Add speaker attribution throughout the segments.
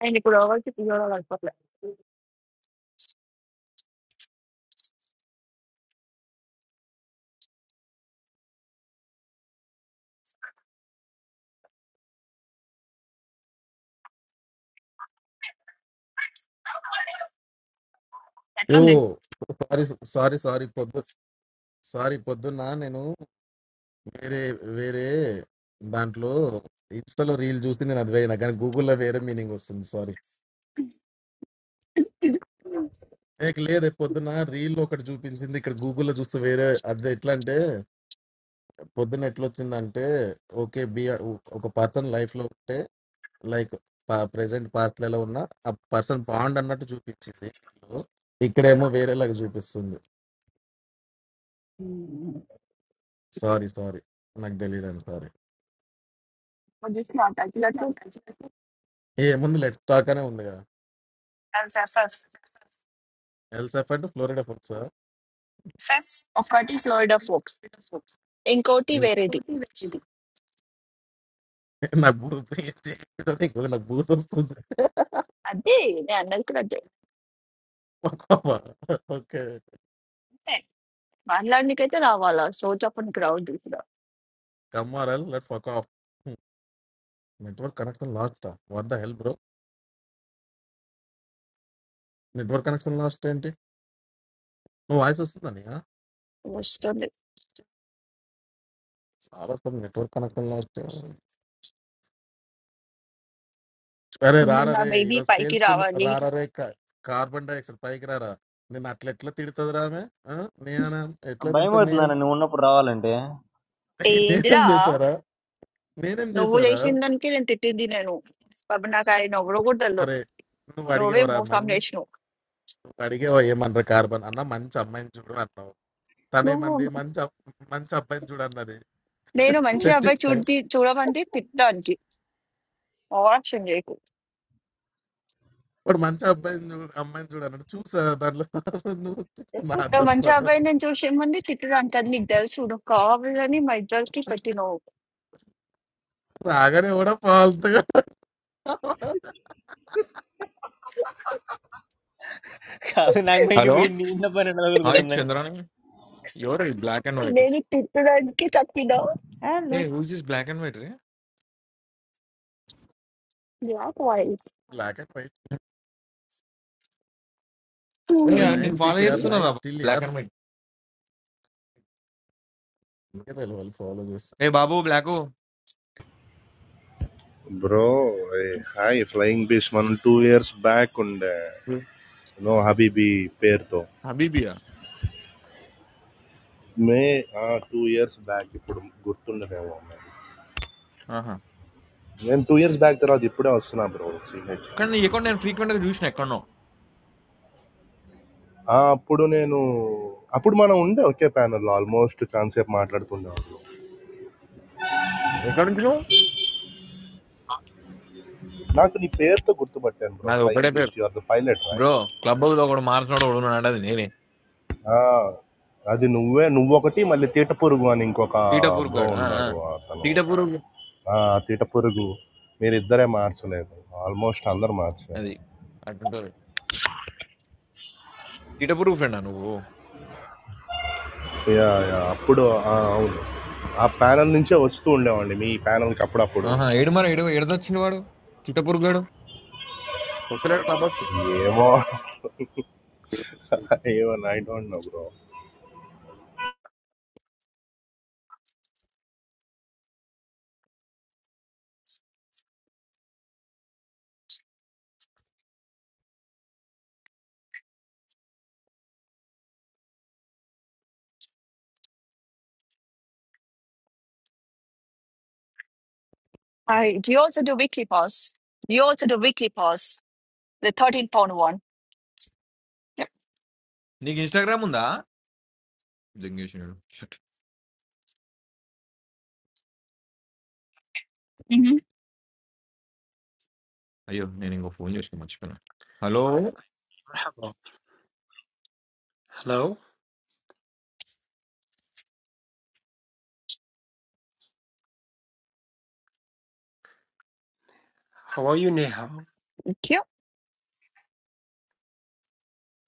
Speaker 1: Any color, whatever color,
Speaker 2: yo sorry sorry sorry పొద్దు sorry పొద్దున్న నేను వేరే వేరే దాంట్లో ఇన్స్టాలో రీల్ చూసి నేను అది వేయనా కానీ గూగుల్లో వేరే మీనింగ్ వస్తుంది సారీ
Speaker 1: whatever.
Speaker 2: నీకు లేదు పొద్దున్న రీల్ ఒకటి చూపించింది ఇక్కడ గూగుల్లో చూస్తే వేరే అది ఎట్లా అంటే పొద్దున్న ఎట్లా వచ్చిందంటే ఓకే బి ఒక పర్సన్ లైఫ్ లో ఉంటే లైక్ ప్రెసెంట్ పాస్ట్ లో ఎలా ఉన్నా ఆ పర్సన్ బాండ్ అన్నట్టు చూపించింది ఇక్కడేమో వేరేలాగా చూపిస్తుంది సారీ సారీ నాకు తెలియదు sorry
Speaker 1: But this one, actually, let me.
Speaker 2: ఏముంది లెట్ స్టాక్ అనే ఉంది కదా
Speaker 1: Let's first,
Speaker 2: ఎల్సెఫ్ అంటే Florida folks
Speaker 1: first, what kind of Florida folks? In courty, where did?
Speaker 2: నా బూత్ ఇంకొక నా బూత్ వస్తుంది
Speaker 1: That day, I another color day.
Speaker 2: Okay
Speaker 1: Man, learn like that, raw, raw, raw. So, just open ground, deep, raw.
Speaker 2: కమ్మారాల్ let fuck off network connection lost what the hell bro network connection lost ఏంటి నువ్వు voice వస్తుందని
Speaker 1: Most of the
Speaker 2: చాలా వస్తుంది network connection lost అరే
Speaker 1: people,
Speaker 2: రారా
Speaker 1: my
Speaker 2: రే
Speaker 1: baby,
Speaker 2: ఈరోజు
Speaker 1: party, raw,
Speaker 2: తేల్చుకుందా
Speaker 1: raw.
Speaker 2: రారా రే కా- కార్బన్ డైఆక్సైడ్ పైకి రారా నేను అట్లా ఎట్లా తిడుతుంది రామె ఆ? నేనా ఎట్లా
Speaker 3: భయం
Speaker 2: తిడుతుంది
Speaker 3: అవుతుందన్న నువ్వు ఉన్నప్పుడు రావాలంటే
Speaker 1: Hey, this
Speaker 2: నేనేం
Speaker 1: one,
Speaker 2: చేశారా నేనేం
Speaker 1: no, we
Speaker 2: చేశారా
Speaker 1: just in that kind of temperature, no. But now, guys, no, we go down low.
Speaker 2: అరే నువ్వు
Speaker 1: No, we
Speaker 2: అడిగేవరా
Speaker 1: most
Speaker 2: మంచి
Speaker 1: famous no.
Speaker 2: నువ్వు అడిగేవా ఏమన్నారు కార్బన్ అన్న మంచి అమ్మాయిని చూడు అన్నావు తనేమంది
Speaker 1: No,
Speaker 2: మంచి అబ్- మంచి అబ్బాయిని చూడు అన్నది
Speaker 1: they no, man, she
Speaker 2: set
Speaker 1: have by
Speaker 2: చేసిన
Speaker 1: cut the cut a bandit, fit that one. Wow, so nice.
Speaker 2: వాడు మంచి అబ్బాయిని చూడు అమ్మాయిని చూడు అన్నాడు చూసా దాంట్లో నువ్వు నా
Speaker 1: Pero
Speaker 2: తప్ప
Speaker 1: మంచి అబ్బాయిని చూసేముందు తిట్టడానికి అది నీకు తెలుసు నువ్వు కావాలని మా ఇద్దరికి పెట్టినావు
Speaker 2: రాగానే కూడా పాల్తుగా
Speaker 3: కాదు నాకు మైండ్
Speaker 4: హలో
Speaker 3: పోయింది ఇంత పని
Speaker 4: హాయ్
Speaker 3: తగులుకుంటుందని
Speaker 4: చంద్రాని ఎవరు బ్లాక్ అండ్ వైట్
Speaker 1: నేను తిట్టడానికి తప్పినావు
Speaker 4: ఏ
Speaker 5: Hello.
Speaker 4: Whose is black and white రే
Speaker 1: Black white.
Speaker 2: Black and white
Speaker 4: ఏ
Speaker 2: బై
Speaker 4: నేను
Speaker 2: నైస్
Speaker 4: ఫాలో
Speaker 2: డీప్ యార్
Speaker 4: చేస్తున్నారా
Speaker 2: నైస్ స్టిల్
Speaker 4: బ్లాక్
Speaker 2: యార్
Speaker 4: అండ్ వైట్
Speaker 2: వాళ్ళు ఫాలో చేసి
Speaker 4: ఏ బాబు బ్లాక్
Speaker 6: Bro, eh, hi, Flying Fish మనం టూ ఇయర్స్ బ్యాక్ ఉండే నో హబీబీ పేరుతో
Speaker 4: హబీబియా
Speaker 6: మే టూ ఇయర్స్ బ్యాక్ ఇప్పుడు గుర్తుండదేమో మరి.
Speaker 4: ఆహా
Speaker 6: నేను టూ ఇయర్స్ బ్యాక్ తర్వాత ఇప్పుడే వస్తున్నా బ్రో సిహెచ్కి
Speaker 4: కానీ నీ అకౌంట్ నేను ఫ్రీక్వెంట్ గా చూసిన ఎక్కడో
Speaker 6: అప్పుడు నేను అప్పుడు మనం ఉండే ఒకే ప్యానల్ ఆల్మోస్ట్ కాన్సెప్ట్ మాట్లాడుతుండేవాళ్ళు
Speaker 4: ఎక్కడ నుంచి నువ్వు
Speaker 6: నాకు నీ పేరుతో గుర్తుపట్టాను బ్రో
Speaker 4: నాది ఒకటే
Speaker 6: ఫ్లయింగ్
Speaker 4: పేరు
Speaker 6: beast are the pilot
Speaker 4: bro
Speaker 6: right
Speaker 4: club house లో ఒకడు మార్చినోడు ఒకడు ఉన్నాడు అది నేనే
Speaker 6: అది నువ్వే నువ్వొకటి మళ్ళీ తీట పురుగు అని ఇంకొక
Speaker 4: తీటపూర్
Speaker 6: బ్రో
Speaker 4: గాడు ఆ, ఆ.
Speaker 6: ఉన్నాడు అతను
Speaker 4: తీటపూర్
Speaker 6: ఆ, తీట పురుగు మీరిద్దరే మార్చలేదు ఆల్మోస్ట్ అందరు మార్చారు
Speaker 4: అది అటుంటారు తీటపూర్ ఫ్రెండా నువ్వు
Speaker 6: యా, యా, అప్పుడు ఆ, అవును ఆ ప్యానల్ నుంచే వస్తూ ఉండేవండి మీ ప్యానల్కి అప్పుడప్పుడు
Speaker 4: ఆహా ఏడు మరి ఏడు ఏడదొచ్చింది వాడు తీటపూర్ గాడు వస్తలేడు క్లబ్ హౌస్
Speaker 6: ఏమో ఏమో I don't know bro
Speaker 1: I, do you also do weekly pause? Do you also do weekly pause? The 13 pound one. Yeah.
Speaker 4: నీకు ఇన్స్టాగ్రామ్ ఉందా జంగేషన్
Speaker 1: Mm-hmm.
Speaker 4: అయ్యో నేను ఇంకో ఫోన్ చేసిన మర్చిపోయినా hello
Speaker 7: Bravo. Hello. How are you, Nihao?
Speaker 1: Thank you.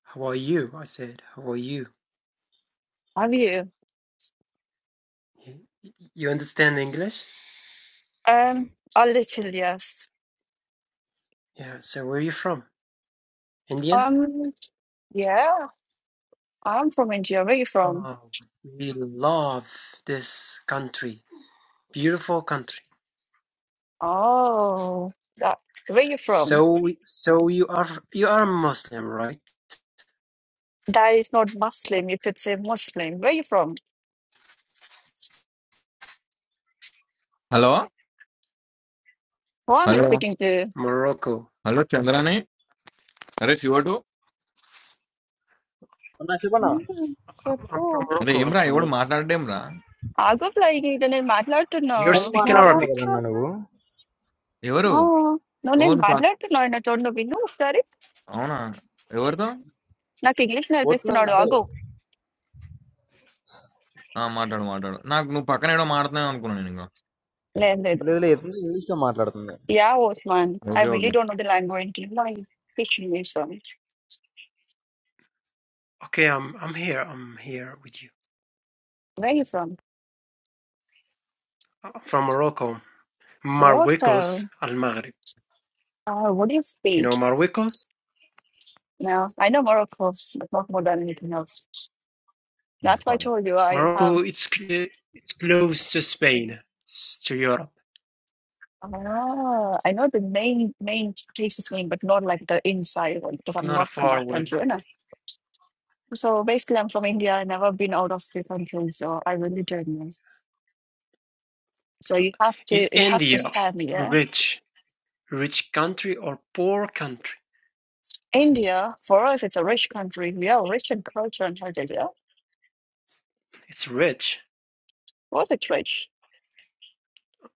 Speaker 7: How are you? I said, how are you?
Speaker 1: Have you?
Speaker 7: Y- You understand English?
Speaker 1: Um, a little, yes.
Speaker 7: Yeah, so where are you from? Indian?
Speaker 1: Um, yeah, I'm from India. Where you from?
Speaker 7: Oh, we love this country. Beautiful country.
Speaker 1: Oh, that, where you from?
Speaker 7: So, so you are, you are Muslim, right?
Speaker 1: That is not Muslim. You could say Muslim. Where you from?
Speaker 4: Hello
Speaker 1: How am I
Speaker 4: hello
Speaker 1: speaking to?
Speaker 7: Morocco.
Speaker 4: Hello Chandrani అరే శివుడు
Speaker 3: అన్నా చెప్పన్నా
Speaker 5: Hmm.
Speaker 7: I'm, I'm from
Speaker 5: Hello.
Speaker 4: అరే
Speaker 7: Morocco. I'm
Speaker 4: ఏమ్రా
Speaker 7: from
Speaker 4: ఎవడు
Speaker 7: Morocco.
Speaker 4: మాట్లాడేమ్రా
Speaker 1: Ago flying today? No, no, no. Today?
Speaker 7: We are
Speaker 3: phone
Speaker 7: speaking
Speaker 5: What are
Speaker 3: మాట్లాడుతున్నావు
Speaker 5: you
Speaker 7: Arabic.
Speaker 3: కదన్నా
Speaker 5: doing?
Speaker 3: నువ్వు
Speaker 4: ఎవరు ఓ నువ్వు పక్క-
Speaker 1: No, I'm not going to be no. Sorry,
Speaker 4: అవునా ఎవరితో
Speaker 1: I'm English. I'll be
Speaker 3: వస్తున్నా
Speaker 1: speaking to
Speaker 3: అంటే
Speaker 1: Ago.
Speaker 4: ఆ, మాట్లాడు మాట్లాడు నాకు నువ్వు పక్కన ఏడో మాట్లాడుతున్నావు అనుకున్నాను నేను ఇంకా
Speaker 1: No, no.
Speaker 3: లేదు లేదు ఇంగ్లీష్ లో మాట్లాడుతుంది
Speaker 1: Yeah, Osman. I
Speaker 4: okay
Speaker 1: really
Speaker 4: okay
Speaker 1: don't know the language. No, I'm English. Where
Speaker 7: Okay, I'm, I'm here. I'm here with you.
Speaker 1: are you from?
Speaker 7: I'm from Morocco. Marwekos,
Speaker 1: Morocco.
Speaker 7: Al Maghrib.
Speaker 1: Ah, what do you
Speaker 7: You know
Speaker 1: speak?
Speaker 7: Marwekos?
Speaker 1: No, I know Morocco. but Not more than anything else. That's why I
Speaker 4: తీసుకోండి.
Speaker 1: told you I have.
Speaker 7: Morocco it's it's close to Spain, it's to Europe,
Speaker 1: Ah, I know the main main place's name, but not like the inside one because
Speaker 7: it's
Speaker 1: I'm
Speaker 7: not
Speaker 1: not from
Speaker 7: far
Speaker 1: that
Speaker 7: away.
Speaker 1: area. So basically, I'm from India. I've never been out of the country, so I really don't know. So you have
Speaker 7: Is
Speaker 1: to you have to
Speaker 7: India
Speaker 1: spend yeah.
Speaker 7: rich? Rich country or poor country?
Speaker 1: India for us, it's a rich country. We are rich in culture and heritage. Yeah,
Speaker 7: It's rich.
Speaker 1: was it rich?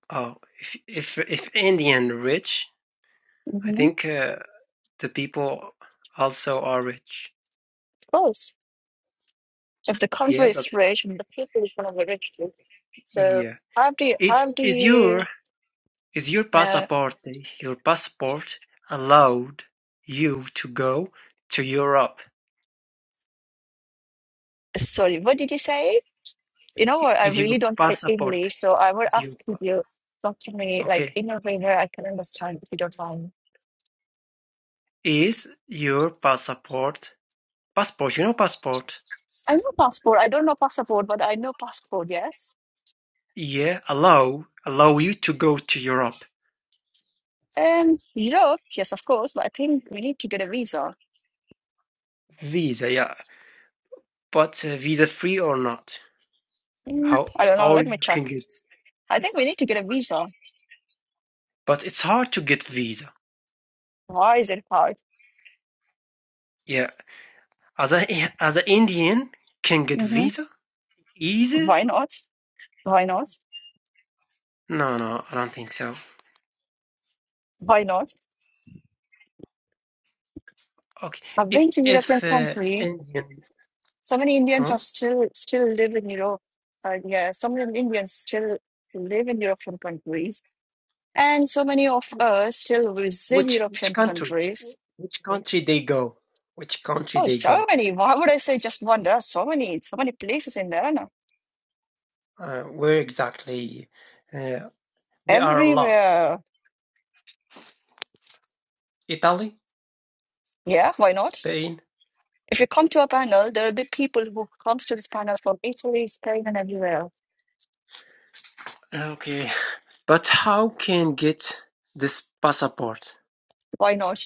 Speaker 7: Oh, if if if Indian rich, I
Speaker 1: hmm
Speaker 7: think uh, the people also are rich.
Speaker 1: Of course. If the country
Speaker 7: Yeah,
Speaker 1: is
Speaker 7: that's
Speaker 1: rich and the people is gonna be rich too. So
Speaker 7: yeah.
Speaker 1: how do you, how
Speaker 7: Is
Speaker 1: do
Speaker 7: is
Speaker 1: you?
Speaker 7: your is your
Speaker 1: Uh,
Speaker 7: passport your
Speaker 1: s-
Speaker 7: passport allowed you to go to Europe?
Speaker 1: sorry, what did you say? You know what? I
Speaker 7: Is your
Speaker 1: really don't speak
Speaker 7: passport
Speaker 1: English, so I would
Speaker 7: is you?
Speaker 1: ask if you talk to me like
Speaker 7: Okay.
Speaker 1: in a way where I can understand if you don't mind.
Speaker 7: Is your passport passport, you know passport,
Speaker 1: I know passport. I don't know passport, but I know passport, yes.
Speaker 7: yeah, allow allow you to go to Europe.
Speaker 1: Um, Europe, yes, of course, but I think we need to get a visa.
Speaker 7: Visa, yeah. But uh, visa free or not?
Speaker 1: Mm,
Speaker 7: How
Speaker 1: I don't know.
Speaker 7: how
Speaker 1: Let me
Speaker 7: you can
Speaker 1: check.
Speaker 7: get
Speaker 1: I think we need to get a visa.
Speaker 7: but it's hard to get visa.
Speaker 1: Why is it hard?
Speaker 7: Yeah. As a as an Indian can get
Speaker 1: hmm
Speaker 7: visa easier?
Speaker 1: Why not? Why not?
Speaker 7: No, no, I don't think so.
Speaker 1: Why not?
Speaker 7: Okay.
Speaker 1: I've
Speaker 7: If
Speaker 1: been to European
Speaker 7: if uh,
Speaker 1: country.
Speaker 7: Indian
Speaker 1: So many Indians
Speaker 7: huh?
Speaker 1: are still still live in Europe. Uh, yeah, so many Indians still live in European countries, and so many of us still visit
Speaker 7: Which which
Speaker 1: European
Speaker 7: country?
Speaker 1: countries.
Speaker 7: Which country they go? Which country
Speaker 1: Oh,
Speaker 7: they
Speaker 1: so
Speaker 7: go?
Speaker 1: many. Why would I say just one? There are so many, so many places in there now.
Speaker 7: Uh, where exactly? Uh, there are a lot.
Speaker 1: Everywhere.
Speaker 7: Italy,
Speaker 1: Yeah, why not?
Speaker 7: Spain.
Speaker 1: If you come to a panel, there will be people who comes to this panel from Italy, Spain, and everywhere.
Speaker 7: Okay, but how can get this passport?
Speaker 1: Why not?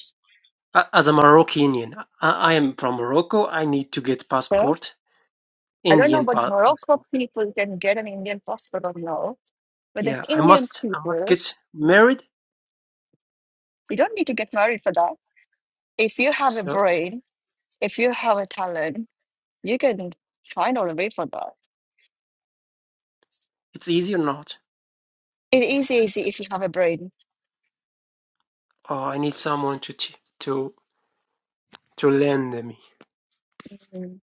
Speaker 7: A- As a Moroccanian, I, I am from Morocco. I need to get
Speaker 1: So
Speaker 7: passport,
Speaker 1: I don't know,
Speaker 7: Indian
Speaker 1: but
Speaker 7: pa-
Speaker 1: Morocco
Speaker 7: passport.
Speaker 1: people can get an Indian passport or no. But then
Speaker 7: Yeah, I
Speaker 1: Indian
Speaker 7: must. I must
Speaker 1: people,
Speaker 7: get married.
Speaker 1: you don't need to get married for that. If you have a
Speaker 7: So
Speaker 1: brain, if you have a talent, you can find out a way for that.
Speaker 7: it's easy or not?
Speaker 1: It is easy if you have a brain.
Speaker 7: Or I need someone to t- to to lend me.
Speaker 1: Mm.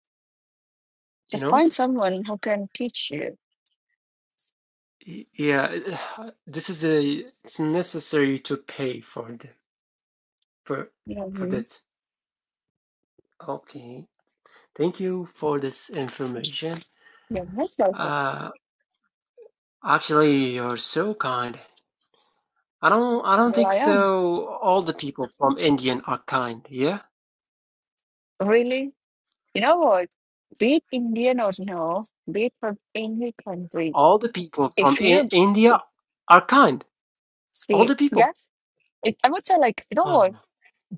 Speaker 7: You
Speaker 1: Just
Speaker 7: know?
Speaker 1: find someone who can teach you
Speaker 7: Y- Yeah, this is a. It's necessary to pay for it. for for
Speaker 1: Mhm.
Speaker 7: that. Okay. Thank you for this information.
Speaker 1: You're most welcome.
Speaker 7: Uh, actually, you're so kind. I don't I don't
Speaker 1: Well,
Speaker 7: think
Speaker 1: I am.
Speaker 7: so. All the people from Indian are kind. Yeah,
Speaker 1: Really? You know what? Be it Indian or no, be it from any country,
Speaker 7: all the people from
Speaker 1: if
Speaker 7: I-
Speaker 1: you
Speaker 7: India are kind. All
Speaker 1: see,
Speaker 7: the people.
Speaker 1: yes, it, I would say, like, you know what?
Speaker 7: Um,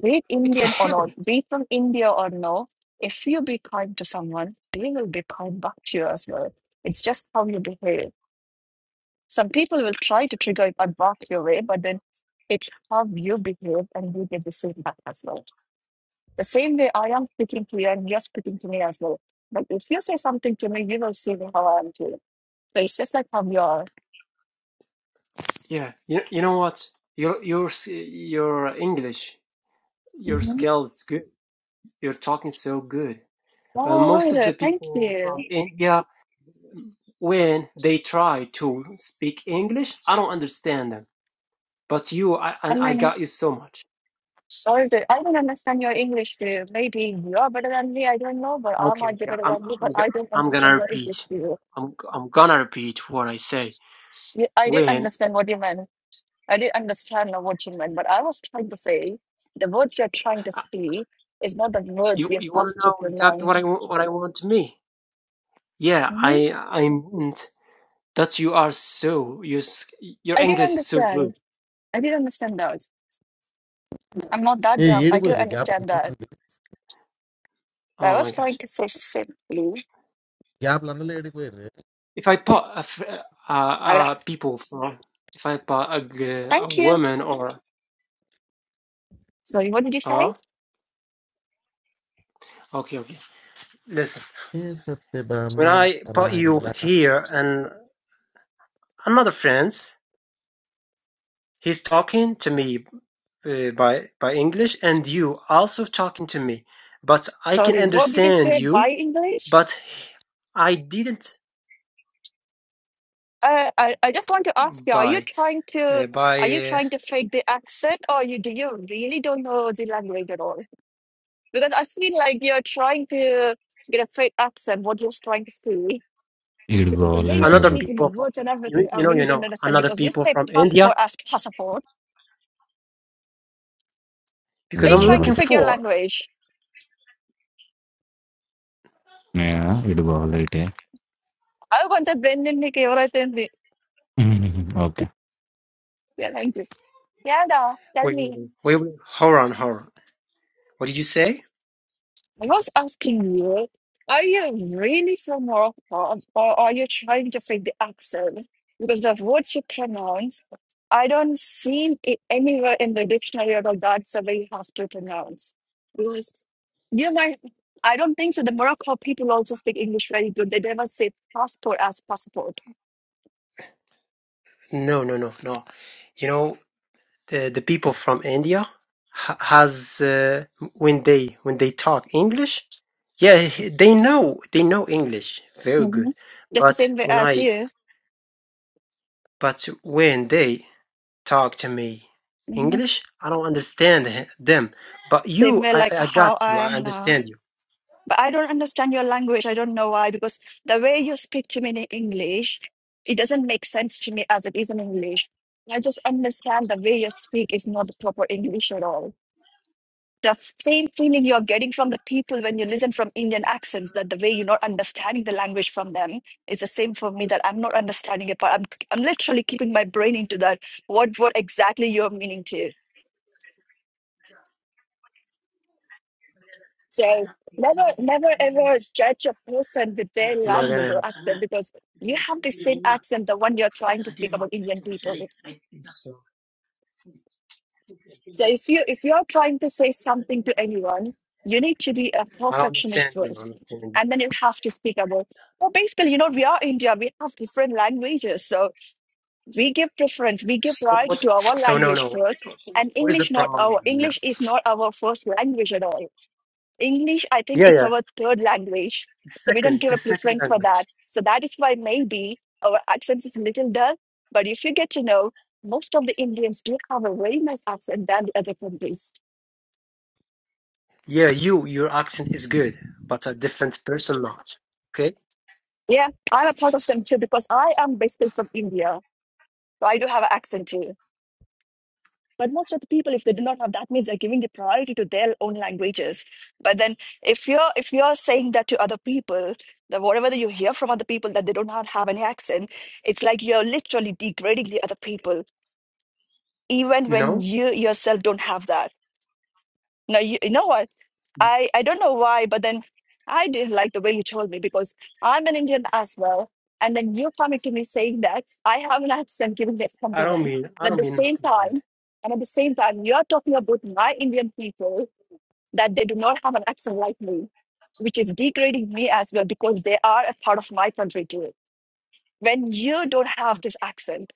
Speaker 1: Be it
Speaker 7: it's
Speaker 1: Indian or not,
Speaker 7: heaven.
Speaker 1: be it from India or no, if you be kind to someone, they will be kind back to you as well. It's just how you behave. Some people will try to trigger it and back your way, but then it's how you behave and you get the same back as well. The same way I am speaking to you and you're speaking to me as well. But if you say something to me, you will see how I'm doing. So it's just like how you are.
Speaker 7: Yeah. You you know what? Your your s- your English, your
Speaker 1: hmm
Speaker 7: skill is good. You're talking so good. Uh,
Speaker 1: Oh,
Speaker 7: most
Speaker 1: wait,
Speaker 7: of the
Speaker 1: thank
Speaker 7: people from
Speaker 1: you.
Speaker 7: India when they try to speak English, I don't understand them. But you, I,
Speaker 1: I
Speaker 7: and I
Speaker 1: mean,
Speaker 7: got you so much.
Speaker 1: sorry, that- I don't understand your English too. Maybe you're better than me, I don't know, but I
Speaker 7: Okay,
Speaker 1: might be
Speaker 7: okay.
Speaker 1: better
Speaker 7: I'm,
Speaker 1: than you,
Speaker 7: I'm,
Speaker 1: but I don't
Speaker 7: I'm gonna
Speaker 1: understand your English
Speaker 7: repeat.
Speaker 1: too.
Speaker 7: I'm, I'm gonna repeat what I say.
Speaker 1: Yeah, I did
Speaker 7: When
Speaker 1: understand what you meant. I did understand now what you meant, but I was trying to say the words you're trying to
Speaker 7: uh,
Speaker 1: speak is not the words
Speaker 7: you,
Speaker 1: you
Speaker 7: you
Speaker 1: have
Speaker 7: want to
Speaker 1: to
Speaker 7: know exactly what I,
Speaker 1: pronounce.
Speaker 7: what I want to me? Yeah,
Speaker 1: Mhm.
Speaker 7: I, I meant that you are so, you, your
Speaker 1: I did
Speaker 7: English is so
Speaker 1: understand.
Speaker 7: good.
Speaker 1: I did understand that. I'm not that
Speaker 2: ఏ
Speaker 1: dumb. I do
Speaker 2: ఏడిపోయారు gap
Speaker 1: understand that. But I
Speaker 7: Oh
Speaker 1: was
Speaker 7: my
Speaker 1: trying
Speaker 7: gosh.
Speaker 1: to say simply,
Speaker 2: గ్యాప్లు అందరూ ఏడిపోయారు
Speaker 7: If I put a, fr- uh,
Speaker 1: I would
Speaker 7: uh,
Speaker 1: ask,
Speaker 7: people from, if I put a, g- a
Speaker 1: thank you.
Speaker 7: woman or,
Speaker 1: Sorry, what did you say?
Speaker 7: uh, okay, okay. Listen.
Speaker 2: A Satyabhama
Speaker 7: When I put you
Speaker 2: Rayala
Speaker 7: here and another friends, he's talking to me uh, by by English, and you also talking to me, but I can
Speaker 1: Sorry, what did you
Speaker 7: understand
Speaker 1: say? Why
Speaker 7: you,
Speaker 1: English?
Speaker 7: but I didn't
Speaker 1: Uh, I, I just want to ask you, are you
Speaker 7: by
Speaker 1: trying to
Speaker 7: uh,
Speaker 1: are
Speaker 7: by
Speaker 1: you
Speaker 7: uh,
Speaker 1: trying to fake the accent or you do you really don't know the language at all? Because I feel like you're trying to get a fake accent, what you're trying to speak. Because the way you're
Speaker 8: Idgohalite,
Speaker 7: another
Speaker 8: brother.
Speaker 1: speaking, the
Speaker 7: people from
Speaker 1: words and everything,
Speaker 7: you,
Speaker 1: I
Speaker 7: you know
Speaker 1: really
Speaker 7: you
Speaker 1: don't
Speaker 7: know
Speaker 1: understand
Speaker 7: another
Speaker 1: because you
Speaker 7: people
Speaker 1: say
Speaker 7: from India
Speaker 1: passport as passport.
Speaker 7: because
Speaker 1: Are you
Speaker 7: I'm
Speaker 1: trying to
Speaker 7: looking
Speaker 8: Idgohalite.
Speaker 1: fake your
Speaker 7: for
Speaker 1: language?
Speaker 8: Yeah, idgohalite.
Speaker 1: Oh, once I Brendan Nick, everything. Be-
Speaker 8: Okay.
Speaker 1: Yeah, thank you. Yeah, da, tell
Speaker 7: we
Speaker 1: me.
Speaker 7: we will hold on hold on. What did you say?
Speaker 1: I was asking you, are you really from Morocco or are you trying to fake the accent? Because the words you pronounce, I don't see it anywhere in the dictionary about that's the way you have to pronounce. Because you might, I don't think so. The Morocco people also speak English very good. They never say passport as passport.
Speaker 7: No no no no. You know the the people from India ha- has uh, when they when they talk English, yeah, they know they know English very good.
Speaker 1: hmm Just the
Speaker 7: But
Speaker 1: same way
Speaker 7: when
Speaker 1: as
Speaker 7: I
Speaker 1: you.
Speaker 7: but when they talk to me
Speaker 1: hmm
Speaker 7: English, I don't understand he- them. But
Speaker 1: Same
Speaker 7: you,
Speaker 1: way
Speaker 7: I I
Speaker 1: like
Speaker 7: got
Speaker 1: how I
Speaker 7: you. I
Speaker 1: am now.
Speaker 7: understand you.
Speaker 1: But I don't understand your language. I don't know why, because the way you speak to me in English, it doesn't make sense to me as it is in English. I just understand the way you speak is not the proper English at all. The f- same feeling you're getting from the people when you listen from Indian accents, that the way you're not understanding the language from them is the same for me that I'm not understanding it, but I'm I'm literally keeping my brain into that. What what exactly you're meaning to? So never, never ever judge a person with their
Speaker 7: I'm not
Speaker 1: language
Speaker 7: gonna.
Speaker 1: or accent because you have the same accent, the one you're trying to speak about Indian people.
Speaker 7: So
Speaker 1: So if you if you're trying to say something to anyone, you need to be a
Speaker 7: I don't
Speaker 1: perfectionist
Speaker 7: understand you. I don't
Speaker 1: first.
Speaker 7: understand you.
Speaker 1: And then you have to speak about well, basically, you know, we are India, we have different languages. So we give preference, we give
Speaker 7: So
Speaker 1: priority
Speaker 7: what?
Speaker 1: to our
Speaker 7: So no,
Speaker 1: language
Speaker 7: no.
Speaker 1: first. And
Speaker 7: What is the
Speaker 1: English not
Speaker 7: problem?
Speaker 1: our
Speaker 7: now?
Speaker 1: English is not our first language at all English, I think
Speaker 7: Yeah, yeah.
Speaker 1: it's our third language. So we don't
Speaker 7: Second,
Speaker 1: give
Speaker 7: the
Speaker 1: a
Speaker 7: second
Speaker 1: preference for
Speaker 7: language.
Speaker 1: that. So that is why maybe our accent is a little dull. But if you get to know, most of the Indians do have a very nice accent than the other countries.
Speaker 7: Yeah, you, your accent is good, but a different person not. Okay?
Speaker 1: Yeah, I'm a part of them too because I am basically from India. So I do have an accent too. But most of the people, if they do not have that, means they're giving the priority to their own languages. But then, if you're if you're saying that to other people, that whatever that you hear from other people that they do not have any accent, it's like you're literally degrading the other people, even when
Speaker 7: No,
Speaker 1: you yourself don't have that no, you, you know what? I, I don't know why, but then I didn't like the way you told me because I'm an Indian as well. And then you coming to me saying that I have an accent giving me a
Speaker 7: I
Speaker 1: compliment.
Speaker 7: don't mean, I
Speaker 1: And at
Speaker 7: don't
Speaker 1: the
Speaker 7: mean
Speaker 1: same
Speaker 7: nothing bad.
Speaker 1: time, and at the same time, you are talking about my Indian people that they do not have an accent like me, which is degrading me as well because they are a part of my country too. When you don't have this accent,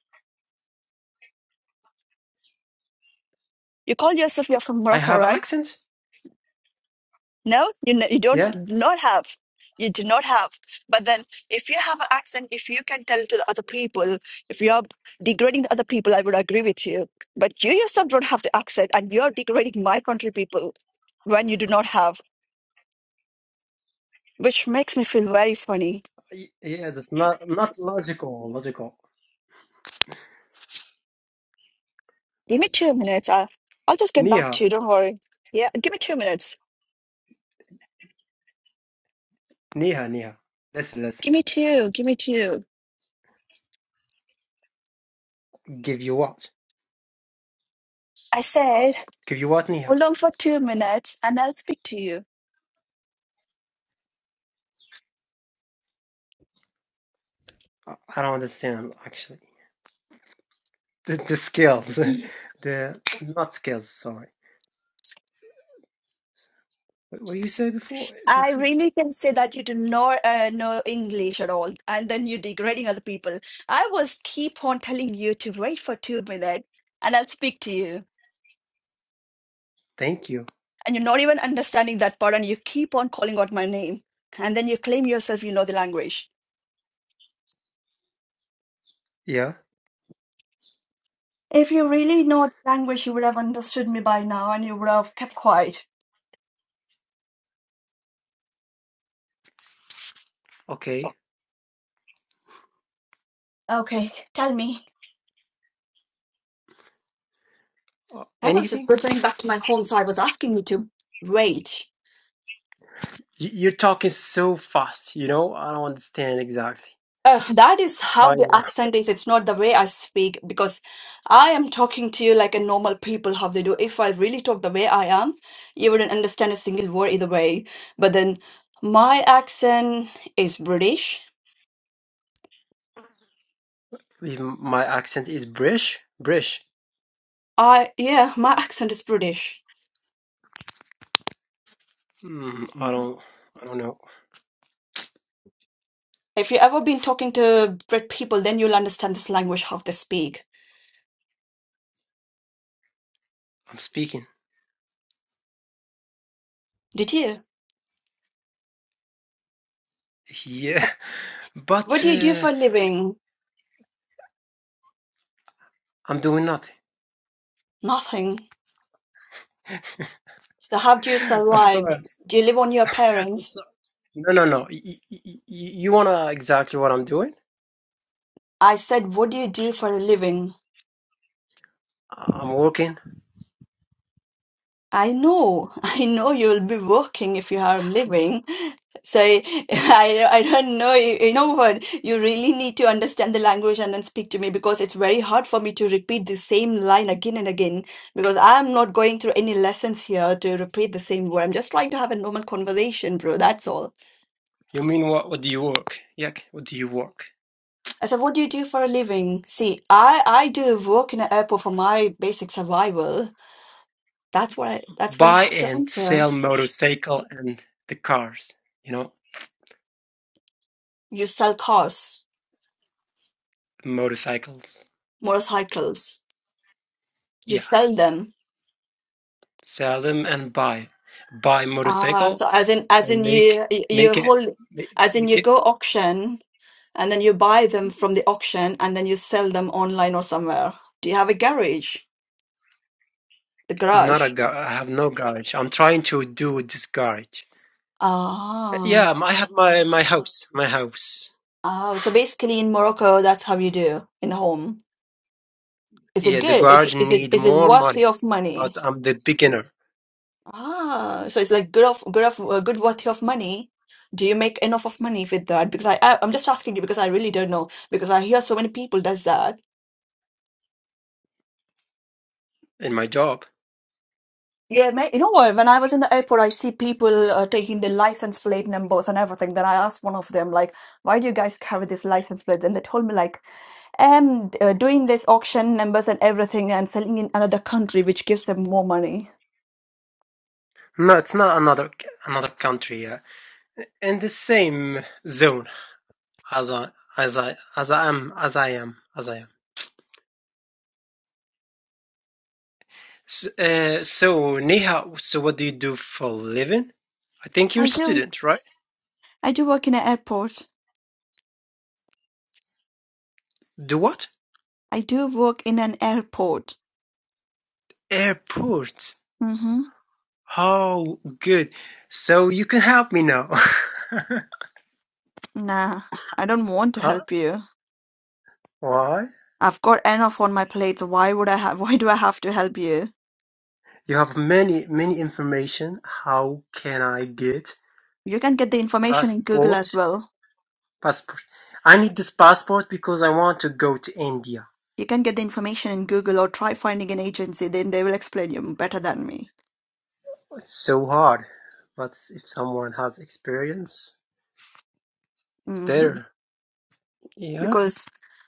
Speaker 1: you call yourself you're from
Speaker 7: I
Speaker 1: Morocco,
Speaker 7: have
Speaker 1: right?
Speaker 7: accent?
Speaker 1: No, you know, you don't
Speaker 7: Yeah?
Speaker 1: not have. You do not have. But then, if you have an accent, if you can tell to the other people, if you're degrading the other people, I would agree with you. But you yourself don't have the accent, and you're degrading my country people when you do not have, which makes me feel very funny.
Speaker 7: Y- Yeah, that's not, not logical, logical.
Speaker 1: Give me two minutes. I'll, I'll just get back
Speaker 7: Nia,
Speaker 1: to you. Don't worry. Yeah, give me two minutes.
Speaker 7: Nia, Nia. Listen, listen.
Speaker 1: Give me two. Give me two.
Speaker 7: Give you what?
Speaker 1: I said,
Speaker 7: Give you what, Nia?
Speaker 1: hold on for two minutes, and I'll speak to you.
Speaker 7: I I don't understand, actually. The, the skills, the, not skills, sorry. What, what you said before?
Speaker 1: I
Speaker 7: This is,
Speaker 1: really can say that you do not uh, know English at all, and then you're degrading other people. I was keep on telling you to wait for two minutes, and I'll speak to you,
Speaker 7: thank you.
Speaker 1: and you're not even understanding that part, and you keep on calling out my name, and then you claim yourself you know the language.
Speaker 7: Yeah,
Speaker 1: If you really know the language, you would have understood me by now, and you would have kept quiet.
Speaker 7: okay.
Speaker 1: Okay, tell me.
Speaker 7: Uh,
Speaker 1: I was just
Speaker 7: anything?
Speaker 1: returning back to my home, so I was asking you to wait.
Speaker 7: You- are talking so fast, you know? I don't understand exactly.
Speaker 1: Uh, that is
Speaker 7: I'm
Speaker 1: how the
Speaker 7: trying to.
Speaker 1: accent is. It's not the way I speak because I am talking to you like a normal people how they do. If I really talk the way I am, you wouldn't understand a single word either way. But then my accent is British.
Speaker 7: If my accent is British, British.
Speaker 1: I yeah, my accent is British.
Speaker 7: Hmm, I don't. I don't know.
Speaker 1: If you ever been talking to Brit people, then you'll understand this language how they speak.
Speaker 7: I'm speaking.
Speaker 1: Did you?
Speaker 7: Yeah,
Speaker 1: What
Speaker 7: but
Speaker 1: do you do
Speaker 7: uh,
Speaker 1: for a living?
Speaker 7: I'm doing nothing.
Speaker 1: Nothing. So how do you
Speaker 7: I'm
Speaker 1: survive?
Speaker 7: sorry.
Speaker 1: Do you live on your
Speaker 7: I'm
Speaker 1: parents?
Speaker 7: sorry. No, no, no. Y- y- y- y- you wanna exactly what I'm doing?
Speaker 1: I said, What do you do for a living?
Speaker 7: I'm working.
Speaker 1: I know, I know you'll be working if you are living. So I, I don't know, you, you know what? You really need to understand the language and then speak to me because it's very hard for me to repeat the same line again and again because I'm not going through any lessons here to repeat the same word. I'm just trying to have a normal conversation, bro. That's all.
Speaker 7: You mean what? What do you work? Yeah, what do you work?
Speaker 1: I said, what do you do for a living? See, I, I do work in an airport for my basic survival. That's what I, that's what you
Speaker 7: Buy
Speaker 1: have to
Speaker 7: and
Speaker 1: answer.
Speaker 7: sell motorcycle and the cars. You know,
Speaker 1: You sell cars,
Speaker 7: motorcycles.
Speaker 1: motorcycles. You
Speaker 7: Yeah.
Speaker 1: sell them.
Speaker 7: sell them and buy buy
Speaker 1: Ah,
Speaker 7: motorcycle
Speaker 1: so as in as
Speaker 7: and
Speaker 1: in
Speaker 7: make
Speaker 1: you you
Speaker 7: make it
Speaker 1: hold
Speaker 7: make,
Speaker 1: as in you
Speaker 7: it
Speaker 1: go auction and then you buy them from the auction and then you sell them online or somewhere. Do you have a garage? The
Speaker 7: not a
Speaker 1: garage.
Speaker 7: gar- I have no garage. I'm trying to do this garage.
Speaker 1: Ah.
Speaker 7: Yeah, I have my my house, my house.
Speaker 1: Oh, so basically in Morocco that's how you do in the home. Is it
Speaker 7: Yeah, the
Speaker 1: good? It's,
Speaker 7: garage
Speaker 1: is it
Speaker 7: need
Speaker 1: is it
Speaker 7: more
Speaker 1: worthy
Speaker 7: money,
Speaker 1: of money?
Speaker 7: but I'm the beginner
Speaker 1: Ah, so it's like good of good of uh, good worth of money. Do you make enough of money with that? Because I, I I'm just asking you because I really don't know because I hear so many people does that.
Speaker 7: in my job.
Speaker 1: Yeah, ma you know what? When I was in the airport, I see people uh, taking the license plate numbers and everything. Then I asked one of them like, "Why do you guys carry this license plate?" And they told me like, "Um, uh, doing this auction numbers and everything and selling in another country, which gives them more money."
Speaker 7: No, it's not another another country. Yeah, in the same zone as I as I as I am as I am as I am. S- Uh, so Neha, so what do you do for a living? I think you're
Speaker 1: I
Speaker 7: a
Speaker 1: do.
Speaker 7: student, right?
Speaker 1: I do work in an airport.
Speaker 7: Do what?
Speaker 1: I do work in an airport.
Speaker 7: Airport.
Speaker 1: Mm-hmm.
Speaker 7: Oh, good. So you can help me now.
Speaker 1: Nah, I don't want to
Speaker 7: Huh?
Speaker 1: help you.
Speaker 7: Why?
Speaker 1: I've got enough on my plate, so why would I have, why do I have to help you?
Speaker 7: You have many, many information. How can I get
Speaker 1: You can get the information in Google
Speaker 7: passport?
Speaker 1: as well.
Speaker 7: Passport. I need this passport because I want to go to India.
Speaker 1: You can get the information in Google or try finding an agency, then they will explain you better than me.
Speaker 7: It's so hard. But if someone has experience, it's
Speaker 1: hmm
Speaker 7: better. Yeah?
Speaker 1: Because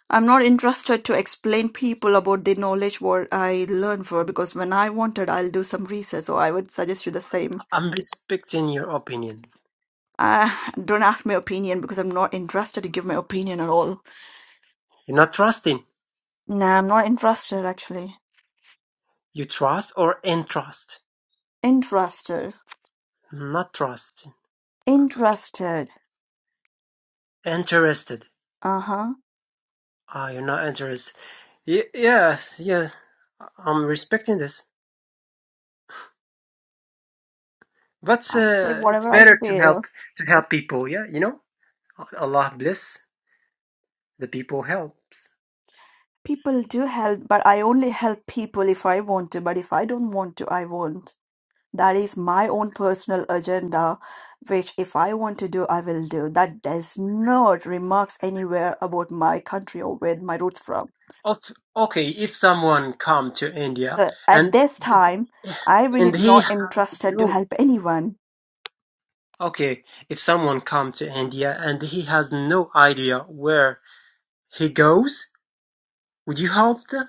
Speaker 1: I'm not interested to explain people about the knowledge what I learned for, because when I wanted, I'll do some research, so I would suggest you the same.
Speaker 7: I'm respecting your opinion.
Speaker 1: Uh, don't ask my opinion because I'm not interested to give my opinion at all.
Speaker 7: Not trusting.
Speaker 1: Nah, I'm not interested actually.
Speaker 7: You trust or entrust?
Speaker 1: Interested.
Speaker 7: Not trusting. Okay.
Speaker 1: Interested.
Speaker 7: Interested.
Speaker 1: Uh-huh.
Speaker 7: Ah, you're not interested. Y- yes, yes. I- am respecting this. But
Speaker 1: I say
Speaker 7: uh, it's
Speaker 1: whatever I
Speaker 7: better to help
Speaker 1: feel.
Speaker 7: to help people. Yeah, you know, Allah bless the people helps.
Speaker 1: People do help, but I only help people if I want to, but if I don't want to, I won't. That is my own personal agenda, which if I want to do, I will do. That does not remarks anywhere about my country or where my roots from.
Speaker 7: Of- Okay, if someone come to India
Speaker 1: So at
Speaker 7: and
Speaker 1: this time, I really
Speaker 7: and he
Speaker 1: not
Speaker 7: has
Speaker 1: interested to
Speaker 7: no
Speaker 1: help anyone.
Speaker 7: okay, if someone come to India and he has no idea where he goes, Would you help the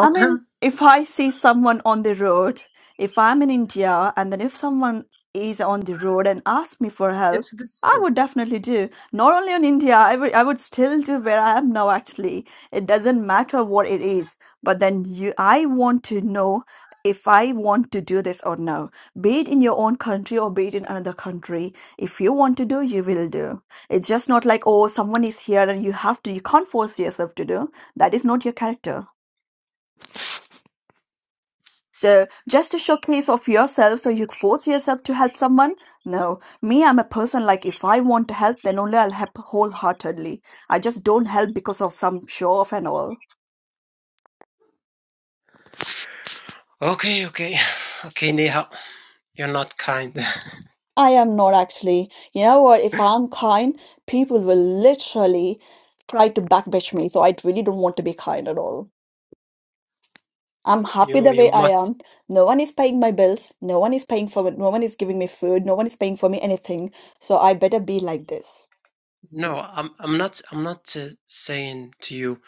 Speaker 1: I mean,
Speaker 7: him?
Speaker 1: if I see someone on the road, if I'm in India, and then if someone is on the road and asks me for help,
Speaker 7: It's the
Speaker 1: I
Speaker 7: same.
Speaker 1: would definitely do. Not only on India, I would I would still do where I am now. Actually, it doesn't matter what it is, but then you, I want to know if I want to do this or no. Be it in your own country or be it in another country, if you want to do, you will do. It's just not like oh, someone is here and you have to. You can't force yourself to do. That is not your character. So just a showcase of yourself so you force yourself to help someone? No. Me, I'm a person like if I want to help, then only I'll help wholeheartedly. I just don't help because of some show off and all.
Speaker 7: Okay, okay, okay, Neha, you're not kind.
Speaker 1: I am not actually. You know what? If I'm kind, people will literally try to backbitch me. So I really don't want to be kind at all. I'm happy
Speaker 7: you
Speaker 1: the
Speaker 7: you
Speaker 1: way I
Speaker 7: must.
Speaker 1: am. No one is paying my bills. No one is paying for it. No one is giving me food. No one is paying for me anything. So I better be like this.
Speaker 7: No, I'm I'm not I'm not uh, saying to you,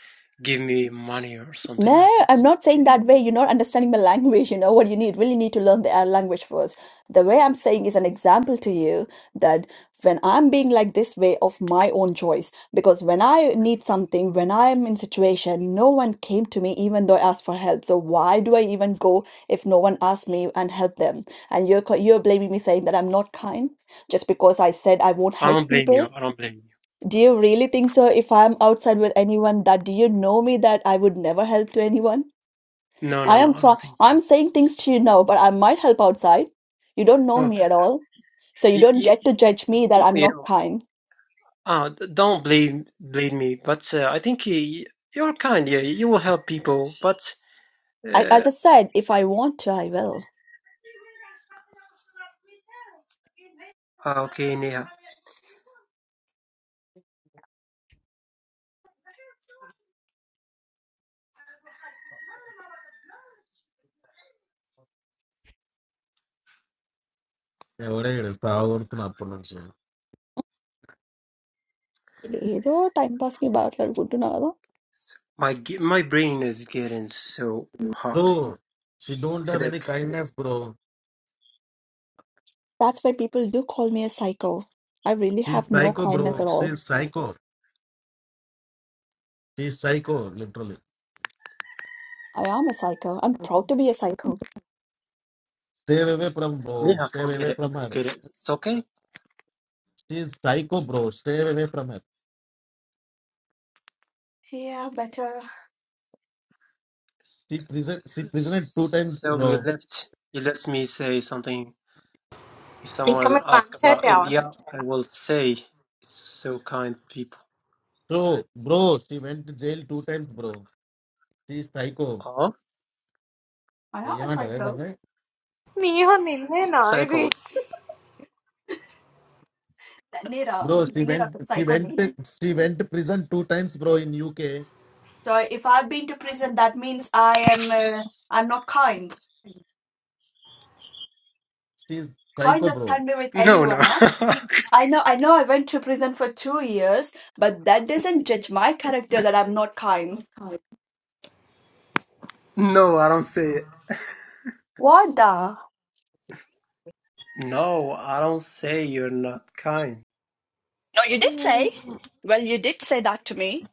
Speaker 7: give me money or something
Speaker 1: No,
Speaker 7: like
Speaker 1: I'm
Speaker 7: this.
Speaker 1: not saying
Speaker 7: Okay,
Speaker 1: that way. You're not understanding the language. You know what you need really need to learn the uh, language first. The way I'm saying is an example to you that when I'm being like this way of my own choice, because when I need something, when I'm in situation, no one came to me even though I asked for help. So why do I even go if no one asked me and help them? And you're co- you're blaming me saying that I'm not kind just because I said I won't
Speaker 7: I
Speaker 1: help
Speaker 7: don't blame you.
Speaker 1: people.
Speaker 7: I don't blame you.
Speaker 1: Do you really think so? If I'm outside with anyone, that do you know me that I would never help to anyone?
Speaker 7: No,
Speaker 1: I
Speaker 7: no, no,
Speaker 1: am
Speaker 7: I
Speaker 1: try
Speaker 7: don't think so.
Speaker 1: I'm saying things to you now, but I might help outside. You don't know
Speaker 7: No,
Speaker 1: me at all. So you
Speaker 7: you
Speaker 1: don't
Speaker 7: you,
Speaker 1: get to judge me
Speaker 7: you
Speaker 1: that
Speaker 7: know.
Speaker 1: I'm
Speaker 7: You
Speaker 1: not
Speaker 7: know
Speaker 1: kind.
Speaker 7: uh, d- don't blame blame me, but uh, I think uh, you're kind. Yeah, you will help people, but
Speaker 1: I, as
Speaker 7: uh,
Speaker 1: I said, if I want to, I will.
Speaker 7: ah, okay, Neha.
Speaker 2: ఎవడేడు సాగుతున్నా అప్పటి నుంచి
Speaker 1: ఏదో time pass కి బాగా అనుకుంటున్నా కదా.
Speaker 7: My g- my brain is getting so
Speaker 2: bro
Speaker 7: hot.
Speaker 2: She don't have any
Speaker 7: Headache.
Speaker 2: Kindness bro
Speaker 1: That's why people do call me a psycho. I really
Speaker 2: she
Speaker 1: have no
Speaker 2: psycho bro
Speaker 1: kindness at
Speaker 2: she
Speaker 1: all.
Speaker 2: Psycho she psycho literally
Speaker 1: I am a psycho. I'm proud to be a psycho.
Speaker 2: Stay away from bro
Speaker 7: Neha,
Speaker 2: stay
Speaker 7: forget
Speaker 2: away
Speaker 7: it.
Speaker 2: From her
Speaker 7: Forget it. It's okay.
Speaker 2: She psycho bro stay away from her
Speaker 1: Yeah, better.
Speaker 2: She present she prisoned two times
Speaker 7: So
Speaker 2: bro
Speaker 7: you left you left me say something. If
Speaker 9: I come
Speaker 7: someone
Speaker 9: at five.
Speaker 7: asks about
Speaker 9: Yeah,
Speaker 7: India, I will say it's so kind people.
Speaker 2: Bro bro she went jail two times bro she psycho
Speaker 7: Oh,
Speaker 1: I am a
Speaker 2: ఏమంటారు
Speaker 1: psycho.
Speaker 2: ఏదంగా
Speaker 9: only. You are
Speaker 7: s-
Speaker 9: not
Speaker 7: cycle.
Speaker 9: ready.
Speaker 1: Nira,
Speaker 2: bro she
Speaker 1: Nira,
Speaker 2: went she
Speaker 1: psycho. me.
Speaker 2: Went she went prison two times bro in UK
Speaker 1: So if I've been to prison, that means I am uh, I'm not kind.
Speaker 2: She psycho
Speaker 1: Kindness
Speaker 2: bro
Speaker 1: can be with
Speaker 7: No, no,
Speaker 1: anyone, huh? It, I know, I know. I went to prison for two years, but that doesn't judge my character that I'm not kind.
Speaker 7: no. I don't say it.
Speaker 1: What the?
Speaker 7: No, I don't say you're not kind.
Speaker 1: No, you did say. Well, you did say that to me.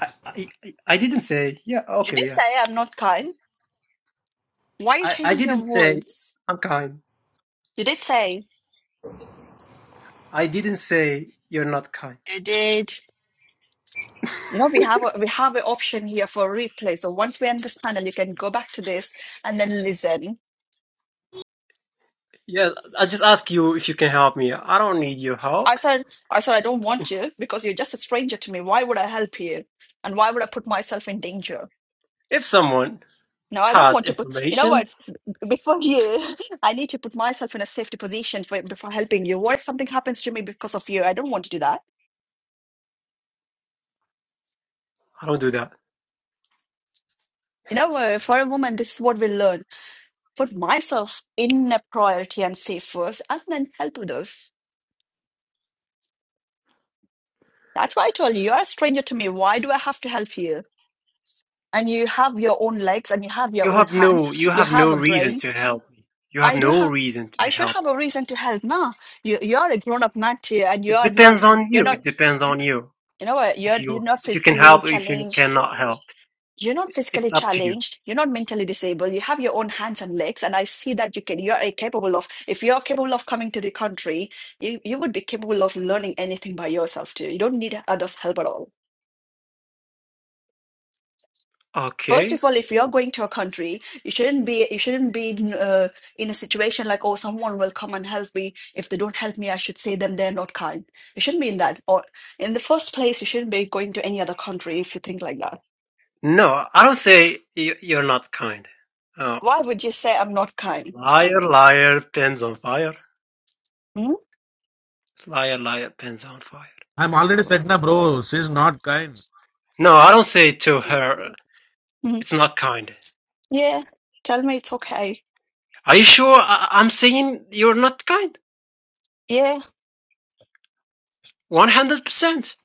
Speaker 7: I I I I didn't say. Yeah,
Speaker 1: You
Speaker 7: okay,
Speaker 1: did
Speaker 7: yeah.
Speaker 1: say I'm not kind. Why you
Speaker 7: I I
Speaker 1: change your
Speaker 7: didn't say
Speaker 1: words?
Speaker 7: I'm kind.
Speaker 1: You did say.
Speaker 7: I didn't say you're not kind.
Speaker 1: You did. You know we have a, we have an option here for replay. So once we're in this panel, you can go back to this and then listen.
Speaker 7: Yeah, I just ask you if you can help me. I don't need your
Speaker 1: I
Speaker 7: help.
Speaker 1: said, I said, I don't want you because you're just a stranger to me. Why would I help you? And why would I put myself in danger?
Speaker 7: If someone
Speaker 1: No, I don't
Speaker 7: has
Speaker 1: want to put, you know
Speaker 7: information,
Speaker 1: what? B- Before you, I need to put myself in a safety position for, before helping you. What if something happens to me because of you? I don't want to do that.
Speaker 7: I don't do that.
Speaker 1: You know, uh, for a woman, this is what we learn. Put myself in a priority and safe first, and then help others. That's why I told you, you're a stranger to me. Why do I have to help you? And you have your own legs and you have your
Speaker 7: You
Speaker 1: own
Speaker 7: have
Speaker 1: hands.
Speaker 7: no, you
Speaker 1: You
Speaker 7: have
Speaker 1: have
Speaker 7: no
Speaker 1: a
Speaker 7: reason
Speaker 1: brain.
Speaker 7: to help me. You have
Speaker 1: I do
Speaker 7: no
Speaker 1: have,
Speaker 7: reason to
Speaker 1: I should
Speaker 7: help
Speaker 1: have a reason to help. No, you, you're a grown up man too, and
Speaker 7: me.
Speaker 1: you
Speaker 7: It
Speaker 1: are not.
Speaker 7: depends on
Speaker 1: You're
Speaker 7: you.
Speaker 1: not.
Speaker 7: It depends on you.
Speaker 1: You know what? You're
Speaker 7: If
Speaker 1: you're
Speaker 7: you,
Speaker 1: not
Speaker 7: if you can
Speaker 1: physically
Speaker 7: help or if you
Speaker 1: challenged.
Speaker 7: cannot help,
Speaker 1: You're not physically
Speaker 7: it's up to you.
Speaker 1: challenged. You're not mentally disabled. You have your own hands and legs, and I see that you can. You're capable of. If you're capable of coming to the country, you you would be capable of learning anything by yourself too. You don't need others' help at all. First
Speaker 7: Okay.
Speaker 1: of all, if you're going to a country, you shouldn't be you shouldn't be uh, in a situation like, oh, someone will come and help me. If they don't help me, I should say them they're not kind. You shouldn't be in that. Or in the first place, you shouldn't be going to any other country if you think like that
Speaker 7: No, I don't say you- you're not kind. Oh,
Speaker 1: Why would you say I'm not kind?
Speaker 7: liar, liar, pens on fire.
Speaker 1: Hmm?
Speaker 7: Liar, liar, pens on fire.
Speaker 2: I'm already set now, bro. She's not kind.
Speaker 7: No, I don't say to her,
Speaker 1: Hmm.
Speaker 7: it's not kind.
Speaker 1: Yeah, tell me it's okay.
Speaker 7: Are you sure I- I'm saying you're not kind?
Speaker 1: Yeah,
Speaker 7: 100%.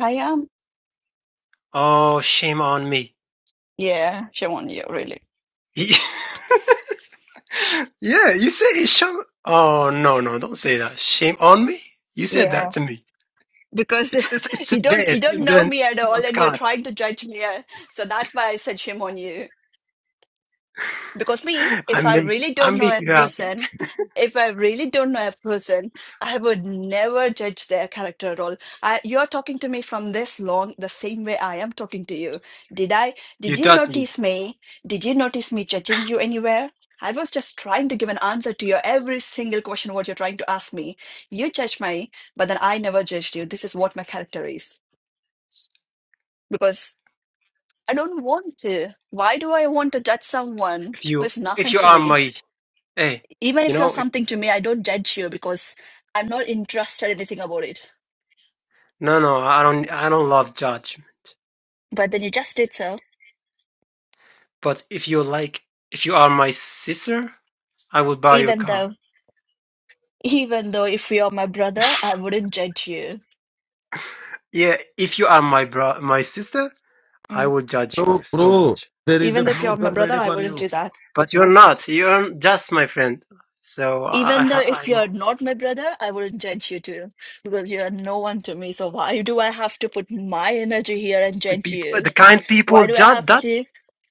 Speaker 1: I am.
Speaker 7: Oh, shame on me.
Speaker 1: Yeah, shame on you really.
Speaker 7: yeah, you say it's shame. Oh, no, no, don't say that. Shame on me? You said
Speaker 1: Yeah,
Speaker 7: that to me.
Speaker 1: because
Speaker 7: It's, it's, it's
Speaker 1: you don't
Speaker 7: bad.
Speaker 1: you don't know
Speaker 7: Then,
Speaker 1: me at all,
Speaker 7: not
Speaker 1: and you're
Speaker 7: kind.
Speaker 1: trying to judge me. uh, So that's why I said shame on you. Because me,
Speaker 7: I
Speaker 1: if I
Speaker 7: make,
Speaker 1: really
Speaker 7: I
Speaker 1: don't know
Speaker 7: make
Speaker 1: a
Speaker 7: you happy.
Speaker 1: person, if I really don't know a person, I would never judge their character at all. I, you're talking to me from this long, the same way I am talking to you. Did I,
Speaker 7: You
Speaker 1: did you
Speaker 7: doubt me.
Speaker 1: notice me? Did you notice me judging you anywhere? I was just trying to give an answer to your every single question what you're trying to ask me. You judged me, but then I never judged you. This is what my character is. Because I don't want to. Why do I want to judge someone
Speaker 7: If
Speaker 1: who
Speaker 7: you,
Speaker 1: is
Speaker 7: if
Speaker 1: nothing
Speaker 7: you
Speaker 1: to
Speaker 7: are
Speaker 1: me?
Speaker 7: my, hey,
Speaker 1: even
Speaker 7: you
Speaker 1: if you're
Speaker 7: know, if,
Speaker 1: something to me, I don't judge you because I'm not interested in anything about it.
Speaker 7: no, no, I don't, I don't love judge.
Speaker 1: But then you just did so,
Speaker 7: But if you like, if you are my sister, I will buy you a
Speaker 1: even
Speaker 7: car.
Speaker 1: though, even though if you're my brother, I wouldn't judge you.
Speaker 7: Yeah, if you are my bro, my sister, I
Speaker 1: Mm.
Speaker 7: would judge you
Speaker 2: Bro,
Speaker 7: so
Speaker 2: bro,
Speaker 7: much.
Speaker 2: there is a
Speaker 1: Even though if
Speaker 2: blue
Speaker 1: you're my
Speaker 2: drum
Speaker 1: brother,
Speaker 2: ready
Speaker 1: I
Speaker 2: for
Speaker 1: wouldn't
Speaker 2: you.
Speaker 1: do that.
Speaker 7: But you're not. You're just my friend. So I,
Speaker 1: Even though
Speaker 7: I,
Speaker 1: if
Speaker 7: I'm
Speaker 1: you're not my brother, I wouldn't judge you too, because you're no one to me. So why do I have to put my energy here and
Speaker 7: the
Speaker 1: judge
Speaker 7: people,
Speaker 1: you?
Speaker 7: the kind people
Speaker 1: Why do I
Speaker 7: judge,
Speaker 1: have to?
Speaker 7: Dutch,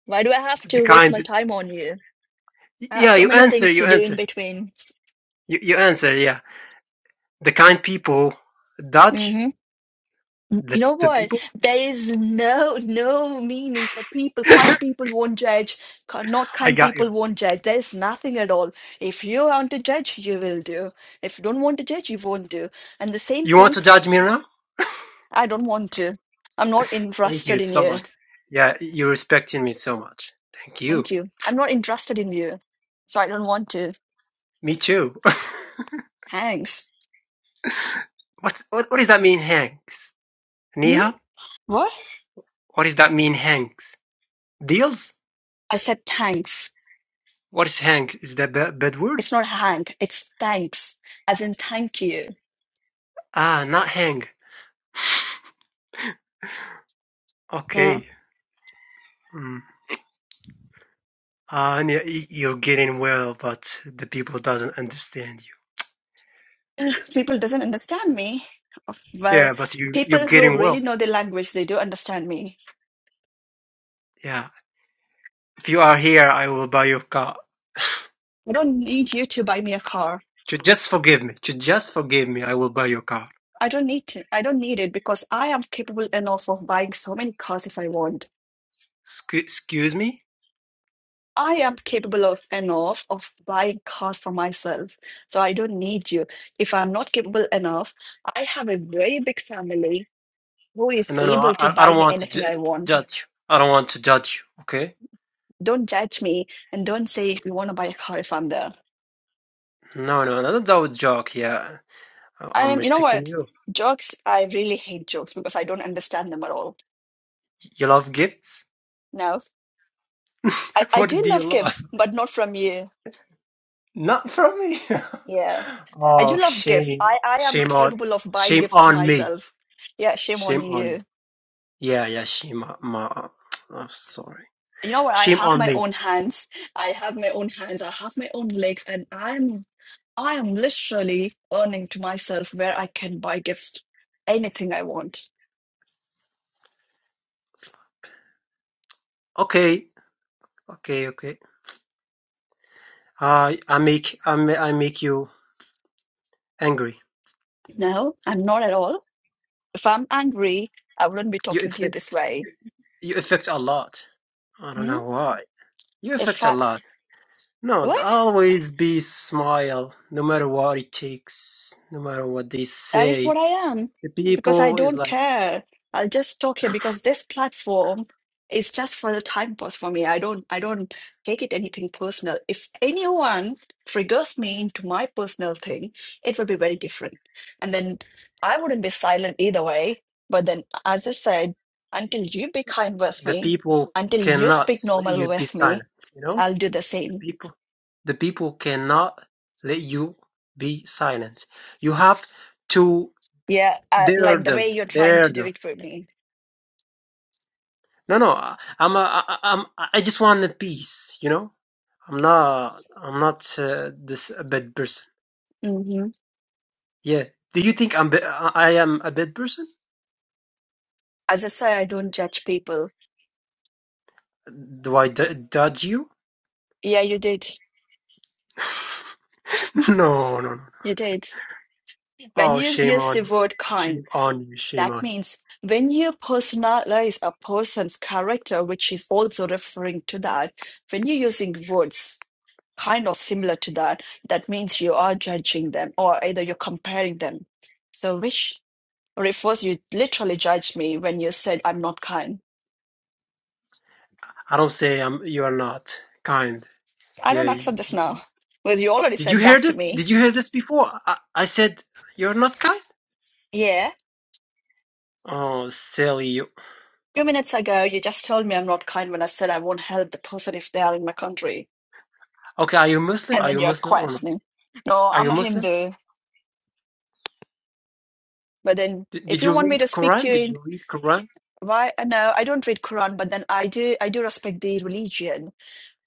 Speaker 1: Why do I have
Speaker 7: the
Speaker 1: to waste my
Speaker 7: kind.
Speaker 1: time on you? I have
Speaker 7: Yeah,
Speaker 1: so
Speaker 7: you
Speaker 1: many
Speaker 7: answer,
Speaker 1: things
Speaker 7: you
Speaker 1: to do in
Speaker 7: answer,
Speaker 1: between.
Speaker 7: you, you answer. Yeah, the kind people Dutch,
Speaker 1: Mhm. You
Speaker 7: the
Speaker 1: know
Speaker 7: the
Speaker 1: what?
Speaker 7: people.
Speaker 1: There is no no meaning for people. Kind
Speaker 7: I
Speaker 1: people won't judge. Ki- Not kind
Speaker 7: got
Speaker 1: people
Speaker 7: you.
Speaker 1: won't judge. There's nothing at all. If you want to judge, you will do. If you don't want to judge, you won't do. And the same
Speaker 7: You want
Speaker 1: thing,
Speaker 7: to judge me now?
Speaker 1: I don't want to. I'm not
Speaker 7: Thank
Speaker 1: interested
Speaker 7: you
Speaker 1: in
Speaker 7: so
Speaker 1: you.
Speaker 7: much. Yeah, you're respecting me so much. Thank
Speaker 1: Thank
Speaker 7: you.
Speaker 1: you. I'm not interested in you. So I don't want to.
Speaker 7: Me too.
Speaker 1: Thanks.
Speaker 7: what, what what does that mean, Hanks?
Speaker 1: Hmm?
Speaker 7: Niha?
Speaker 1: What?
Speaker 7: What does that mean, Hanks? Deals?
Speaker 1: I said thanks.
Speaker 7: What is hang? Is that a bad word?
Speaker 1: It's not hank, it's thanks. As in thank you.
Speaker 7: Ah, not hang. Okay. Mm. Uh, and yeah, you're getting well, but the people doesn't understand you.
Speaker 1: people doesn't understand me Of- well
Speaker 7: Yeah, but you you're
Speaker 1: people who
Speaker 7: getting
Speaker 1: really
Speaker 7: well.
Speaker 1: know the language they do understand me
Speaker 7: Yeah. If you are here, I will buy your car.
Speaker 1: i don't need you to buy me a car
Speaker 7: Just forgive me. Just forgive me. I will buy your car.
Speaker 1: i don't need to i don't need it because i am capable enough of buying so many cars if i want
Speaker 7: Scu- Excuse me?
Speaker 1: i am capable of enough of buying cars for myself so i don't need you if i'm not capable enough i have a very big family who is
Speaker 7: No, no. I
Speaker 1: able to
Speaker 7: I
Speaker 1: buy
Speaker 7: don't
Speaker 1: me
Speaker 7: want to
Speaker 1: anything i
Speaker 7: ju-
Speaker 1: want
Speaker 7: judge you. I don't want to judge you. Okay?
Speaker 1: don't judge me and don't say if you want to buy a car if i'm there
Speaker 7: No, no. no, That's a joke. Yeah. I- I'm
Speaker 1: Um, you know
Speaker 7: respecting
Speaker 1: what?
Speaker 7: you.
Speaker 1: Jokes, I really hate jokes because I don't understand them at all.
Speaker 7: You love gifts.
Speaker 1: No. I, I
Speaker 7: what
Speaker 1: do
Speaker 7: do you
Speaker 1: love
Speaker 7: love?
Speaker 1: gifts, but not from you.
Speaker 7: Not from me.
Speaker 1: Yeah. I do
Speaker 7: oh,
Speaker 1: love gifts.
Speaker 7: shame,
Speaker 1: I, I am
Speaker 7: shame on,
Speaker 1: capable of buying
Speaker 7: shame
Speaker 1: gifts to
Speaker 7: on me,
Speaker 1: myself. Yeah, shame on
Speaker 7: shame on
Speaker 1: you.
Speaker 7: me. Yeah, yeah, shame on my. I'm sorry.
Speaker 1: You know what? I
Speaker 7: Shame
Speaker 1: have
Speaker 7: on
Speaker 1: my
Speaker 7: me.
Speaker 1: own hands. I have my own hands. I have my own legs, and I'm I am literally earning to myself where I can buy gifts, anything I want.
Speaker 7: Okay, okay, okay. Uh, I make, I make, I make you angry.
Speaker 1: No, I'm not at all. If I'm angry, I wouldn't be
Speaker 7: You
Speaker 1: talking to you this
Speaker 7: affect,
Speaker 1: way.
Speaker 7: you, you affect a lot. I don't
Speaker 1: Hmm?
Speaker 7: know why. You
Speaker 1: If
Speaker 7: affect a
Speaker 1: I
Speaker 7: lot. No,
Speaker 1: what?
Speaker 7: always be smile, no matter what it takes, no matter what they
Speaker 1: That is
Speaker 7: say.
Speaker 1: what I am
Speaker 7: The
Speaker 1: because I
Speaker 7: people is
Speaker 1: don't
Speaker 7: like.
Speaker 1: care. I'll just talk here because this platform is just for the time pass for me. I don't I don't take it anything personal. If anyone triggers me into my personal thing, it will be very different. And then I wouldn't be silent either way. But then as I said, until you be kind with
Speaker 7: the
Speaker 1: me,
Speaker 7: people
Speaker 1: until you
Speaker 7: cannot
Speaker 1: speak
Speaker 7: let
Speaker 1: normal
Speaker 7: you be
Speaker 1: with me,
Speaker 7: silent. You know,
Speaker 1: I'll do the
Speaker 7: the
Speaker 1: same.
Speaker 7: people, the people cannot let you be silent. You have to
Speaker 1: Yeah, uh,
Speaker 7: dare
Speaker 1: like the way
Speaker 7: them,
Speaker 1: you're trying
Speaker 7: dare
Speaker 1: to do
Speaker 7: them.
Speaker 1: it for me.
Speaker 7: No, no, I- I'm, a, I, I'm, I just want a peace. You know, I'm not, I'm not uh, this a bad person.
Speaker 1: hmm
Speaker 7: Yeah. Do you think I'm, ba- I I am a bad person?
Speaker 1: As I say, I don't judge people.
Speaker 7: Do I d- dodge you?
Speaker 1: Yeah, you did.
Speaker 7: No, no, no.
Speaker 1: You did. When
Speaker 7: Oh,
Speaker 1: you
Speaker 7: shame
Speaker 1: use the
Speaker 7: on,
Speaker 1: word kind,
Speaker 7: shame on you, shame
Speaker 1: that
Speaker 7: on you.
Speaker 1: means when you personalize a person's character, which is also referring to that, when you're using words kind of similar to that, that means you are judging them or either you're comparing them. So, which refers you literally judged me when you said, I'm not kind.
Speaker 7: I don't say I'm, you are not kind.
Speaker 1: I
Speaker 7: Yeah.
Speaker 1: don't
Speaker 7: y-
Speaker 1: accept this now
Speaker 7: y-
Speaker 1: because you already
Speaker 7: Did you
Speaker 1: said
Speaker 7: hear
Speaker 1: that to
Speaker 7: this?
Speaker 1: me.
Speaker 7: Did you hear this before? I, I said you're not kind.
Speaker 1: Yeah.
Speaker 7: Oh, silly you.
Speaker 1: Few minutes ago, you just told me I'm not kind when I said I won't help the person if they are in my country.
Speaker 7: Okay, are you Muslim?
Speaker 1: and
Speaker 7: Are
Speaker 1: then
Speaker 7: you
Speaker 1: you're
Speaker 7: Muslim or not?
Speaker 1: questioning. No,
Speaker 7: Are
Speaker 1: I'm
Speaker 7: you
Speaker 1: a
Speaker 7: Muslim?
Speaker 1: Hindu. But then
Speaker 7: Did,
Speaker 1: if
Speaker 7: did
Speaker 1: you
Speaker 7: you
Speaker 1: want me
Speaker 7: read
Speaker 1: to speak to
Speaker 7: Quran?
Speaker 1: you
Speaker 7: Did
Speaker 1: in
Speaker 7: you read Quran?
Speaker 1: why uh, no, I don't read Quran, but then I do I do respect the religion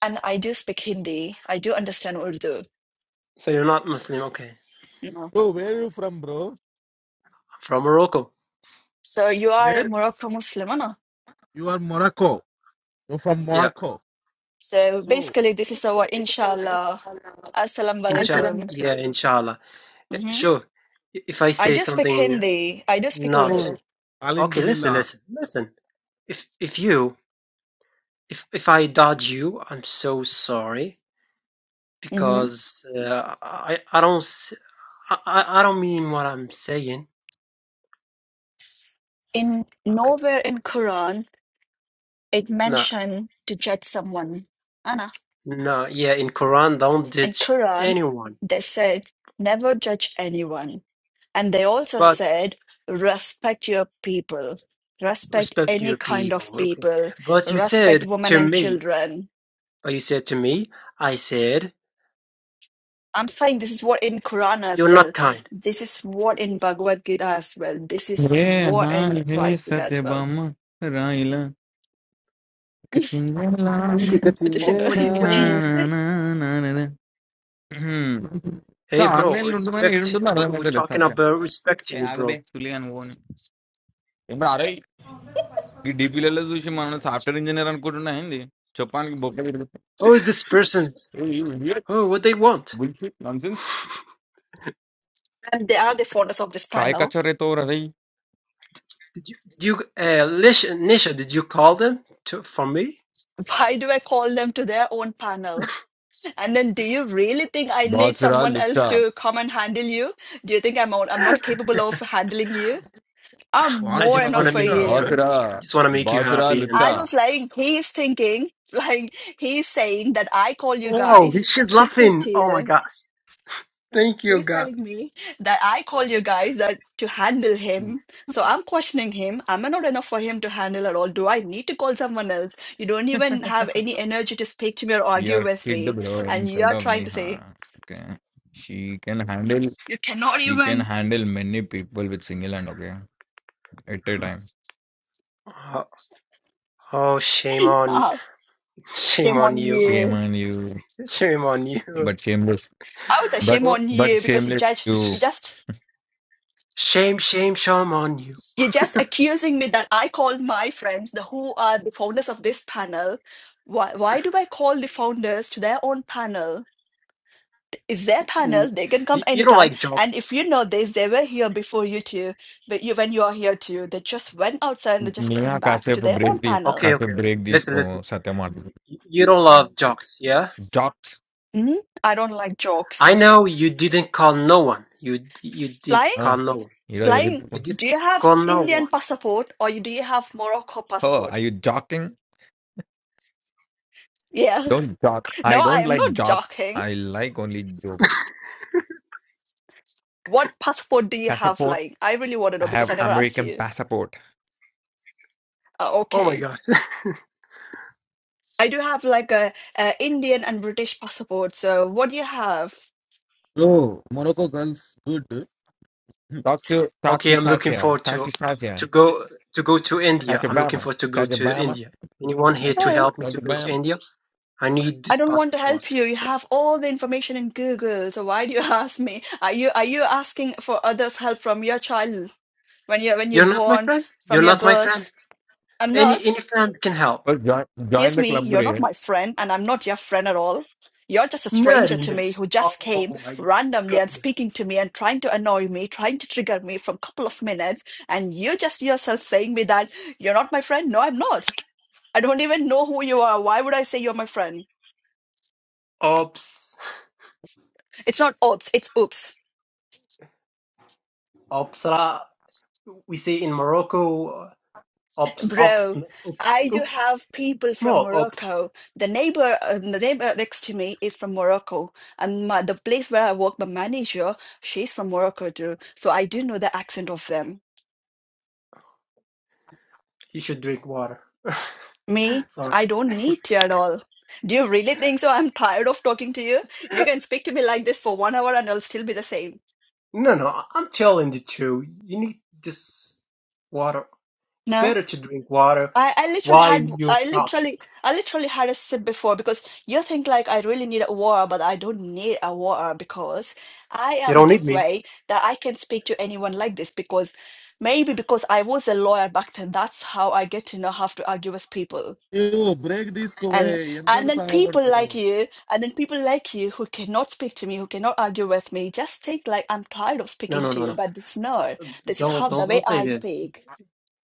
Speaker 1: and I do speak Hindi. I do understand Urdu.
Speaker 7: So you're not Muslim. Okay. I'm
Speaker 1: You know.
Speaker 2: Bro, where are you from, bro?
Speaker 7: from Morocco.
Speaker 1: So you are a
Speaker 2: Where?
Speaker 1: Morocco Muslim, no?
Speaker 2: You are Morocco. You're from
Speaker 7: Yeah.
Speaker 2: Morocco.
Speaker 1: So
Speaker 2: So,
Speaker 1: basically this is our inshallah.
Speaker 2: bro,
Speaker 1: Assalamu
Speaker 7: Insha.
Speaker 1: alaikum.
Speaker 7: Yeah. Inshallah. Eh,
Speaker 1: hmm
Speaker 7: Sure. i- If I
Speaker 1: I
Speaker 7: say
Speaker 1: do speak
Speaker 7: something
Speaker 1: Hindi. I do speak
Speaker 7: not
Speaker 1: Urdu.
Speaker 7: okay, listen,
Speaker 2: Alhamdulillah.
Speaker 7: listen, listen. If if you if if I dodge you, I'm so sorry
Speaker 1: hmm
Speaker 7: because uh, I I don't. s- I, I I don't mean what I'm saying.
Speaker 1: In
Speaker 7: Okay.
Speaker 1: nowhere in Quran it
Speaker 7: No,
Speaker 1: mentioned to judge someone.
Speaker 7: no, yeah, in Quran, don't
Speaker 1: in
Speaker 7: judge
Speaker 1: Quran
Speaker 7: anyone,
Speaker 1: they said never judge anyone and they also
Speaker 7: but
Speaker 1: said respect your people respect
Speaker 7: respect
Speaker 1: any
Speaker 7: your
Speaker 1: kind
Speaker 7: people.
Speaker 1: of
Speaker 7: Okay.
Speaker 1: people
Speaker 7: But you
Speaker 1: respect
Speaker 7: said
Speaker 1: women
Speaker 7: to
Speaker 1: and
Speaker 7: me,
Speaker 1: children
Speaker 7: but you said to me, I said,
Speaker 1: i'm saying this is what in quran as
Speaker 7: you're
Speaker 1: well
Speaker 7: not kind.
Speaker 1: this is what in bhagavad gita as well this is
Speaker 4: hey
Speaker 1: what in
Speaker 4: hi hey
Speaker 1: christ book as well
Speaker 4: Satyabhama రాయిల చిందలా
Speaker 2: ఇక
Speaker 1: I just, you
Speaker 7: What,
Speaker 1: know,
Speaker 7: what,
Speaker 4: hey
Speaker 2: చిల్లేనా
Speaker 7: did, what
Speaker 4: ఆ
Speaker 7: did he
Speaker 4: నా
Speaker 7: say?
Speaker 4: నా నా నా నా.
Speaker 7: Hey, bro,
Speaker 4: online లో ఉంటుందని
Speaker 7: respect.
Speaker 4: ఏడుంటుందో
Speaker 7: We,
Speaker 4: అర్థం
Speaker 7: we're
Speaker 4: అవుతలేదు
Speaker 7: talking
Speaker 4: Satyam
Speaker 7: about
Speaker 4: A
Speaker 7: respecting you,
Speaker 4: ఆగబే
Speaker 7: bro.
Speaker 4: సుల్లిగా నువ్వు అని పోని ఇప్పుడు అరే कि डिप्लोज़ जो शिमाने सेफ्टर इंजीनियरन करूँगा है ना हिंदी चपान की बोके नहीं रहते
Speaker 7: Who is this person's?
Speaker 4: ये
Speaker 7: Oh, what they want?
Speaker 4: बिल्कुल nonsense
Speaker 1: and they are the founders of this
Speaker 4: काहे
Speaker 1: panel
Speaker 4: कच्चा रहता हो रहा ही
Speaker 7: Did you, did you, uh, Lish, Nisha, did you call them to, for me?
Speaker 1: why do i call them to their own panel And then, do you really think I need
Speaker 4: boss रहा
Speaker 1: someone else
Speaker 4: लुट्चा
Speaker 1: to come and handle you? Do you think I'm out, I'm not capable of handling you? I'm
Speaker 7: I
Speaker 2: Vasu
Speaker 1: more
Speaker 7: just
Speaker 1: enough
Speaker 7: want to
Speaker 1: for
Speaker 2: రావచ్చా
Speaker 7: make you,
Speaker 4: boss
Speaker 1: you.
Speaker 4: रहा
Speaker 7: I just want to make you
Speaker 4: boss रहा
Speaker 7: happy and
Speaker 4: लुट्चा
Speaker 1: I
Speaker 7: love.
Speaker 1: was like, he's thinking, like he's saying that I call you
Speaker 7: Oh,
Speaker 1: guys
Speaker 7: she's
Speaker 1: to speak
Speaker 7: laughing.
Speaker 1: to
Speaker 7: Oh my
Speaker 1: you.
Speaker 7: gosh. Thank you,
Speaker 1: He's
Speaker 7: God.
Speaker 1: telling me that I call you guys that to handle him. So I'm questioning him. Am I not enough for him to handle at all? Do I need to call someone else? You don't even have any energy to speak to me or argue
Speaker 4: यार
Speaker 1: with
Speaker 4: पीड़
Speaker 1: me,
Speaker 4: भरो
Speaker 1: and
Speaker 4: इनसे
Speaker 1: you are
Speaker 4: dub
Speaker 1: trying
Speaker 4: नहीं
Speaker 1: to say
Speaker 4: हाँ क्या she can handle
Speaker 1: you cannot
Speaker 4: she can
Speaker 1: even.
Speaker 4: handle many people with single hand okay at time
Speaker 7: Oh, oh, shame on,
Speaker 1: uh,
Speaker 7: shame
Speaker 1: Shame
Speaker 7: on
Speaker 1: on
Speaker 7: you.
Speaker 4: shame
Speaker 1: you.
Speaker 4: on you
Speaker 7: Shame on you.
Speaker 4: but shameless
Speaker 1: I would say shame
Speaker 4: but
Speaker 7: Oh,
Speaker 1: on
Speaker 4: but
Speaker 1: you because you
Speaker 4: shameless
Speaker 1: judged
Speaker 4: you
Speaker 1: you
Speaker 7: sh-
Speaker 1: just
Speaker 7: shame, shame, shame on you.
Speaker 1: you're just accusing me that I called my friends the who are the founders of this panel. Why why do I call the founders to their own panel? It's their panel,
Speaker 7: Mm,
Speaker 1: they can come
Speaker 7: You, you don't
Speaker 1: anytime.
Speaker 7: like
Speaker 1: And
Speaker 7: jokes.
Speaker 1: if you know this, they were here before you two, but you when you are here too, they just went outside and they just
Speaker 4: నేనా
Speaker 1: came back to
Speaker 4: కాసేపు
Speaker 1: their
Speaker 4: break
Speaker 1: own
Speaker 4: తీ
Speaker 1: panel.
Speaker 7: Okay, okay.
Speaker 4: కాసేపు break
Speaker 7: Listen,
Speaker 4: తీసుకో
Speaker 7: listen.
Speaker 4: సత్యం ఆడు
Speaker 7: You you don't love jokes, yeah?
Speaker 4: Jokes
Speaker 1: hmm I don't like
Speaker 7: I
Speaker 1: jokes.
Speaker 7: know you didn't call no one. You, d- you did
Speaker 1: Flying?
Speaker 7: call no one.
Speaker 4: ఈరోజు
Speaker 1: Flying.
Speaker 7: You did
Speaker 1: Do you have
Speaker 7: call no
Speaker 1: Indian
Speaker 7: one.
Speaker 1: passport or you- do you have Morocco
Speaker 4: హో I
Speaker 1: passport?
Speaker 4: You joking
Speaker 1: Yeah.
Speaker 4: Don't joke I
Speaker 1: No, I
Speaker 4: don't
Speaker 1: am
Speaker 4: like
Speaker 1: not
Speaker 4: joke
Speaker 1: joking.
Speaker 4: I like only joke
Speaker 1: What passport do you have?
Speaker 4: Passport
Speaker 1: Like, I really want to know
Speaker 4: I
Speaker 1: because
Speaker 4: have
Speaker 1: I never asked
Speaker 4: American
Speaker 1: you.
Speaker 4: Passport
Speaker 1: Uh,
Speaker 7: Oh my
Speaker 1: okay,
Speaker 7: God.
Speaker 1: I do have like a, a Indian and British passport. So, what do you have?
Speaker 2: Bro మరొక girls good
Speaker 4: talk to talk
Speaker 7: Okay,
Speaker 4: to
Speaker 7: I'm looking
Speaker 4: సాత్య
Speaker 7: forward
Speaker 4: talk
Speaker 7: to
Speaker 4: to సాత్య
Speaker 7: to go to go to India.
Speaker 4: సాత్య
Speaker 7: I'm
Speaker 4: బామ
Speaker 7: looking forward to go
Speaker 4: సాత్య
Speaker 7: to
Speaker 4: బామ
Speaker 7: India. Anyone here to
Speaker 1: Oh,
Speaker 7: help me to
Speaker 4: Satya
Speaker 7: go to
Speaker 4: బామ
Speaker 7: India? I need
Speaker 1: I
Speaker 7: this
Speaker 1: don't want to
Speaker 7: passport.
Speaker 1: help you. You have all the information in Google. So why do you ask me? Are you are you asking for others' help from your child when you when you're
Speaker 7: You're not my
Speaker 1: born
Speaker 7: friend.
Speaker 1: from
Speaker 7: You're
Speaker 1: your
Speaker 7: not my friend.
Speaker 1: birth? I'm
Speaker 7: Any
Speaker 1: not.
Speaker 7: any friend can help.
Speaker 4: Join join
Speaker 1: Here's
Speaker 4: the
Speaker 1: me.
Speaker 4: Club
Speaker 1: You're
Speaker 4: రే
Speaker 1: not my friend, and I'm not your friend at all. You're just a stranger
Speaker 7: Nari.
Speaker 1: to me who just came
Speaker 7: Oh my
Speaker 1: randomly and
Speaker 7: god.
Speaker 1: speaking to me and trying to annoy me, trying to trigger me from a couple of minutes. And you just yourself saying me that you're not my friend. No, I'm not. I don't even know who you are. Why would I say you're my friend?
Speaker 7: Ops.
Speaker 1: It's not oops, it's oops.
Speaker 7: Opsra. We say in Morocco. Ops. Ops.
Speaker 1: Bro,
Speaker 7: Not oops.
Speaker 1: I do
Speaker 7: Oops.
Speaker 1: have people
Speaker 7: It's
Speaker 1: from
Speaker 7: small. Ops.
Speaker 1: Morocco. The neighbor, uh, the neighbor next to me is from Morocco, and my, the place where I work, my manager, she's from Morocco too. So I do know the accent of them.
Speaker 7: You should drink water.
Speaker 1: Me,
Speaker 7: Sorry.
Speaker 1: I don't need to at all. Do you really think so? I'm tired of talking to you. You can speak to me like this for one hour, and I'll still be the same.
Speaker 7: No, no. I- I'm telling the truth. You need this water. It's
Speaker 1: No?
Speaker 7: better to drink water
Speaker 1: I, I literally
Speaker 7: while
Speaker 1: had
Speaker 7: you
Speaker 1: I
Speaker 7: talk.
Speaker 1: literally I literally had a sip before because you think like I really need a water, but I don't need a water because I
Speaker 7: You
Speaker 1: am
Speaker 7: don't need
Speaker 1: this
Speaker 7: me.
Speaker 1: way that I can speak to anyone like this because maybe because I was a lawyer back then, that's how I get to know how to argue with people.
Speaker 2: Break తీసుకోవే
Speaker 1: And
Speaker 2: ఎంత
Speaker 1: and then people
Speaker 2: సాగపడతావు
Speaker 1: like
Speaker 2: అయ్యో,
Speaker 1: you, and then people like you who cannot speak to me, who cannot argue with me, just think like I'm tired of
Speaker 7: No,
Speaker 1: speaking
Speaker 7: no,
Speaker 1: to
Speaker 7: no,
Speaker 1: you,
Speaker 7: no.
Speaker 1: but this no, this is
Speaker 7: Don't,
Speaker 1: how the
Speaker 7: don't,
Speaker 1: way
Speaker 7: don't say
Speaker 1: I
Speaker 7: this.
Speaker 1: speak.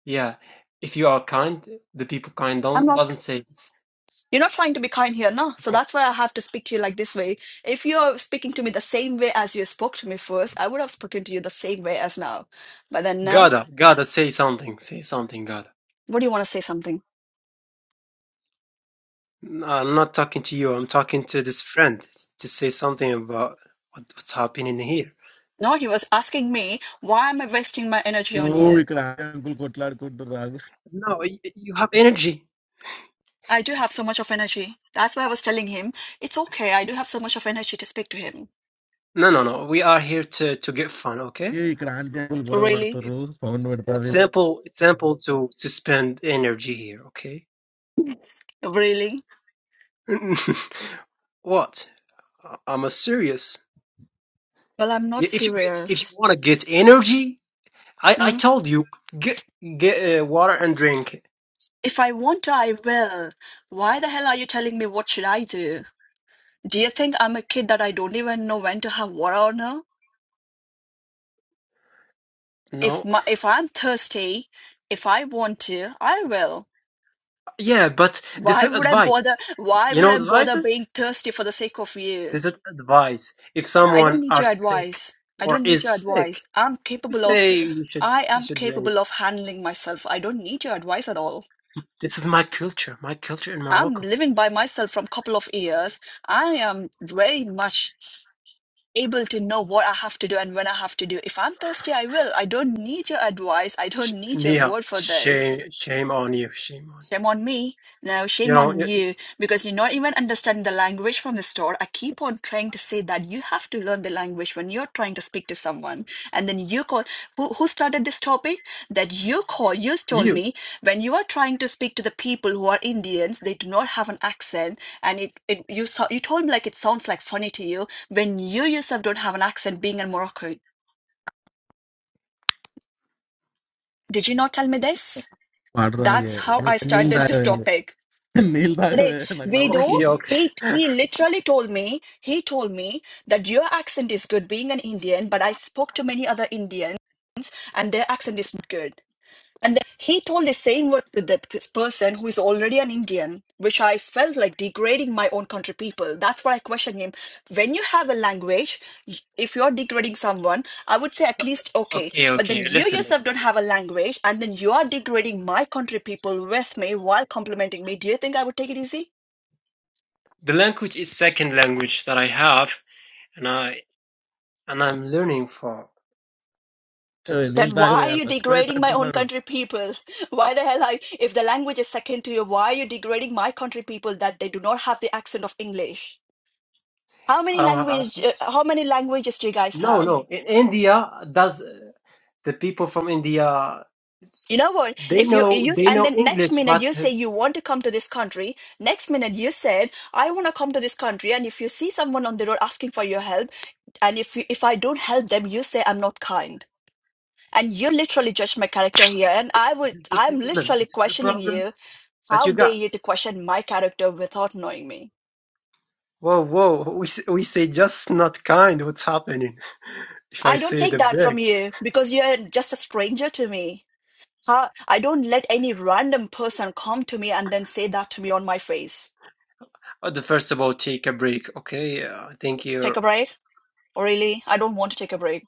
Speaker 7: Yeah, if you are kind, the people kind
Speaker 1: I'm
Speaker 7: don't
Speaker 1: not.
Speaker 7: doesn't say this.
Speaker 1: You're not trying to be kind here, no. So that's why I have to speak to you like this way. If you're speaking to me the same way as you spoke to me first, I would have spoken to you the same way as now. But then now,
Speaker 7: Gotta, gotta say something. Say something, gotta.
Speaker 1: what do you want to say something?
Speaker 7: No, I'm not talking to you. I'm talking to this friend to say something about what, what's happening here.
Speaker 1: No, he was asking me, why am I wasting my energy on you?
Speaker 2: ఇక్కడ uncle కొట్లాడుకుంటున్నారు
Speaker 7: No, y- you have energy.
Speaker 1: I do have so much of energy. That's why I was telling him, it's okay, I do have so much of energy to speak to him.
Speaker 7: No, no, no. We are here to to get fun. Okay.
Speaker 2: ఏ ఇక్కడ aunty uncle గొడవ
Speaker 1: Really?
Speaker 2: పడతారు
Speaker 7: It's
Speaker 2: sound పెడతారు
Speaker 7: it's
Speaker 2: వీళ్ళు
Speaker 7: simple. It's simple to to spend energy here. Okay.
Speaker 1: Really?
Speaker 7: What? I- I'm a serious.
Speaker 1: Well, I'm
Speaker 7: I-
Speaker 1: not
Speaker 7: If you get, if you
Speaker 1: serious.
Speaker 7: want to get energy, I, I
Speaker 1: Mm.
Speaker 7: told you, get get uh, water and drink.
Speaker 1: If I want to, I will. Why the hell are you telling me what should I do? Do you think I'm a kid that I don't even know when to have water or not? If
Speaker 7: No,
Speaker 1: my, if I'm thirsty, if I want to, I will.
Speaker 7: yeah, but this
Speaker 1: Why
Speaker 7: is
Speaker 1: would I
Speaker 7: advice.
Speaker 1: bother? Why
Speaker 7: You
Speaker 1: would
Speaker 7: know,
Speaker 1: I bother
Speaker 7: advices.
Speaker 1: being thirsty for the sake of you?
Speaker 7: This is advice. If
Speaker 1: No, I don't
Speaker 7: someone
Speaker 1: need
Speaker 7: are
Speaker 1: your
Speaker 7: sick
Speaker 1: advice. I
Speaker 7: or
Speaker 1: don't need
Speaker 7: is
Speaker 1: your
Speaker 7: sick,
Speaker 1: advice. I'm
Speaker 7: we
Speaker 1: capable of,
Speaker 7: say you should
Speaker 1: I
Speaker 7: you
Speaker 1: am
Speaker 7: should drink.
Speaker 1: capable of handling myself. I don't need your advice at all.
Speaker 7: This is my culture, my culture in
Speaker 1: I'm
Speaker 7: Morocco.
Speaker 1: living by myself from couple of years. I am very much able to know what I have to do and when I have to do. If I'm thirsty, I will. I don't need your advice. I
Speaker 7: Sh-
Speaker 1: don't need your
Speaker 7: Nia,
Speaker 1: word for this.
Speaker 7: shame shame on you, shame on you.
Speaker 1: Shame on me. No,
Speaker 7: You
Speaker 1: shame
Speaker 7: know,
Speaker 1: on
Speaker 7: y-
Speaker 1: you because you're not even understanding the language from the store. I keep on trying to say that you have to learn the language when you're trying to speak to someone. And then you call, who, who started this topic? That you call, you told
Speaker 7: you.
Speaker 1: me when you are trying to speak to the people who are Indians, they do not have an accent. And it, it you, so- you told me like it sounds like funny to you when you yourself don't have an accent being in Morocco. Did you not tell me this?
Speaker 2: పాట తాగే
Speaker 1: That's how I
Speaker 2: నీ- నీళ్ళు
Speaker 1: started this
Speaker 2: తాగవే
Speaker 1: topic.
Speaker 2: నీళ్ళు తాగవే
Speaker 1: Today,
Speaker 2: నాకు
Speaker 1: Vedu,
Speaker 7: Okay,
Speaker 2: నవ్వొస్తుంది
Speaker 7: okay,
Speaker 1: he he literally told me, he told me that your accent is good being an Indian, but I spoke to many other Indians and their accent is not good. And then he told the same word to the p- person who is already an Indian, which I felt like degrading my own country people. That's why I questioned him. When you have a language, y- if you're degrading someone, I would say at least okay.
Speaker 7: okay,
Speaker 1: But then
Speaker 7: okay.
Speaker 1: you
Speaker 7: Listen,
Speaker 1: yourself
Speaker 7: listen.
Speaker 1: don't have a language, and then you are degrading my country people with me while complimenting me. Do you think I would take it easy?
Speaker 7: The language is second language that I have, and I and I'm learning for. To,
Speaker 2: ఏయ్,
Speaker 7: to,
Speaker 2: నీళ్ళు
Speaker 1: then why
Speaker 7: for
Speaker 2: తాగవే
Speaker 1: are
Speaker 2: ఆడ
Speaker 1: you degrading my own
Speaker 2: చచ్చిపోయేటట్టున్నాడు
Speaker 1: country people? Why the hell are you, if the language is second to you, why are you degrading my country people that they do not have the accent of English? How many
Speaker 7: I don't have
Speaker 1: language uh,
Speaker 7: accent.
Speaker 1: how many languages do you guys
Speaker 7: No,
Speaker 1: have?
Speaker 7: no. In India, does uh, the people from India
Speaker 1: You know what?
Speaker 7: they
Speaker 1: If you you
Speaker 7: know
Speaker 1: use
Speaker 7: they
Speaker 1: and
Speaker 7: know
Speaker 1: then next
Speaker 7: English,
Speaker 1: minute
Speaker 7: but
Speaker 1: you
Speaker 7: uh,
Speaker 1: say you want to come to this country, next minute you said I want to come to this country and if you see someone on the road asking for your help and if you, if I don't help them you say I'm not kind. And you literally judged my character here. And I
Speaker 7: this
Speaker 1: would,
Speaker 7: is the
Speaker 1: I'm
Speaker 7: problem.
Speaker 1: literally
Speaker 7: This is the
Speaker 1: questioning
Speaker 7: problem
Speaker 1: you.
Speaker 7: that
Speaker 1: How
Speaker 7: you
Speaker 1: dare
Speaker 7: got.
Speaker 1: you to question my character without knowing me?
Speaker 7: Whoa, whoa! We s- we say just not kind. What's happening? If I
Speaker 1: I don't
Speaker 7: say
Speaker 1: take
Speaker 7: the
Speaker 1: that from
Speaker 7: big,
Speaker 1: you because you're just a stranger to me. How, I don't let any random person come to me and then say that to me on my face.
Speaker 7: uh, the first of all, take a break. Okay, uh, I think
Speaker 1: Take
Speaker 7: you're.
Speaker 1: a break? Really? I don't want to take a break.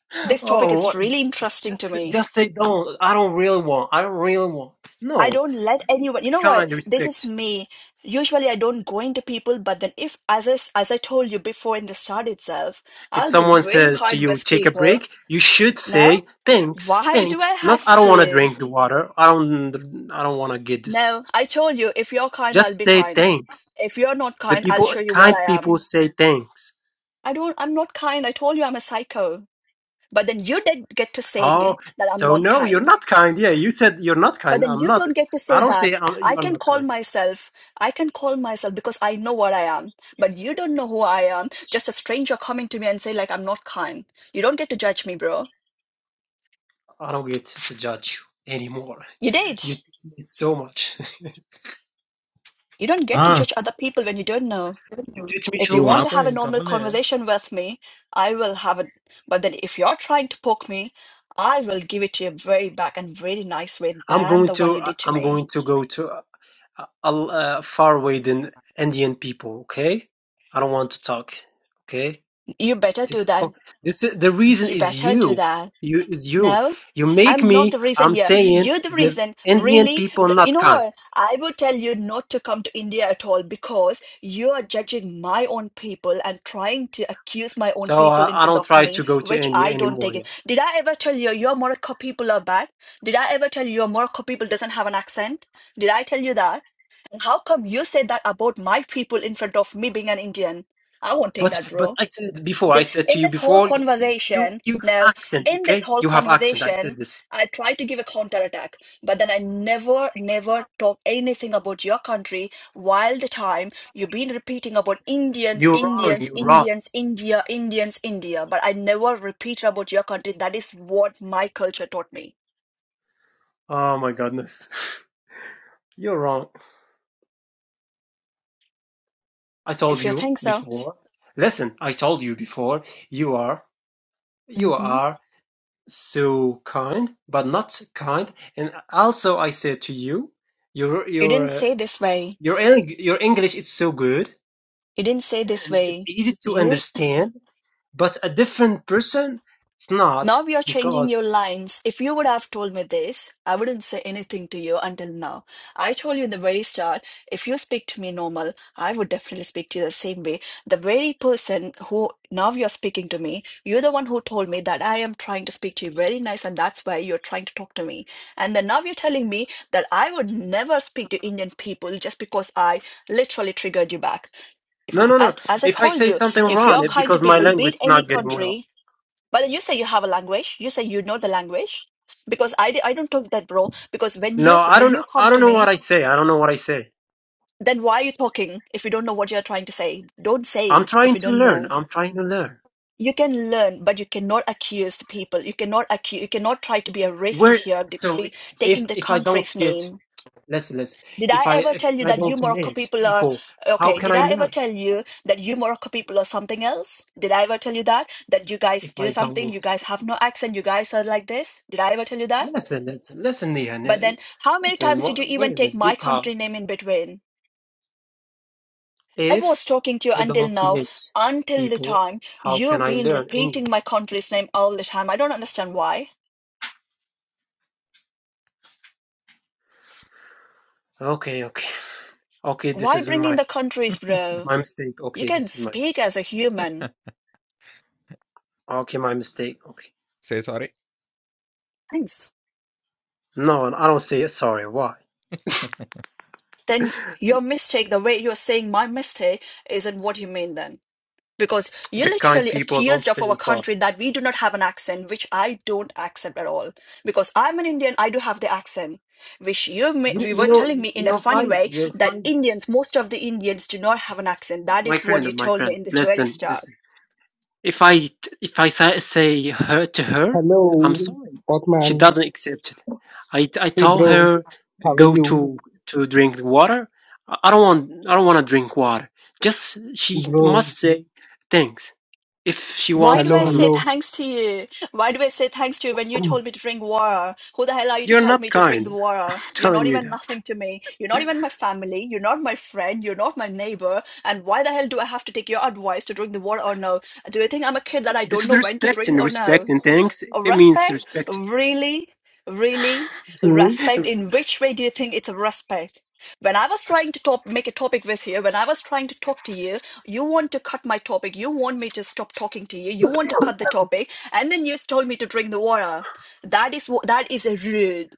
Speaker 1: This topic
Speaker 7: Oh,
Speaker 1: is
Speaker 7: what?
Speaker 1: really interesting to
Speaker 7: Just
Speaker 1: me.
Speaker 7: just say don't. I don't really want. I don't really want.
Speaker 1: I
Speaker 7: No.
Speaker 1: don't let
Speaker 7: Be,
Speaker 1: anyone. You
Speaker 7: be
Speaker 1: know what?
Speaker 7: kind,
Speaker 1: This is
Speaker 7: respect.
Speaker 1: me. Usually, I don't go into people, but then if, as I, s- as I told you before in the start itself,
Speaker 7: If
Speaker 1: I'll be
Speaker 7: someone
Speaker 1: very
Speaker 7: says to
Speaker 1: kind
Speaker 7: you,
Speaker 1: with
Speaker 7: take a
Speaker 1: people.
Speaker 7: break, you should
Speaker 1: No,
Speaker 7: say thanks,
Speaker 1: why do
Speaker 7: thanks.
Speaker 1: I
Speaker 7: Not
Speaker 1: have
Speaker 7: I don't want to
Speaker 1: to?
Speaker 7: drink the water. I don't I don't want to get this.
Speaker 1: No, I told you if you're kind, I'll
Speaker 7: Just
Speaker 1: be
Speaker 7: say
Speaker 1: kind.
Speaker 7: thanks.
Speaker 1: If you're not
Speaker 7: The
Speaker 1: kind, I'll
Speaker 7: people
Speaker 1: show you what
Speaker 7: kind
Speaker 1: I
Speaker 7: people
Speaker 1: am.
Speaker 7: say thanks.
Speaker 1: I don't. I'm not kind. I told you I'm a psycho. But then you did get to say
Speaker 7: Oh,
Speaker 1: me that I'm
Speaker 7: so
Speaker 1: not
Speaker 7: no, you're
Speaker 1: kind.
Speaker 7: not kind. Yeah, you said you're not
Speaker 1: But
Speaker 7: kind.
Speaker 1: then
Speaker 7: I'm
Speaker 1: you
Speaker 7: not.
Speaker 1: don't get to
Speaker 7: I
Speaker 1: say
Speaker 7: don't
Speaker 1: that.
Speaker 7: say I'm,
Speaker 1: I
Speaker 7: you're
Speaker 1: can
Speaker 7: not
Speaker 1: call
Speaker 7: kind.
Speaker 1: myself, I can call myself because I know what I am. But you don't know who I am. Just a stranger coming to me and say, like, I'm not kind. You don't get to judge me, bro.
Speaker 7: I don't get to judge you anymore.
Speaker 1: You did.
Speaker 7: You teach me so much.
Speaker 1: You don't get
Speaker 2: ఆ
Speaker 1: to judge other people when you don't know.
Speaker 7: You teach me
Speaker 1: If you
Speaker 7: so
Speaker 2: ఇవ్వు
Speaker 1: want to
Speaker 7: much.
Speaker 1: have
Speaker 2: ఆపోయి
Speaker 1: a
Speaker 2: ఇంక
Speaker 1: normal
Speaker 2: అవ్వలే
Speaker 1: conversation with me, I will have it. But then if you're trying to poke me, I will give it to you very back and very nice way
Speaker 7: I'm
Speaker 1: than
Speaker 7: going
Speaker 1: the one
Speaker 7: to
Speaker 1: you
Speaker 7: I-
Speaker 1: did to
Speaker 7: am
Speaker 1: me.
Speaker 7: going to go to a uh, uh, far away than Indian people. Okay, I don't want to talk. Okay,
Speaker 1: You better
Speaker 7: this
Speaker 1: do
Speaker 7: is
Speaker 1: that.
Speaker 7: for- this is the reason
Speaker 1: You
Speaker 7: is
Speaker 1: better do
Speaker 7: you.
Speaker 1: that.
Speaker 7: You is you.
Speaker 1: No,
Speaker 7: You make
Speaker 1: I'm not
Speaker 7: me.
Speaker 1: the reason
Speaker 7: I'm
Speaker 1: here.
Speaker 7: saying
Speaker 1: You're the
Speaker 7: the
Speaker 1: reason,
Speaker 7: Indian
Speaker 1: really.
Speaker 7: people
Speaker 1: So, you
Speaker 7: not
Speaker 1: know
Speaker 7: kind.
Speaker 1: what? I will tell you not to come to India at all because you are judging my own people and trying to accuse my own
Speaker 7: So
Speaker 1: people
Speaker 7: uh,
Speaker 1: in
Speaker 7: I
Speaker 1: front
Speaker 7: don't
Speaker 1: of
Speaker 7: try to
Speaker 1: me,
Speaker 7: go to
Speaker 1: which
Speaker 7: India
Speaker 1: I don't
Speaker 7: anymore.
Speaker 1: take
Speaker 7: Yeah.
Speaker 1: it. Did I ever tell you your Morocco people are bad? Did I ever tell you your Morocco people doesn't have an accent? Did I tell you that? And how come you say that about my people in front of me being an Indian? I won't take
Speaker 7: But
Speaker 1: that,
Speaker 7: but
Speaker 1: bro
Speaker 7: I said before. I
Speaker 1: th-
Speaker 7: said to
Speaker 1: in
Speaker 7: you
Speaker 1: this whole
Speaker 7: before. y- You
Speaker 1: conversation
Speaker 7: you
Speaker 1: now
Speaker 7: have accent.
Speaker 1: in this
Speaker 7: Okay,
Speaker 1: whole
Speaker 7: you have accent. I
Speaker 1: conversation
Speaker 7: said this.
Speaker 1: i tried to give a counterattack but then i never never talk anything about your country while the time you've been repeating about indians
Speaker 7: You're wrong.
Speaker 1: indians
Speaker 7: You're wrong.
Speaker 1: indians india indians india but i never repeat about your country that is what my culture taught me
Speaker 7: Oh my goodness. You're wrong. I told
Speaker 1: if you
Speaker 7: you
Speaker 1: think so
Speaker 7: before. Listen, I told you before. You are, you
Speaker 1: hmm
Speaker 7: are so kind, but not so kind. And also, I said to you, your
Speaker 1: you
Speaker 7: your
Speaker 1: didn't
Speaker 7: uh,
Speaker 1: say this way
Speaker 7: your Eng- your English is so good
Speaker 1: you didn't say this
Speaker 7: and
Speaker 1: way
Speaker 7: it's easy to
Speaker 1: You.
Speaker 7: understand. But a different person, it's
Speaker 1: Now
Speaker 7: not
Speaker 1: you're changing
Speaker 7: because
Speaker 1: your lines. If you would have told me this, I wouldn't say anything to you until now. I told you in the very start, if you speak to me normal, I would definitely speak to you the same way. The very person who now you're speaking to me, you're the one who told me that I am trying to speak to you very nice and that's why you're trying to talk to me. And then now you're telling me that I would never speak to Indian people just because I literally triggered you back. If,
Speaker 7: no, no, no.
Speaker 1: at- as I
Speaker 7: If I
Speaker 1: told
Speaker 7: say
Speaker 1: you,
Speaker 7: something
Speaker 1: if
Speaker 7: wrong,
Speaker 1: you're
Speaker 7: it's
Speaker 1: kind to
Speaker 7: because my
Speaker 1: people,
Speaker 7: language
Speaker 1: beat
Speaker 7: is
Speaker 1: any
Speaker 7: not getting well.
Speaker 1: country, but then you say you have a language. You say you know the language because I, di- I don't talk that, bro. Because when
Speaker 7: No,
Speaker 1: you
Speaker 7: I
Speaker 1: when
Speaker 7: don't.
Speaker 1: you come
Speaker 7: I don't
Speaker 1: to
Speaker 7: know what
Speaker 1: me,
Speaker 7: I say. I don't know what I say.
Speaker 1: then why are you talking if you don't know what you're trying to say? Don't
Speaker 7: I'm
Speaker 1: say if
Speaker 7: trying
Speaker 1: you
Speaker 7: to
Speaker 1: don't
Speaker 7: learn.
Speaker 1: know.
Speaker 7: I'm trying to learn.
Speaker 1: You can learn, but you cannot accuse people. You cannot accuse. You cannot try to be a racist
Speaker 7: Where
Speaker 1: here, d-
Speaker 7: so
Speaker 1: be
Speaker 7: if
Speaker 1: taking the
Speaker 7: if I don't
Speaker 1: country's
Speaker 7: get
Speaker 1: name.
Speaker 7: listen, listen.
Speaker 1: Did I
Speaker 7: If I
Speaker 1: ever tell
Speaker 7: if
Speaker 1: you
Speaker 7: I
Speaker 1: that you
Speaker 7: don't
Speaker 1: Morocco
Speaker 7: meet
Speaker 1: people are
Speaker 7: people, how
Speaker 1: okay?
Speaker 7: can
Speaker 1: Did
Speaker 7: I
Speaker 1: I ever
Speaker 7: learn?
Speaker 1: tell you that you Morocco people are something else? Did I ever tell you that that you guys
Speaker 7: If
Speaker 1: do
Speaker 7: I
Speaker 1: something?
Speaker 7: don't
Speaker 1: You guys have no accent. You guys are like this. Did I ever tell you that?
Speaker 7: listen, listen, listen, Nihan,
Speaker 1: But
Speaker 7: uh,
Speaker 1: then, how many
Speaker 7: listen.
Speaker 1: times did
Speaker 7: wha-
Speaker 1: you
Speaker 7: Wait
Speaker 1: even
Speaker 7: a
Speaker 1: take
Speaker 7: minute,
Speaker 1: my
Speaker 7: because
Speaker 1: country name in between? I was
Speaker 7: if
Speaker 1: talking to you
Speaker 7: I
Speaker 1: until
Speaker 7: don't
Speaker 1: now,
Speaker 7: meet
Speaker 1: until the
Speaker 7: people,
Speaker 1: time
Speaker 7: how can
Speaker 1: you've
Speaker 7: I
Speaker 1: been
Speaker 7: learn
Speaker 1: repeating my
Speaker 7: English?
Speaker 1: country's name all the time. I don't understand why.
Speaker 7: Okay, okay, okay. This
Speaker 1: Why
Speaker 7: is
Speaker 1: bringing
Speaker 7: my
Speaker 1: the countries, bro?
Speaker 7: my mistake.
Speaker 1: You
Speaker 7: Okay,
Speaker 1: can
Speaker 7: this is my
Speaker 1: speak
Speaker 7: mistake.
Speaker 1: as a human.
Speaker 7: Okay, my mistake. Okay.
Speaker 4: Say sorry
Speaker 1: Thanks.
Speaker 7: No, I don't say sorry. Why?
Speaker 1: Then your mistake, the way you're saying my mistake, isn't what you mean then. because you
Speaker 7: The kind
Speaker 1: literally
Speaker 7: people don't
Speaker 1: accused of our
Speaker 7: say sorry.
Speaker 1: country that we do not have an accent, which I don't accept at all. Because I'm an Indian, I do have the accent, which you ma-
Speaker 7: You,
Speaker 1: we were
Speaker 7: you know,
Speaker 1: telling me
Speaker 7: you
Speaker 1: in a
Speaker 7: know,
Speaker 1: funny
Speaker 7: fly,
Speaker 1: way
Speaker 7: you're
Speaker 1: that
Speaker 7: flying.
Speaker 1: Indians, most of the Indians, do not have an accent. That
Speaker 7: my
Speaker 1: is what you
Speaker 7: friend, my
Speaker 1: told me
Speaker 7: friend,
Speaker 1: in this very
Speaker 7: listen,
Speaker 1: start.
Speaker 7: listen. If I t- if I say, say her to her, I'm
Speaker 10: Hello,
Speaker 7: sorry. She
Speaker 10: Othman.
Speaker 7: doesn't accept it. I I
Speaker 10: Hey,
Speaker 7: told
Speaker 10: bro.
Speaker 7: her
Speaker 10: How are
Speaker 7: go
Speaker 10: you,
Speaker 7: to to drink water. I I don't want I don't want to drink water. Just she
Speaker 10: bro?
Speaker 7: must say thanks if she
Speaker 1: Why
Speaker 7: wants
Speaker 1: do
Speaker 10: Hello,
Speaker 1: I
Speaker 7: or
Speaker 1: say
Speaker 7: not.
Speaker 10: hello.
Speaker 1: thanks to you? Why do I say thanks to you when you told me to drink water? Who the hell are you to
Speaker 7: You're
Speaker 1: tell
Speaker 7: not
Speaker 1: me to drink the
Speaker 7: kind.
Speaker 1: water?
Speaker 7: I'm
Speaker 1: You're
Speaker 7: telling
Speaker 1: not
Speaker 7: you
Speaker 1: even
Speaker 7: that.
Speaker 1: nothing to me. You're not even my family. You're not my friend. You're not my neighbor. And why the hell do I have to take your advice to drink the water or no? Do you think I'm a kid that I
Speaker 7: This
Speaker 1: don't know
Speaker 7: is
Speaker 1: when to
Speaker 7: respect
Speaker 1: drink
Speaker 7: and
Speaker 1: or
Speaker 7: respect
Speaker 1: no?
Speaker 7: and thanks. It means
Speaker 1: Respect?
Speaker 7: respect.
Speaker 1: Really? Really?
Speaker 10: Hmm?
Speaker 1: Respect?
Speaker 7: I'm
Speaker 1: In which way do you think it's a respect? When I was trying to top, make a topic with you, when I was trying to talk to you, you want to cut my topic. You want me to stop talking to you. You want to cut the topic, and then you told me to drink the water. That is wh- that is a rude.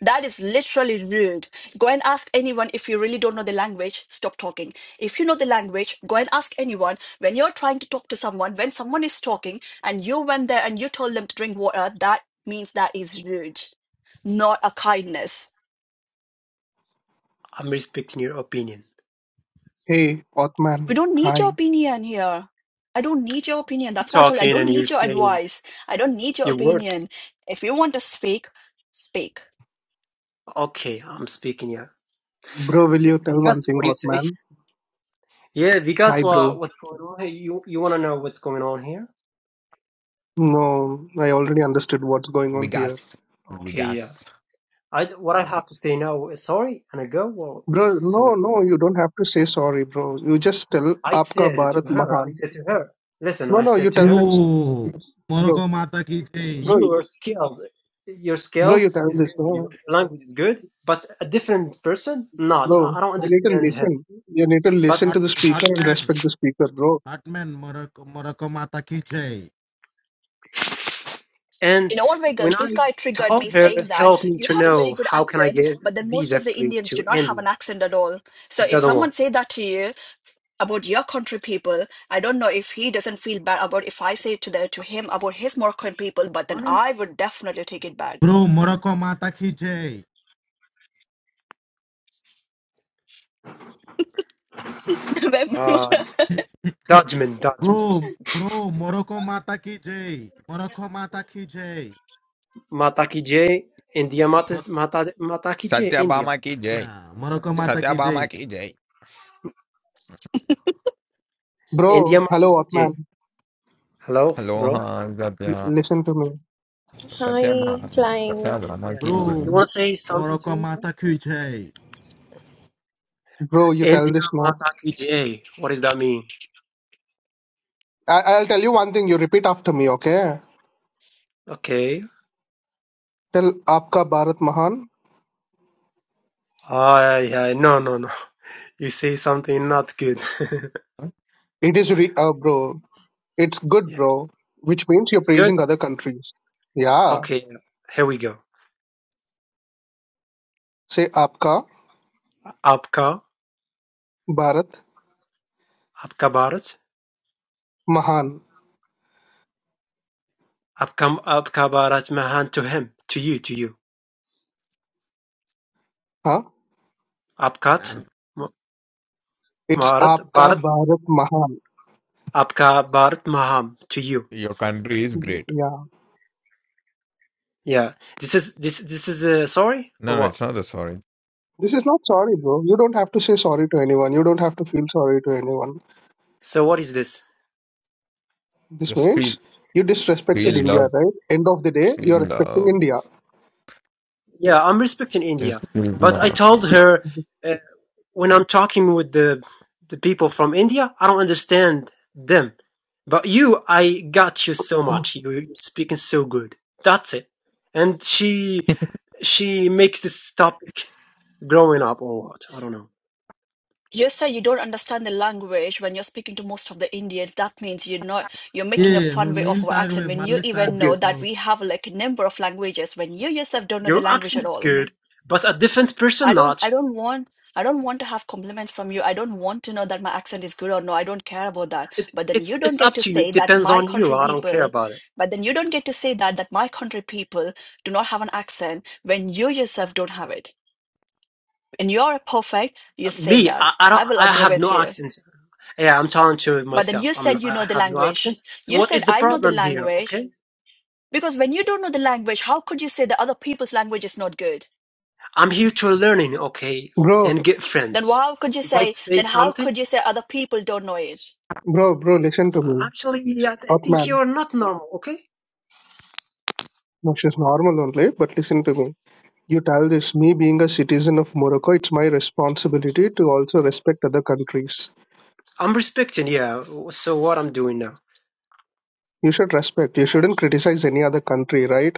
Speaker 1: That is literally rude. Go and ask anyone if you really don't know the language, stop talking. If you know the language, go and ask anyone. When you're trying to talk to someone, when someone is talking and you went there and you told them to drink water, that means that is rude, not a kindness.
Speaker 7: respecting your opinion.
Speaker 10: Hey, Othman.
Speaker 1: We don't need your
Speaker 10: Hi,
Speaker 1: opinion here. I don't need your opinion.
Speaker 7: You're
Speaker 1: That's why I told you, I
Speaker 7: talking
Speaker 1: don't
Speaker 7: and you're
Speaker 1: need your
Speaker 7: saying
Speaker 1: advice. I don't need your
Speaker 7: your words.
Speaker 1: opinion. If you want to speak, speak.
Speaker 7: Okay, I'm speaking, yeah.
Speaker 10: bro. Will you tell one
Speaker 7: Vikas,
Speaker 10: thing,
Speaker 7: what do you say?
Speaker 10: Othman?
Speaker 7: Yeah, Vikas,
Speaker 10: Hi,
Speaker 7: what,
Speaker 10: bro.
Speaker 7: what's going on? here? you you want to know what's going on here?
Speaker 10: No, I already understood what's going on here,
Speaker 4: Vegas
Speaker 7: Okay,
Speaker 4: Vegas
Speaker 7: yeah. I what I have to say now is sorry and I go. Well,
Speaker 10: bro.
Speaker 7: so
Speaker 10: No, no, you don't have to say sorry, bro. You just tell
Speaker 7: I
Speaker 10: "Aapka
Speaker 7: said to
Speaker 10: Bharat
Speaker 7: her, I
Speaker 10: Mahan."
Speaker 7: said to her, listen,
Speaker 10: No,
Speaker 7: I
Speaker 10: no, you
Speaker 7: said to
Speaker 10: tell
Speaker 2: you
Speaker 7: her,
Speaker 10: this, bro.
Speaker 2: Morocco మాతకి జై
Speaker 10: Bro,
Speaker 7: your skills, your
Speaker 10: bro, you
Speaker 7: skills
Speaker 10: tell
Speaker 7: is
Speaker 10: this,
Speaker 7: good,
Speaker 10: no,
Speaker 7: your language is good, but a different person, not.
Speaker 10: bro.
Speaker 7: I, I don't
Speaker 10: You need to
Speaker 7: understand him.
Speaker 10: listen. You need to
Speaker 7: But
Speaker 10: listen to
Speaker 2: hot
Speaker 10: the speaker
Speaker 2: hot
Speaker 10: and
Speaker 2: man
Speaker 10: respect the speaker, bro.
Speaker 2: Hot man Morocco Morocco మాతకి జై
Speaker 7: and
Speaker 1: in all Vegas,
Speaker 7: when I
Speaker 1: this guy triggered
Speaker 7: told
Speaker 1: me
Speaker 7: her,
Speaker 1: saying that
Speaker 7: help me
Speaker 1: you
Speaker 7: to
Speaker 1: have a very
Speaker 7: know
Speaker 1: good
Speaker 7: how can I
Speaker 1: accent,
Speaker 7: get
Speaker 1: but then most
Speaker 7: visa
Speaker 1: of the
Speaker 7: free
Speaker 1: Indians do
Speaker 7: to
Speaker 1: not have
Speaker 7: India.
Speaker 1: an accent at all. So
Speaker 7: He
Speaker 1: if
Speaker 7: doesn't
Speaker 1: someone
Speaker 7: want.
Speaker 1: say that to you about your country people, I don't know if he doesn't feel bad about if I say it to the, to him about his Moroccan people, but then I would definitely take it back.
Speaker 2: Bro Morocco మాతకి జై
Speaker 7: Uh, judgment,
Speaker 2: bro
Speaker 7: judgment.
Speaker 2: Bro Morocco మాతకి జై Morocco మాతకి జై
Speaker 7: Mataki J, India Mata,
Speaker 2: మొ-
Speaker 7: Mata, Mataki J,
Speaker 4: Satyabhama
Speaker 7: India.
Speaker 4: की जय
Speaker 2: yeah, Morocco మాతకి జై
Speaker 4: सत्याभामा की जय
Speaker 7: India
Speaker 10: Bro, hello,
Speaker 7: Mataki J.
Speaker 10: Othman.
Speaker 7: Hello,
Speaker 4: hello
Speaker 7: bro?
Speaker 4: हाँ Satya
Speaker 10: Listen to me.
Speaker 9: Hi,
Speaker 4: Satyabhama,
Speaker 9: flying.
Speaker 7: Yeah, yeah,
Speaker 4: Satyabhama,
Speaker 7: you
Speaker 2: Bro,
Speaker 4: keep
Speaker 7: wanna, you
Speaker 4: doing
Speaker 7: wanna say something
Speaker 2: మరొక
Speaker 7: to me, bro?
Speaker 2: మాత క్యూచాయి
Speaker 10: Bro, you tell
Speaker 7: India
Speaker 10: this no.
Speaker 7: Mataki J. What does that mean?
Speaker 10: I- I'll tell you one thing. You repeat after me, okay?
Speaker 7: Okay.
Speaker 10: Tell Aapka Bharat Mahan.
Speaker 7: Ah, yeah, no, no, no. You say something not good.
Speaker 4: it.
Speaker 10: It is, re- uh, bro. It's good,
Speaker 7: yeah,
Speaker 10: bro. Which means you're
Speaker 7: it's good.
Speaker 10: praising other countries. Yeah.
Speaker 7: Okay, here we go.
Speaker 10: Say Aapka
Speaker 7: Apka,
Speaker 10: Bharat
Speaker 7: Apka Bharat,
Speaker 10: Mahan.
Speaker 7: Apka, Apka Bharat Mahan to him, to you, to you.
Speaker 10: Huh?
Speaker 7: Apkat,
Speaker 10: It's
Speaker 7: Bharat,
Speaker 10: Aapka
Speaker 7: Bharat
Speaker 10: Bharat Mahan.
Speaker 7: Apka Bharat Maham to you.
Speaker 4: Your country is great.
Speaker 10: Yeah.
Speaker 7: Yeah. This is this this is uh, sorry or
Speaker 4: No, no,
Speaker 7: what?
Speaker 4: it's not the sorry.
Speaker 10: This is not sorry, bro. You don't have to say sorry to anyone. You don't have to feel sorry to anyone.
Speaker 7: So what is this?
Speaker 10: This
Speaker 4: Just feel,
Speaker 10: means you disrespected
Speaker 7: Yeah.
Speaker 4: feel
Speaker 10: India,
Speaker 4: love,
Speaker 10: right? End of the day,
Speaker 4: feel
Speaker 10: you're respecting
Speaker 4: love.
Speaker 10: India.
Speaker 7: Yeah, I'm respecting India,
Speaker 4: Just feel
Speaker 7: but I
Speaker 4: love.
Speaker 7: told her uh, when I'm talking with the the people from India, I don't understand them. But you, I got you so much. You're speaking so good. That's it. And she she makes this topic growing up or what? I don't know.
Speaker 1: you say you don't understand the language when you're speaking to most of the Indians. That means you're not you're
Speaker 2: ఏ
Speaker 1: making a fun
Speaker 2: నువ్వు
Speaker 1: way of
Speaker 2: నీళ్ళు
Speaker 1: our accent
Speaker 2: తాగవే
Speaker 1: when you
Speaker 2: మళ్ళీ start
Speaker 1: even
Speaker 10: okay.
Speaker 1: know that
Speaker 2: చేసినావు
Speaker 1: we have like a number of languages when you yourself don't know the
Speaker 7: Your
Speaker 1: language
Speaker 7: accent
Speaker 1: at
Speaker 7: is
Speaker 1: all.
Speaker 7: good, but a different
Speaker 1: I
Speaker 7: person
Speaker 1: don't
Speaker 7: not.
Speaker 1: I don't want I don't want to have compliments from you. I don't want to know that my accent is good or no. I don't care about that.
Speaker 7: It,
Speaker 1: But then
Speaker 7: it's
Speaker 1: you don't
Speaker 7: it's
Speaker 1: get
Speaker 7: up
Speaker 1: to
Speaker 7: to you.
Speaker 1: say
Speaker 7: It
Speaker 1: that
Speaker 7: depends
Speaker 1: my
Speaker 7: on you.
Speaker 1: country
Speaker 7: I don't care
Speaker 1: people,
Speaker 7: about it.
Speaker 1: but then you don't get to say that that my country people do not have an accent when you yourself don't have it. And you're perfect, you
Speaker 7: Uh,
Speaker 1: say
Speaker 7: Me,
Speaker 1: that.
Speaker 7: I, I
Speaker 1: I
Speaker 7: don't.
Speaker 1: will
Speaker 7: I
Speaker 1: agree
Speaker 7: have
Speaker 1: with
Speaker 7: no
Speaker 1: you.
Speaker 7: accent. Yeah, I'm talking to
Speaker 1: But then
Speaker 7: myself.
Speaker 1: you
Speaker 7: I'm,
Speaker 1: said you
Speaker 7: I
Speaker 1: know the
Speaker 7: have no accent.
Speaker 1: language.
Speaker 7: So
Speaker 1: You
Speaker 7: what
Speaker 1: said
Speaker 7: is the
Speaker 1: I know the
Speaker 7: problem here?
Speaker 1: language.
Speaker 7: Okay,
Speaker 1: Because when you don't know the language, how could you say that other people's language is not good?
Speaker 7: I'm here to learning. Okay,
Speaker 10: Bro,
Speaker 7: and get
Speaker 1: Then
Speaker 7: friends.
Speaker 1: how could you
Speaker 7: If I
Speaker 1: say
Speaker 7: say
Speaker 1: then how
Speaker 7: something,
Speaker 1: could you say other people don't know it?
Speaker 10: Bro, bro, listen to me.
Speaker 7: actually, yeah, I
Speaker 10: Hot
Speaker 7: think you
Speaker 10: man.
Speaker 7: are not normal. Okay,
Speaker 10: No, she's normal only, but listen to me. You tell this, me being a citizen of Morocco, it's my responsibility to also respect other countries.
Speaker 7: I'm respecting. Yeah. So what I'm doing now?
Speaker 10: You should respect. You shouldn't criticize any other country, right?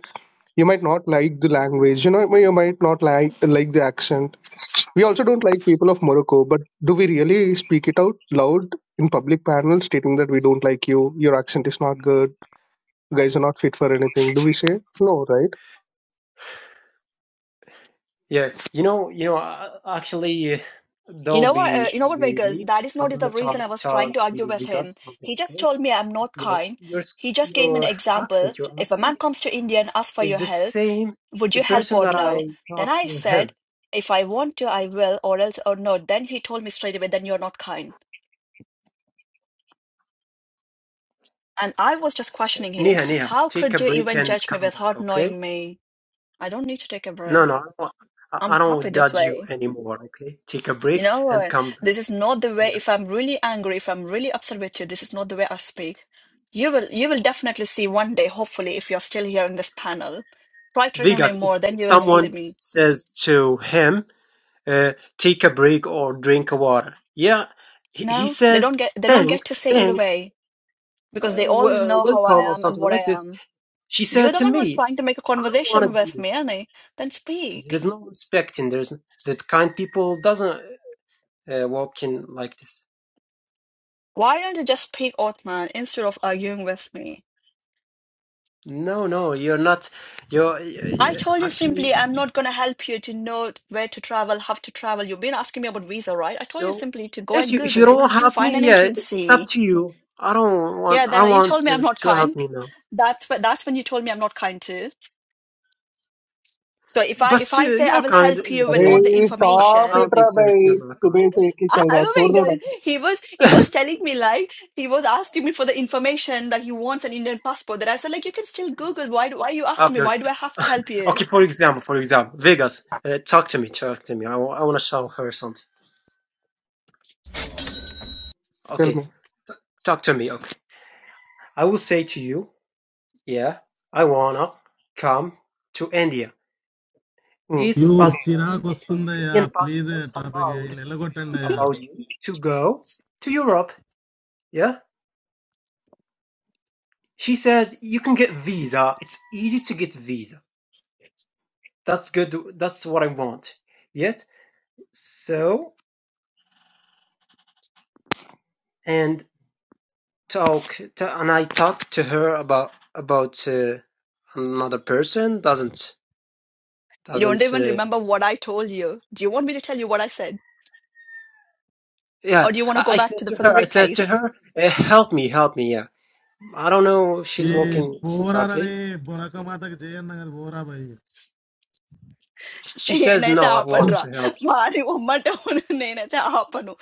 Speaker 10: You might not like the language. You know, you might not like like the accent. We also don't like people of Morocco, but do we really speak it out loud in public panels stating that we don't like you? Your accent is not good. You guys are not fit for anything. Do we say no, right?
Speaker 7: Yeah. You know. You know. uh, Actually, uh,
Speaker 1: You know
Speaker 7: don't
Speaker 1: what? Uh,
Speaker 7: be
Speaker 1: you know what,
Speaker 7: angry with
Speaker 1: Vegas?
Speaker 7: me.
Speaker 1: That is
Speaker 7: I'm
Speaker 1: not the
Speaker 7: gonna tell
Speaker 1: reason I was trying
Speaker 7: tell
Speaker 1: to argue
Speaker 7: the
Speaker 1: with
Speaker 7: the
Speaker 1: him.
Speaker 7: guys something.
Speaker 1: He just
Speaker 7: Okay.
Speaker 1: told me I'm not
Speaker 7: you know,
Speaker 1: kind.
Speaker 7: your
Speaker 1: He
Speaker 7: sk-
Speaker 1: just gave me an
Speaker 7: your
Speaker 1: example.
Speaker 7: accent, your
Speaker 1: If a man
Speaker 7: accent
Speaker 1: comes to India and asks for your
Speaker 7: is the
Speaker 1: help,
Speaker 7: same.
Speaker 1: would
Speaker 7: The
Speaker 1: you help
Speaker 7: person
Speaker 1: or
Speaker 7: that
Speaker 1: no?
Speaker 7: I
Speaker 1: Then
Speaker 7: talked
Speaker 1: I
Speaker 7: to him,
Speaker 1: said, if I want to, I will, or else or not. Then he told me straight away, then you're not kind. And I was just questioning him.
Speaker 7: Niha, Niha,
Speaker 1: How
Speaker 7: take
Speaker 1: could
Speaker 7: a
Speaker 1: you
Speaker 7: break
Speaker 1: even
Speaker 7: and
Speaker 1: judge me
Speaker 7: come back,
Speaker 1: without
Speaker 7: okay?
Speaker 1: knowing me? I don't need to take a
Speaker 7: No,
Speaker 1: breath.
Speaker 7: no, I don't, I I
Speaker 1: I'm happy
Speaker 7: don't
Speaker 1: this
Speaker 7: judge you
Speaker 1: way.
Speaker 7: anymore, okay? Take a
Speaker 1: You
Speaker 7: break
Speaker 1: know,
Speaker 7: and
Speaker 1: uh,
Speaker 7: come back.
Speaker 1: this is not the way,
Speaker 7: Yeah.
Speaker 1: if I'm really angry, if I'm really upset with you, this is not the way I speak. You will, you will definitely see one day, hopefully, if you're still here in this panel, try triggering me
Speaker 7: Vigas, if,
Speaker 1: more, then
Speaker 7: if
Speaker 1: you will see the
Speaker 7: someone
Speaker 1: me.
Speaker 7: says to him, uh, take a break or drink water, yeah, he, he
Speaker 1: No, they don't
Speaker 7: says
Speaker 1: get, they don't get to
Speaker 7: thanks,
Speaker 1: say either
Speaker 7: thanks,
Speaker 1: way
Speaker 7: uh,
Speaker 1: because they all
Speaker 7: w-
Speaker 1: know how I
Speaker 7: welcome or
Speaker 1: am and
Speaker 7: something
Speaker 1: what I
Speaker 7: like this.
Speaker 1: am.
Speaker 7: She
Speaker 1: You're
Speaker 7: said
Speaker 1: the
Speaker 7: to
Speaker 1: one who's
Speaker 7: me,
Speaker 1: trying to make a
Speaker 7: I don't
Speaker 1: conversation
Speaker 7: want to do
Speaker 1: with me,
Speaker 7: this.
Speaker 1: Annie. Then
Speaker 7: So
Speaker 1: speak.
Speaker 7: there's no respecting. There's the kind people doesn't uh, walk in like this.
Speaker 1: Why don't you just speak, Othman, instead of arguing with me?
Speaker 7: No, no, you're not. You're,
Speaker 1: I
Speaker 7: you
Speaker 1: told you simply,
Speaker 7: actually
Speaker 1: I'm not going to help you to know where to travel, how to travel. You've been asking me about visa, right? I told you
Speaker 7: so.
Speaker 1: simply to go
Speaker 7: If
Speaker 1: and
Speaker 7: you if
Speaker 1: Google
Speaker 7: you
Speaker 1: it,
Speaker 7: don't help
Speaker 1: find
Speaker 7: me,
Speaker 1: an
Speaker 7: yeah, it- it's up
Speaker 1: agency.
Speaker 7: to you. I don't
Speaker 1: Yeah,
Speaker 7: want I
Speaker 1: then you
Speaker 7: want
Speaker 1: told me I'm
Speaker 7: to
Speaker 1: not
Speaker 7: to help
Speaker 1: kind.
Speaker 7: me now.
Speaker 1: That's when, that's when you told me I'm not kind too. So if I
Speaker 7: But
Speaker 1: if
Speaker 7: uh,
Speaker 1: I say I
Speaker 7: you're
Speaker 1: will
Speaker 7: kind
Speaker 1: help
Speaker 7: in the
Speaker 1: you with all
Speaker 7: same.
Speaker 1: the
Speaker 10: Hey,
Speaker 7: But
Speaker 10: stop
Speaker 7: I
Speaker 1: information,
Speaker 10: it,
Speaker 7: don't think
Speaker 10: brother.
Speaker 7: so. It's you're
Speaker 10: It's
Speaker 7: not
Speaker 10: too bad. It's
Speaker 1: oh my
Speaker 10: only running.
Speaker 1: God, he was he
Speaker 7: kind.
Speaker 1: was telling me like he was asking me for the information that he wants an Indian passport. That I said like you can still Google. Why do, why are you asking me?
Speaker 7: okay,
Speaker 1: Why do
Speaker 7: okay.
Speaker 1: I have to help you?
Speaker 7: Okay, for example, for example, Vegas, uh, talk to me, talk to me. I want to show her something. Okay,
Speaker 10: Stop
Speaker 7: t- talk to me. Okay, I will say to you. Yeah, I wanna come to India.
Speaker 10: it.
Speaker 7: Is
Speaker 2: you
Speaker 7: passport
Speaker 2: చిరాకు వస్తుందయ్యా
Speaker 7: Indian
Speaker 2: please
Speaker 7: passport
Speaker 2: topic
Speaker 7: allowed
Speaker 2: నిలగొట్టండి అయ్యా
Speaker 7: allowed you to go to Europe? Yeah, she says you can get visa. It's easy to get visa. That's good. That's what I want. Yet so and talk to, and I talked to her about about uh, another person. Doesn't
Speaker 1: You don't
Speaker 7: doesn't
Speaker 1: even
Speaker 7: uh,
Speaker 1: remember what I told you. Do you want me to tell you what I said? or
Speaker 7: yeah.
Speaker 1: do you want to
Speaker 7: I,
Speaker 1: go
Speaker 7: I
Speaker 1: back
Speaker 7: said
Speaker 1: to the
Speaker 7: to
Speaker 1: for the
Speaker 7: her. I said
Speaker 1: replays
Speaker 7: to her, uh, help me, help me. Yeah I don't know if she's
Speaker 2: A
Speaker 7: walking
Speaker 2: పోరారే
Speaker 7: exactly.
Speaker 2: బొరక మాతకు చేయన్నా కదా పోరా భయ్
Speaker 7: She says,
Speaker 1: నేనైతే
Speaker 7: "No, I want
Speaker 1: ఆపనరా
Speaker 7: to help you."
Speaker 1: వాడి ఉమ్మట నేనైతే ఆపను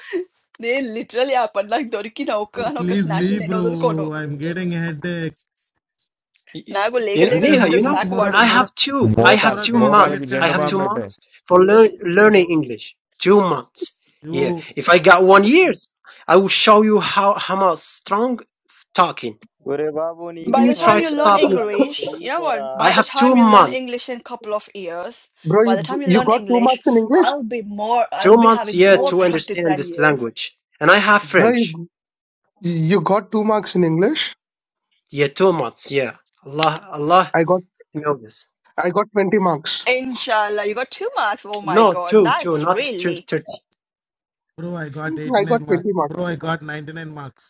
Speaker 1: నేను literally ఆపను నాకు దొరికిన ఒక్కనొక్క
Speaker 2: ప్లీజ్
Speaker 1: స్నాక్
Speaker 2: లీ
Speaker 1: ని నేను
Speaker 2: బ్రో
Speaker 1: వదులుకోను
Speaker 2: I'm getting headache.
Speaker 7: Y- y-
Speaker 1: నాకు లేక
Speaker 7: You know,
Speaker 1: లేక
Speaker 2: ఓకే
Speaker 7: Neha,
Speaker 1: దొరికిన
Speaker 7: you
Speaker 2: మొరక్
Speaker 7: know,
Speaker 1: స్నాక్ వాడు
Speaker 2: మొరక్
Speaker 7: I have two.
Speaker 2: Bro
Speaker 7: I
Speaker 4: మోకాల్
Speaker 7: have
Speaker 2: మొరక
Speaker 7: two
Speaker 2: ఇస్
Speaker 4: మోకాలకి
Speaker 2: గ్రేట్
Speaker 7: months. I
Speaker 4: జెండ
Speaker 7: have
Speaker 2: కంట్రీ
Speaker 4: బాంబు
Speaker 7: two
Speaker 4: పెట్టే
Speaker 7: months for lear- learning English. Two months.
Speaker 2: You
Speaker 7: Yeah. If I got one years, I will show you how how much strong talking.
Speaker 3: ఒరే బాబు నీ
Speaker 1: By
Speaker 7: Even you
Speaker 1: the
Speaker 3: English మాకు
Speaker 1: time
Speaker 7: try
Speaker 1: you
Speaker 7: to
Speaker 3: వద్దురా
Speaker 1: learn
Speaker 7: stop me.
Speaker 3: Swami.
Speaker 7: fr-
Speaker 1: English, you know what?
Speaker 3: వెళ్ళిపోరా
Speaker 1: By
Speaker 7: I
Speaker 1: the
Speaker 7: have two
Speaker 1: time you learn English
Speaker 7: months.
Speaker 1: in a couple of years,
Speaker 10: Bro,
Speaker 1: by
Speaker 10: you
Speaker 1: the time you
Speaker 10: you
Speaker 1: learn
Speaker 10: got two
Speaker 1: English,
Speaker 10: marks in English.
Speaker 1: I'll be more,
Speaker 7: Two
Speaker 1: I'll be
Speaker 7: months.
Speaker 1: having
Speaker 3: bro
Speaker 7: Yeah,
Speaker 1: more
Speaker 7: to
Speaker 1: practice
Speaker 7: understand
Speaker 1: than
Speaker 7: this
Speaker 1: you.
Speaker 7: language, and I have
Speaker 10: Bro,
Speaker 7: French.
Speaker 10: you you got two marks in English.
Speaker 7: Yeah, two months. Yeah. Allah, Allah
Speaker 10: I got,
Speaker 7: know this.
Speaker 10: I got twenty marks.
Speaker 1: Inshallah, you got two marks. Oh my
Speaker 7: No,
Speaker 1: God,
Speaker 7: two, two,
Speaker 1: that's
Speaker 7: not two
Speaker 1: really
Speaker 7: thirty.
Speaker 2: Bro I got eighty
Speaker 10: I
Speaker 2: nine
Speaker 10: got
Speaker 2: marks
Speaker 10: twenty
Speaker 2: bro
Speaker 10: marks.
Speaker 2: I got ninety nine marks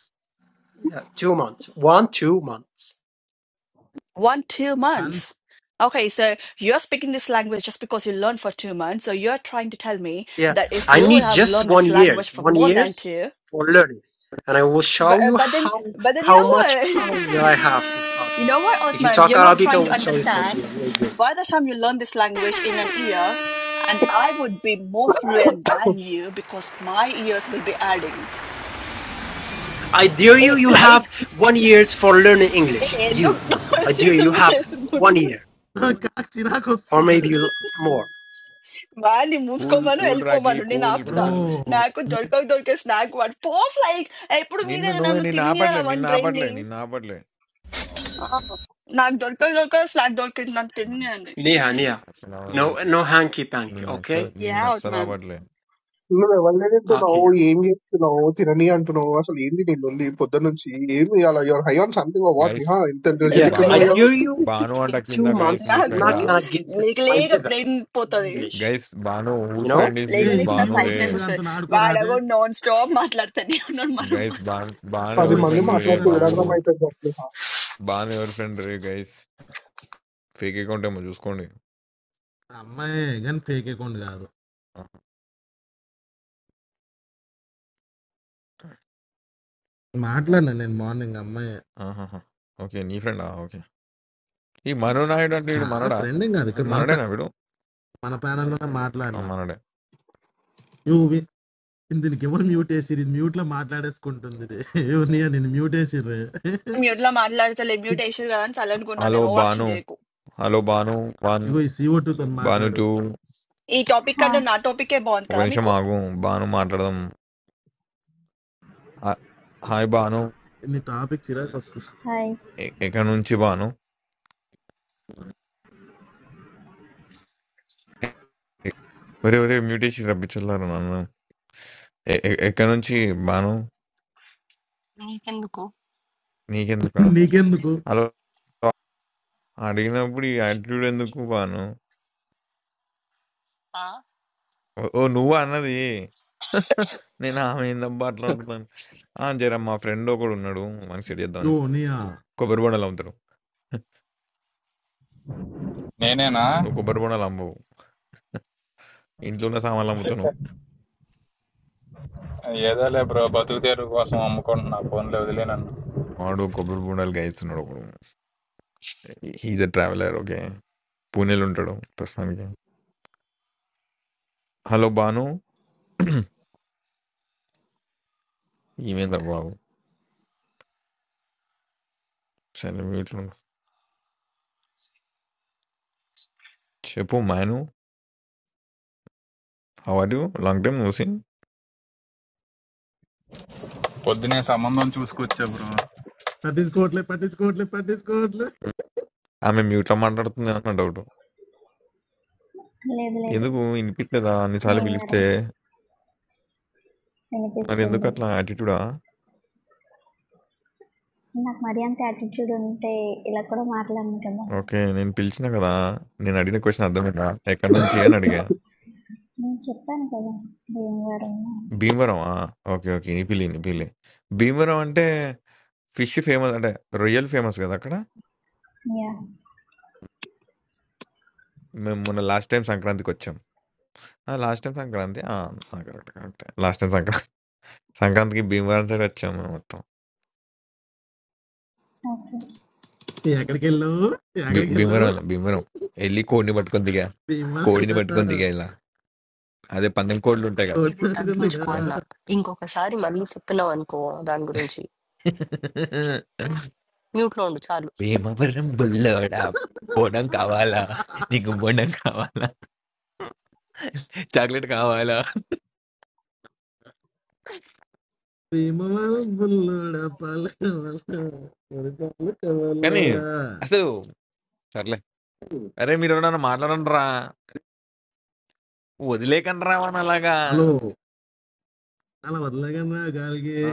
Speaker 7: Yeah, two months. One, two months.
Speaker 1: One, two months. Okay, so you're speaking this language just because you learned for two months. So you're trying to tell me
Speaker 7: Yeah,
Speaker 1: that if
Speaker 7: I
Speaker 1: you would
Speaker 7: need
Speaker 1: have
Speaker 7: just
Speaker 1: learned
Speaker 7: one
Speaker 1: this language
Speaker 7: years,
Speaker 1: for
Speaker 7: one
Speaker 1: more than
Speaker 7: years
Speaker 1: two,
Speaker 7: for learning, and I will
Speaker 1: but
Speaker 7: show
Speaker 1: uh,
Speaker 7: you
Speaker 1: but then
Speaker 7: how
Speaker 1: but then you know
Speaker 7: how much
Speaker 1: what?
Speaker 7: power that I have for
Speaker 1: You
Speaker 7: talking.
Speaker 1: know what,
Speaker 7: If you
Speaker 1: Othman?
Speaker 7: talk
Speaker 1: You're not
Speaker 7: Arabic, I
Speaker 1: trying to
Speaker 7: will show you something
Speaker 1: understand.
Speaker 7: really good.
Speaker 1: By the time you learn this language in an year, and I would be more fluent than you because my ears will be adding.
Speaker 7: I dare
Speaker 1: Hey,
Speaker 7: you. You have
Speaker 1: fly.
Speaker 7: one years for learning English.
Speaker 1: Hey,
Speaker 7: You, I dare you. You have one year
Speaker 2: నాకు చిరాకు
Speaker 7: or
Speaker 2: వస్తుంది
Speaker 7: maybe l- more.
Speaker 1: వాడిని
Speaker 4: cool
Speaker 1: మూసుకోమను
Speaker 4: cool రాకి
Speaker 1: వెళ్ళిపోమను నేను
Speaker 4: cool
Speaker 1: ఆపుతా
Speaker 2: bro
Speaker 4: గుడిసెలు
Speaker 1: నాకు దొరకక దొరికే స్నాక్ వాడు పో ఫ్లైట్ ఎప్పుడు మీదే
Speaker 4: నిన్ను నువ్వే
Speaker 1: నన్ను
Speaker 4: నిన్ను
Speaker 1: తిన్నారా
Speaker 4: ఆపట్లే
Speaker 1: వన్
Speaker 4: నిన్ను
Speaker 1: బ్రెయిన్ ని
Speaker 4: ఆపట్లే నిన్ను ఆపట్లే
Speaker 1: ఆ, నాకు దొరకక దొరక స్నాక్ దొరికింది నన్ను తిన్నాను
Speaker 7: Neha, Neha.
Speaker 4: నిన్ను అస్సలు అవ్వలే
Speaker 7: No, no hanky panky.
Speaker 4: నిన్ను అస్సలు
Speaker 7: Okay,
Speaker 1: యా
Speaker 4: నిన్ను
Speaker 1: అవుట్
Speaker 4: అస్సలు
Speaker 1: మ్యామ్
Speaker 4: ఆపట్లే
Speaker 10: No, the only thing that I
Speaker 7: okay.
Speaker 10: want English, I want the learning, and I want something. I want something. I want something. I want something. I want
Speaker 4: guys
Speaker 10: something.
Speaker 7: Yeah, I
Speaker 4: Banu
Speaker 10: I
Speaker 1: Vegas
Speaker 7: dare you
Speaker 4: Banu అంట
Speaker 7: in
Speaker 4: కింద
Speaker 7: two
Speaker 4: guys
Speaker 7: months,
Speaker 4: మీ
Speaker 7: you're
Speaker 1: నాకు
Speaker 4: friend
Speaker 7: not gonna get
Speaker 1: లేక
Speaker 7: this my
Speaker 1: లేక
Speaker 7: level
Speaker 1: brain
Speaker 7: in
Speaker 1: పోతుంది
Speaker 7: English,
Speaker 4: guys Banu who
Speaker 7: you know?
Speaker 4: Friend is
Speaker 1: లేక
Speaker 2: ఏ
Speaker 4: this
Speaker 2: ఈ
Speaker 1: లేక నా
Speaker 4: బాను
Speaker 2: సిఓ
Speaker 4: రే
Speaker 2: టూ
Speaker 1: సైడ్నెస్ వస్తుంది
Speaker 2: దాంతో ఆడుకోరాదే
Speaker 1: వాడగో నాన్ స్టాప్ మాట్లాడుతానే ఉన్నాడు మనం
Speaker 4: గైస్ బాను
Speaker 10: want
Speaker 4: బాను
Speaker 2: యో
Speaker 4: ఎవరి
Speaker 2: ఈ
Speaker 7: Yeah.
Speaker 4: Friend
Speaker 2: CO
Speaker 10: something. I want something. I want
Speaker 2: two
Speaker 4: రే
Speaker 10: something. I want something. I want something. I want something. I want something. I
Speaker 2: గాని
Speaker 4: బాబు
Speaker 2: ఆడుకో
Speaker 4: బాను ఎవరి ఫ్రెండ్ రే గైస్ ఫేక్ అకౌంట్ ఏమో చూసుకోండి
Speaker 2: అమ్మాయి కానీ ఫేక్ అకౌంట్ కాదు మాట్లాడినా నేను మార్నింగ్ అమ్మాయి
Speaker 4: ఆహాహా. ఓకే నీ ఫ్రెండా ఓకే ఈ మను నాయుడు అంటే వీడు
Speaker 2: నా
Speaker 4: మనడా
Speaker 2: ఫ్రెండ్ ఏం కాదు ఇక్కడ మన
Speaker 4: మనడేనా
Speaker 2: pa-
Speaker 4: వీడు
Speaker 2: మన ప్యానల్ లో
Speaker 4: ఆ,
Speaker 2: మాట్లాడినా
Speaker 4: మనడే
Speaker 2: యో వి- దీనికి ఎవరు మ్యూట్ వేసిరు ఇది మ్యూట్ లో మాట్లాడేసుకుంటుంది ఇది. యో నీ నేను మ్యూట్ వేసిర్రు
Speaker 1: మ్యూట్ లో మాట్లాడతలే మ్యూట్ వేసారు కదా అని చల్లనుకున్నాను
Speaker 4: హలో
Speaker 1: నేను ఓవర్
Speaker 4: బాను
Speaker 1: యాక్షన్ చేయకు
Speaker 4: హలో బాను వన్
Speaker 2: ఇగో ఈ సిఓ టూ తో
Speaker 4: బాను
Speaker 2: మాట్లాడు
Speaker 4: టూ
Speaker 1: ఈ టాపిక్
Speaker 11: Hi,
Speaker 1: కంటే నా టాపికే బాగుంది
Speaker 4: ఒక
Speaker 1: కదా
Speaker 4: నిమిషం
Speaker 1: మీకు
Speaker 4: ఆగు బాను మాట్లాడదాం హా- హాయ్ బాను
Speaker 2: నీ టాపిక్ చిరాకు వస్తుంది
Speaker 11: hello,
Speaker 4: ఎ- ఎక్కడి నుంచి బాను ఎ- ఒరే ఒరే మ్యూటేషన్ రప్పించారు నన్ను ఎ- ఎ- ఎక్కడి నుంచి బాను
Speaker 12: నీకెందుకు?
Speaker 4: నీకెందుకా
Speaker 2: నీకెందుకు
Speaker 4: హలో అడిగినప్పుడు ఈ యాటిట్యూడ్ ఎందుకు బాను?
Speaker 12: ఆ!
Speaker 4: ఓ ఓ నువ్వా అన్నది? నేను ఆమె ఏందబ్బా అట్లా అంటున్నాను. ఆ! జర మా ఫ్రెండ్ ఒకడున్నాడు వానికి సెట్ చేద్దామని.
Speaker 2: యో నీయా
Speaker 4: కొబ్బరి బొండాలు అమ్ముతాడు.
Speaker 13: నేనేనా?
Speaker 4: నువ్వు కొబ్బరి బొండాలు అమ్మవు. ఇంట్లో ఉన్న సామాన్లు అమ్ముతావు నువ్వు.
Speaker 13: ఏదోలే బ్రో బతుకు తెరువు కోసం అమ్ముకుంటున్నా ఫోన్లే వదిలే నన్ను
Speaker 4: వాడు కొబ్బరి బొండాలు కాయిస్తున్నాడు ఒకడు. He is a traveller okay. పూణేలో ఉంటాడు ప్రస్తుతానికి. హలో! బాను ఈమేందిరా బాబు! సరే మ్యూట్‌లో చెప్పు మాను how are you? Long time no seen.
Speaker 13: పొద్దునే సంబంధం చూసుకొచ్చా బ్రో
Speaker 2: పట్టించుకోవట్లే పట్టించుకోవట్లే పట్టించుకోవట్లే
Speaker 4: ఆమె మ్యూట్‌లో మాట్లాడుతుంది అన్న డౌటు.
Speaker 11: hello.
Speaker 4: ఎందుకు వినిపియట్లేదా అన్ని సార్లు
Speaker 11: Name is Arun.
Speaker 4: పిలిస్తే?
Speaker 11: I am visiting
Speaker 4: నాదెందుకు
Speaker 11: today.
Speaker 4: అట్లా యాటిట్యూడా?
Speaker 11: I am married. I am thirty-two years old. I
Speaker 4: okay. నేను పిలిచినా కదా! నేను అడిగిన క్వెషన్ అర్థమైందా? ఎక్కడి నుంచి అని అడిగా. భీమవరమా? ఓకే. ఓకే. నీ పిల్లి, నీ పిల్లి. భీమవరం అంటే ఫిష్ ఫేమస్ అంటే రొయ్యలు ఫేమస్ కదా అక్కడ?
Speaker 11: am from
Speaker 4: మేము మొన్న లాస్ట్ టైమ్ సంక్రాంతికొచ్చాం. ఆ! Last time Sankranti. ఆ! ఆ! కరెక్ట్. కరెక్టే. లాస్ట్ టైమ్ సంక్రాంతి సంక్రాంతికి భీమవరం సైడ్ వచ్చాం మేము మొత్తం.
Speaker 11: Chennai.
Speaker 2: ఎక్కడికి వెళ్ళావు
Speaker 4: భీ
Speaker 2: ఎక్కడికి
Speaker 4: భీమవరం
Speaker 2: వెళ్ళావు
Speaker 4: వెళ్ళాం. భీమవరం. ఎళ్లి కోడిని పట్టుకొని దిగా.
Speaker 2: భీమవరం
Speaker 4: కోడిని పట్టుకొని దిగా ఇలా. అదే పందెం కోడ్లుంటాయి కదా!
Speaker 12: ఇది
Speaker 2: కొట్టుకుందిగా
Speaker 12: తగ్గించుకో అన్నా. ఇంకొకసారి మళ్ళీ చెప్పినావనుకో దాని గురించి, మ్యూట్‌లో ఉండు చాలు.
Speaker 4: భీమవరం బుల్లోడా బోనం కావాలా నీకు బోనం కావాలా చాక్లెట్ కావాలా
Speaker 2: భీమవరం బుల్లుడ
Speaker 4: కానీ అసలు సర్లే అరే మీరు ఎవరన్నా మాట్లాడండి రా వదిలేకండి రావని అలాగా
Speaker 2: హలో అలా వదలగన్నా గాలికి
Speaker 4: ఆ,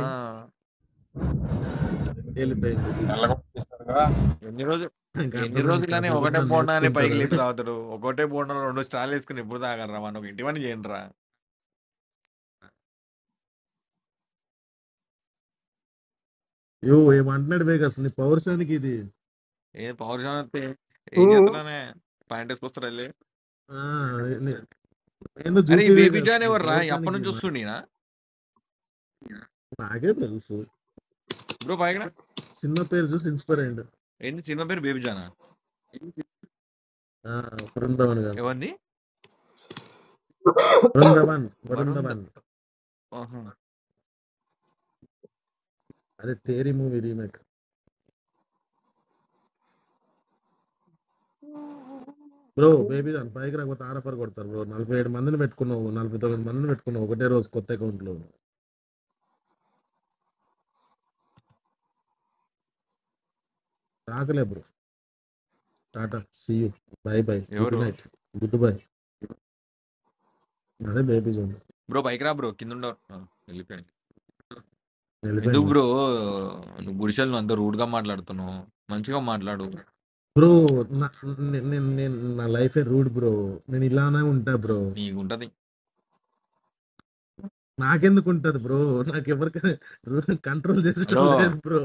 Speaker 2: వెళ్ళిపోయింది
Speaker 13: నెలకు ఇస్తారుగా
Speaker 4: ఎన్ని రోజులు
Speaker 2: ఇంకా
Speaker 4: ఎన్ని
Speaker 2: అర్థమైంది
Speaker 4: రోజులని
Speaker 2: కాసేపు
Speaker 4: ఒకటే
Speaker 2: నన్ను
Speaker 4: బోండా అని
Speaker 2: వేసుకుంటారు
Speaker 4: పైకి
Speaker 2: అది
Speaker 4: లేపి తాగుతాడు ఒకటే బోండా రెండు స్టాల్ వేసుకుని ఎప్పుడు తాగనరా మనం ఒక ఇంటి పని చేయండి రా
Speaker 2: యో ఏమంటున్నాడు వేగస్ నీ పౌరుషానికి ఇది
Speaker 4: ఏ పౌరుషం వస్తే ఏం చేస్తున్నానే పాయింట్ వేసుకొస్తారు వెళ్ళి
Speaker 2: ఆ, నే- నేను
Speaker 4: అరే ఈ
Speaker 2: చూపి
Speaker 4: బేబీ
Speaker 2: వేగస్
Speaker 4: జాన్
Speaker 2: నీ
Speaker 4: ఎవర్రా అప్పటి
Speaker 2: పౌరుషానికి
Speaker 4: నుంచి
Speaker 2: మా
Speaker 4: వస్తుండీనా
Speaker 2: నాకే తెలుసు
Speaker 4: బ్రో పైగా
Speaker 2: చిన్న పేరు చూసి ఇన్స్పైర్ అయ్యండు
Speaker 4: ఏంది సినిమా పేరు బేబీ జానా
Speaker 2: ఆ, బృందావన్ గారు
Speaker 4: ఎవరిది
Speaker 2: బృందావన్
Speaker 4: వరుణ్
Speaker 2: బృందావన్
Speaker 4: ఆహా!
Speaker 2: అదే తేరి మూవీ రీమేక్ బ్రో బేబీ దాని పైకి రాకపోతే ఆరపర కొడతారు బ్రో నలభై ఏడు మందిని పెట్టుకున్నావు నలభై తొమ్మిది మందిని పెట్టుకున్నావు ఒకటే రోజు కొత్త అకౌంట్ లో రాకలే bro tata see you bye bye good
Speaker 4: ఎవరు?
Speaker 2: నైట్ గుడ్ బై అదే బేబీ జోన్
Speaker 4: బ్రో పైకి రా బ్రో. కిందుండవు. ఆ! వెళ్ళిపోయాడు. ఎందుకు
Speaker 2: వెళ్ళిపోయింది
Speaker 4: బ్రో నువ్వు గుడిసెల్లో అంత రూడ్‌గా మాట్లాడుతున్నావు? మంచిగా మాట్లాడు.
Speaker 2: బ్రో నేను నా లైఫే రూడ్ బ్రో నేను ఇలానే ఉంటా బ్రో
Speaker 4: నీకుంటది.
Speaker 2: నాకెందుకు ఉంటది బ్రో నాకు ఎవరికి కంట్రోల్ చేసటం
Speaker 4: హలో!
Speaker 2: లేదు బ్రో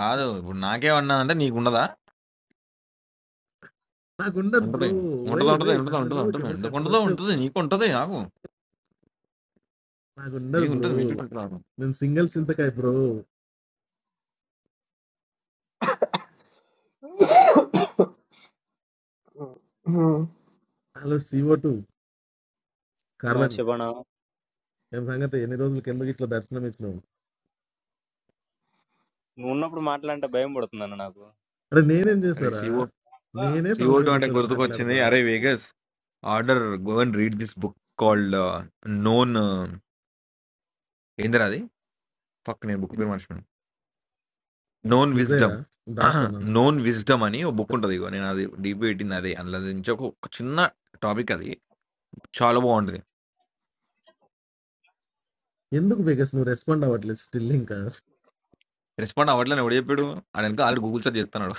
Speaker 4: కాదు. ఇప్పుడు నాకేమన్నా అంటే నీకుండదా?
Speaker 2: నాకు ఉండదు బ్రో
Speaker 4: ఉంటది.
Speaker 2: వై
Speaker 4: ఉంటది. ఉంటది.
Speaker 2: వై
Speaker 4: ఉంటది.
Speaker 2: నన్ను
Speaker 4: ఉంటది.
Speaker 2: నువ్వు
Speaker 4: ఉంటది.
Speaker 2: ఎవరు కంట్రోల్
Speaker 4: ఎందుకుంటదో ఉంటది. నీకుంటది ఆగు.
Speaker 2: నాకు ఉండదు బ్రో
Speaker 4: నీకుంటది. మీతోటి ఆగు.
Speaker 2: నేను సింగిల్ చింతకాయ బ్రో హలో సిఓ టూ
Speaker 3: నా
Speaker 2: కార్బన్
Speaker 3: చెప్పనా
Speaker 2: ఏం సంగతి ఎన్ని రోజులు కిందకి ఇట్లా దర్శనం ఇచ్చినావు
Speaker 3: నువ్వు ఉన్నప్పుడు మాట్లాడంటే భయం పడుతుంది అన్న నాకు
Speaker 2: అరే నేనేం
Speaker 4: అరేయ్!
Speaker 2: చేశారా
Speaker 4: సీఓ
Speaker 2: నేనే
Speaker 4: సీఓ 2
Speaker 2: సంవత్సరానికి
Speaker 4: అంటే
Speaker 2: ఒకసారి
Speaker 4: గుర్తుకొచ్చింది.
Speaker 2: మాట్లాడతా
Speaker 4: అరేయ్! Vegas order go and read this book called known ఏందిరా అది? ఫక్! నేను బుక్ పేరు మర్చిపోయాను. నోన్
Speaker 2: డిజైరా
Speaker 4: విజ్డమ్
Speaker 2: దాసనా
Speaker 4: నోన్ విజ్డమ్ అని ఒక బుక్ ఉంటుంది ఇగో నేను అది డీపీ పెట్టింది అదే అందులో నుంచి ఒక ఒక చిన్న టాపిక్ అది చాలా బాగుంటుంది
Speaker 2: ఎందుకు బికాస్ నువ్వు రెస్పాండ్ అవ్వట్లేదు స్టిల్ ఇంకా
Speaker 4: రెస్పాండ్ అవ్వట్లని ఎవడు చెప్పాడు ఆయన వెనక ఆల్రెడీ గూగుల్ సెర్చ్ చెప్తున్నాడు